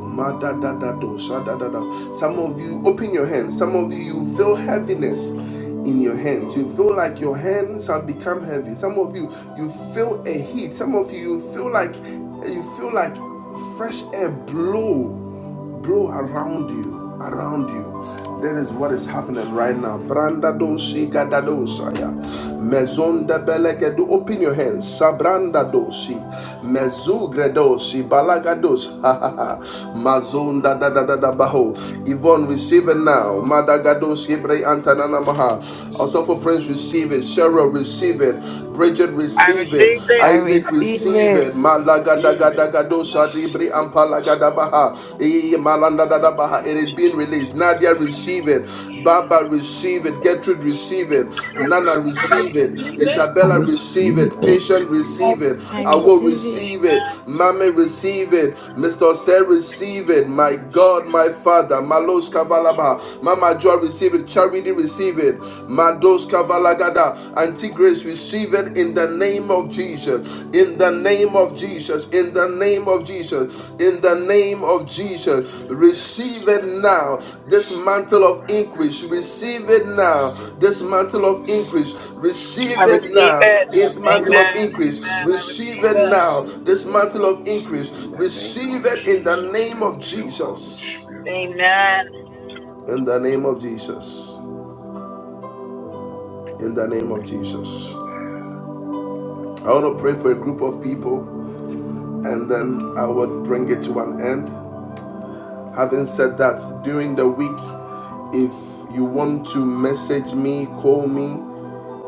Some of you open your hands. Some of you you feel heaviness in your hands. You feel like your hands have become heavy. Some of you you feel a heat. Some of you you feel like you feel like fresh air blow blow around you around you that is what is happening right now branda do shika da do shaya mezon de beleke do open your hands sabranda do shi mezu gredo shi balaga Ha, ha, ha. mazon da da da da da baho Yvonne
upon
receive
my
it
life,
now
O Lord.
madagado shibre antanana maha also
Receive
for
my
Prince receive it
mantle, Lord.
Cheryl receive it Bridget
I
receive it
receive it.
I
Isaac it,
receive
receive it.
it.
Receive it and
Malagadagadagadosha dibri
receive it, yes, Lord.
ampalagadabaha. Eh,
In the
malandadadabaha. It
name
is
of
being
Jesus.
released. Nadia,
Thank you,
receive it.
Holy Spirit.
Baba, receive it.
Jesus
I
Gertrude, receive
receive it.
it.
I
Nana,
receive this
receive it.
mantle,
Even.
O Lord.
I
Isabella, receive
receive
it.
Let it be
it
Patient,
Uh,
receive it.
released
I
I
upon
will
me,
receive
O
it.
receive
Lord,
it.
in the
Mommy,
name of
receive it.
Jesus.
Mr. Sir,
Thank
receive
you,
it. My
Holy
God, my
Spirit.
Father.
Thank you,
Malos
Holy
Kavalaba.
Spirit.
Mama Joy, receive it. Charity, receive it. Kados Kavalagada. Antigrace receive it in the name of Jesus. In the name of Jesus. In the name of Jesus. In the name of Jesus.
Let this
Receive it
mantle,
now.
I
This
receive
mantle
it,
of
I
increase.
receive it,
Receive
I
it now.
receive it,
This
O Lord.
mantle of
I
increase.
I
Receive
receive
it
it,
receive
I
now.
it.
It
receive it,
mantle of
Amen.
I
increase.
Amen. I
receive it,
Receive
receive
I
it
it.
now.
receive it,
This
O
mantle
Lord.
of increase.
In the name
Receive
of
it in the
Jesus,
name of
thank you, Holy
Jesus.
Spirit.
Amen. Amen.
In the name of Jesus. In the name of Jesus.
Amen.
I want to pray for a group of people and then I would bring it to an end. Having said that, during the week, if you want to message me, call me,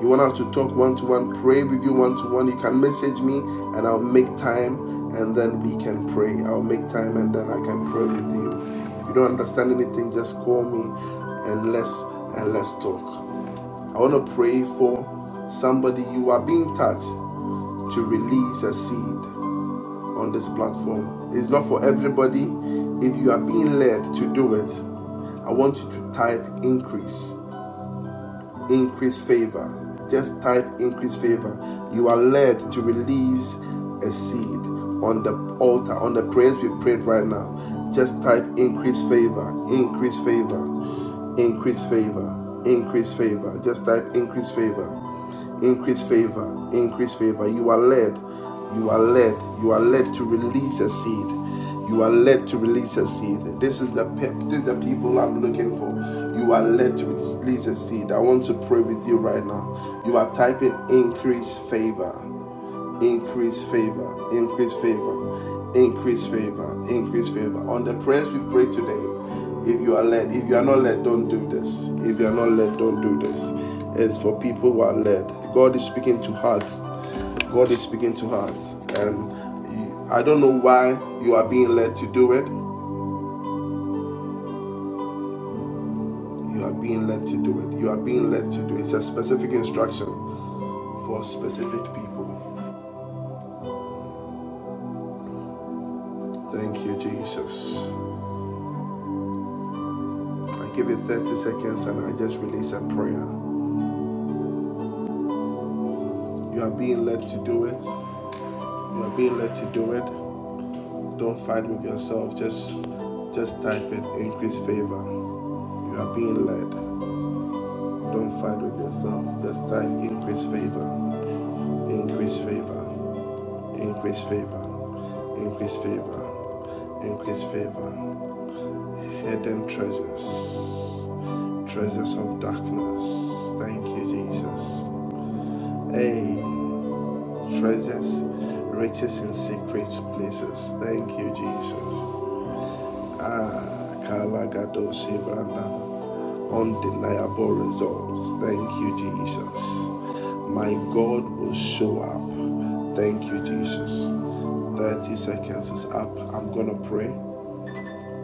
you want us to talk one to one, pray with you one to one, you can message me and I'll make time and then we can pray. I'll make time and then I can pray with you. If you don't understand anything, just call me and let's and let's talk. I want to pray for somebody you are being touched to release a seed. on this platform. It's not for everybody. If you are being led to do it, I want you to type increase, increase favor. Just type increase favor. You are led to release a seed on the altar, on the prayers we prayed right now. Just type increase favor, increase favor, increase favor, increase favor. Just type increase favor. Increase favor, increase favor. You are led, you are led, you are led to release a seed. You are led to release a seed. This is the pep, this is the people I'm looking for. You are led to release a seed. I want to pray with you right now. You are typing increase favor increase favor, increase favor, increase favor, increase favor. On the prayers we've prayed today, if you are led, if you are not led, don't do this. If you are not led, don't do this. It's for people who are led. God is speaking to hearts. God is speaking to hearts. And I don't know why you are being led to do it. You are being led to do it. You are being led to do it. It's a specific instruction for specific people. Thank you, Jesus. I give it 30 seconds and I just release a prayer. You are being led to do it. You are being led to do it. Don't fight with yourself. Just just type it increase favor. You are being led. Don't fight with yourself. Just type increase favor. Increase favor. Increase favor. Increase favor. Increase favor. Hidden treasures. Treasures of darkness. Thank you, Jesus. Hey, treasures, riches in secret places. Thank you, Jesus. Kalagadosi Branda. Undeniable results. Thank you, Jesus. My God will show up. Thank you, Jesus. 30 seconds is up. I'm going to pray.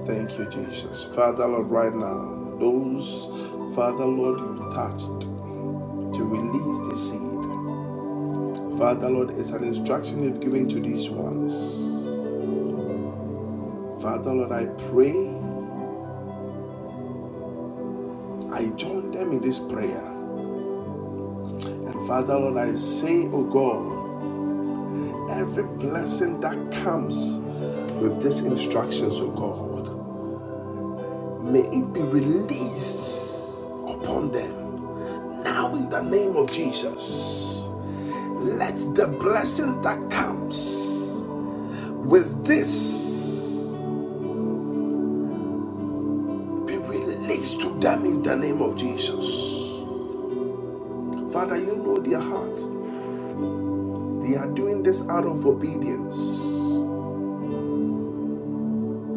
Thank you, Jesus. Father, Lord, right now, those, Father, Lord, you touched to release the seed. Father, Lord, it's an instruction you've given to these ones. Father, Lord, I pray, I join them in this prayer. And Father, Lord, I say, oh God, every blessing that comes with these instructions, oh God, may it be released upon them. Now, in the name of Jesus, let the blessings that comes with this be released to them in the name of Jesus. Father, you know their hearts. They are doing this out of obedience.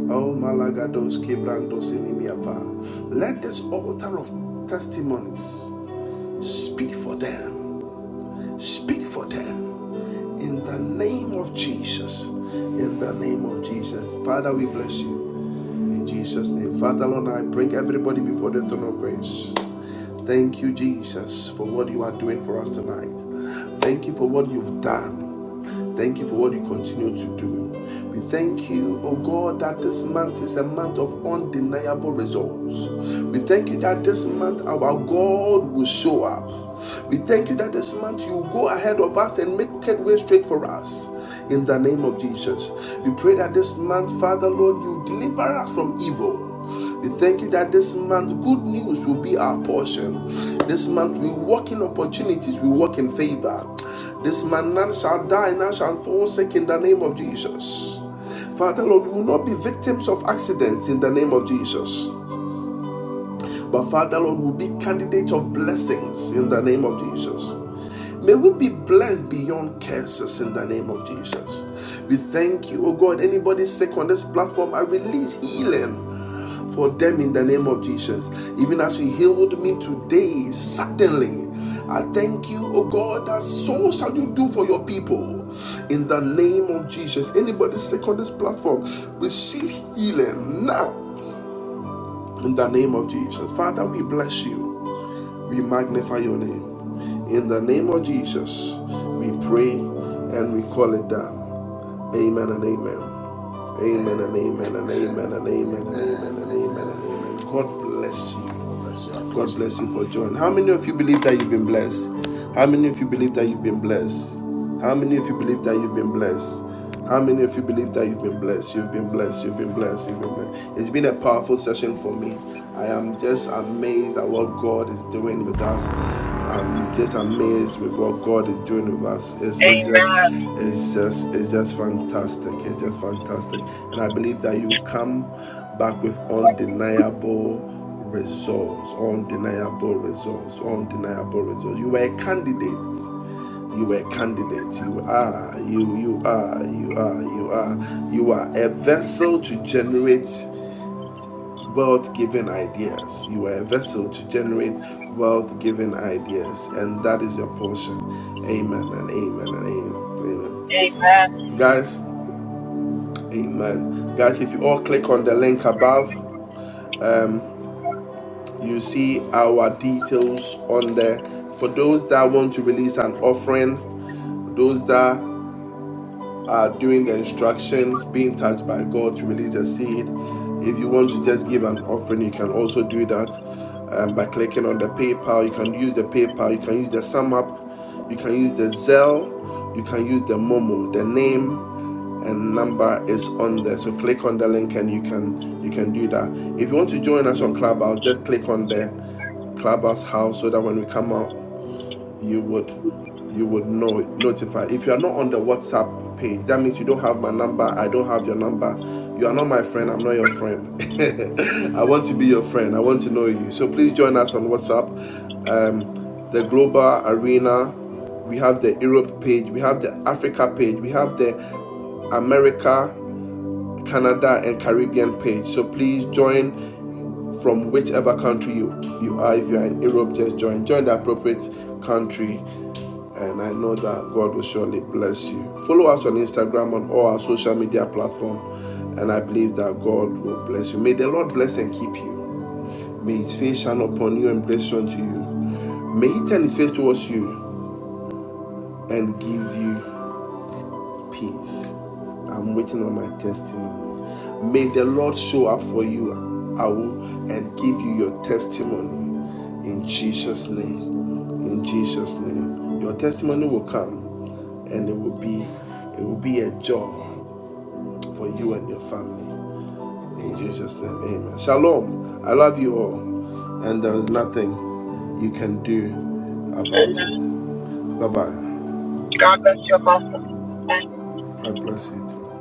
Oh, Malagados Kebrandos Inimiapa. Let this altar of testimonies speak for them. Speak for them. In the name of Jesus. In the name of Jesus. Father, we bless you. In Jesus' name. Father, Lord, I bring everybody before the throne of grace. Thank you, Jesus, for what you are doing for us tonight. Thank you for what you've done. Thank you for what you continue to do. We thank you, oh God, that this month is a month of undeniable results. We thank you that this month our God will show up. We thank you that this month you will go ahead of us and make wicked way straight for us. In the name of Jesus, we pray that this month, Father Lord, you deliver us from evil. We thank you that this month good news will be our portion. This month we walk in opportunities, we walk in favor. This man none shall die, none shall fall sick in the name of Jesus. Father Lord, we will not be victims of accidents in the name of Jesus. But Father Lord, we will be candidates of blessings in the name of Jesus. May we be blessed beyond curses in the name of Jesus. We thank you, oh God. Anybody sick on this platform, I release healing for them in the name of Jesus. Even as you healed me today, certainly. I thank you, oh God, that so shall you do for your people in the name of Jesus. Anybody sick on this platform, receive healing now in the name of Jesus. Father, we bless you. We magnify your name. In the name of Jesus, we pray and we call it down. Amen and amen. Amen and amen and amen
Amen.
and amen and
Amen.
amen and amen
Amen.
and amen. God bless you.
God bless you,
God
Apostle.
bless you for joining. How many of you believe that you've been blessed? How many of you believe that you've been blessed? How many of you believe that you've been blessed? How many of you believe that you've been blessed? You've been blessed. You've been blessed. You've been blessed. It's been a powerful session for me. I am just amazed at what God is doing with us. I'm just amazed with what God is doing with us. It's, it's just,
Amen.
it's just, it's just fantastic. It's just fantastic, and I believe that you come back with undeniable results, undeniable results, undeniable results. You were a candidate. You were a candidate. You are. You. You are. You are. You are. You are a vessel to generate wealth giving ideas. You are a vessel to generate wealth giving ideas, and that is your portion. Amen and amen and amen. amen. Guys, amen. Guys, if you all click on the link above, um, you see our details on there. For those that want to release an offering, those that are doing the instructions, being touched by God to release the seed. If you want to just give an offering, you can also do that um, by clicking on the PayPal. You can use the PayPal, you can use the SumUp, you can use the Zelle, you can use the Momo. The name and number is on there, so click on the link and you can you can do that. If you want to join us on Clubhouse, just click on the Clubhouse house so that when we come out you would you would know notify if you are not on the whatsapp page that means you don't have my number i don't have your number you are not my friend i'm not your friend i want to be your friend i want to know you so please join us on whatsapp um, the global arena we have the europe page we have the africa page we have the america canada and caribbean page so please join from whichever country you, you are if you are in europe just join join the appropriate country and I know that God will surely bless you. Follow us on Instagram on all our social media platform, and I believe that God will bless you. May the Lord bless and keep you. May His face shine upon you and grace unto you. May He turn His face towards you and give you peace. I'm waiting on my testimony. May the Lord show up for you, and give you your testimony in Jesus'
receive it.
name. In Jesus'
Amen.
name. Your
In
testimony will
Jesus' name.
come
Amen.
and it will be
Amen.
it will be a joy
Amen.
for you and
Amen.
your family. In
Amen.
Jesus' name. Amen. Shalom. I love you all. And there is nothing you can do about
Amen.
it. Bye bye.
God bless you, Apostle.
God bless you too.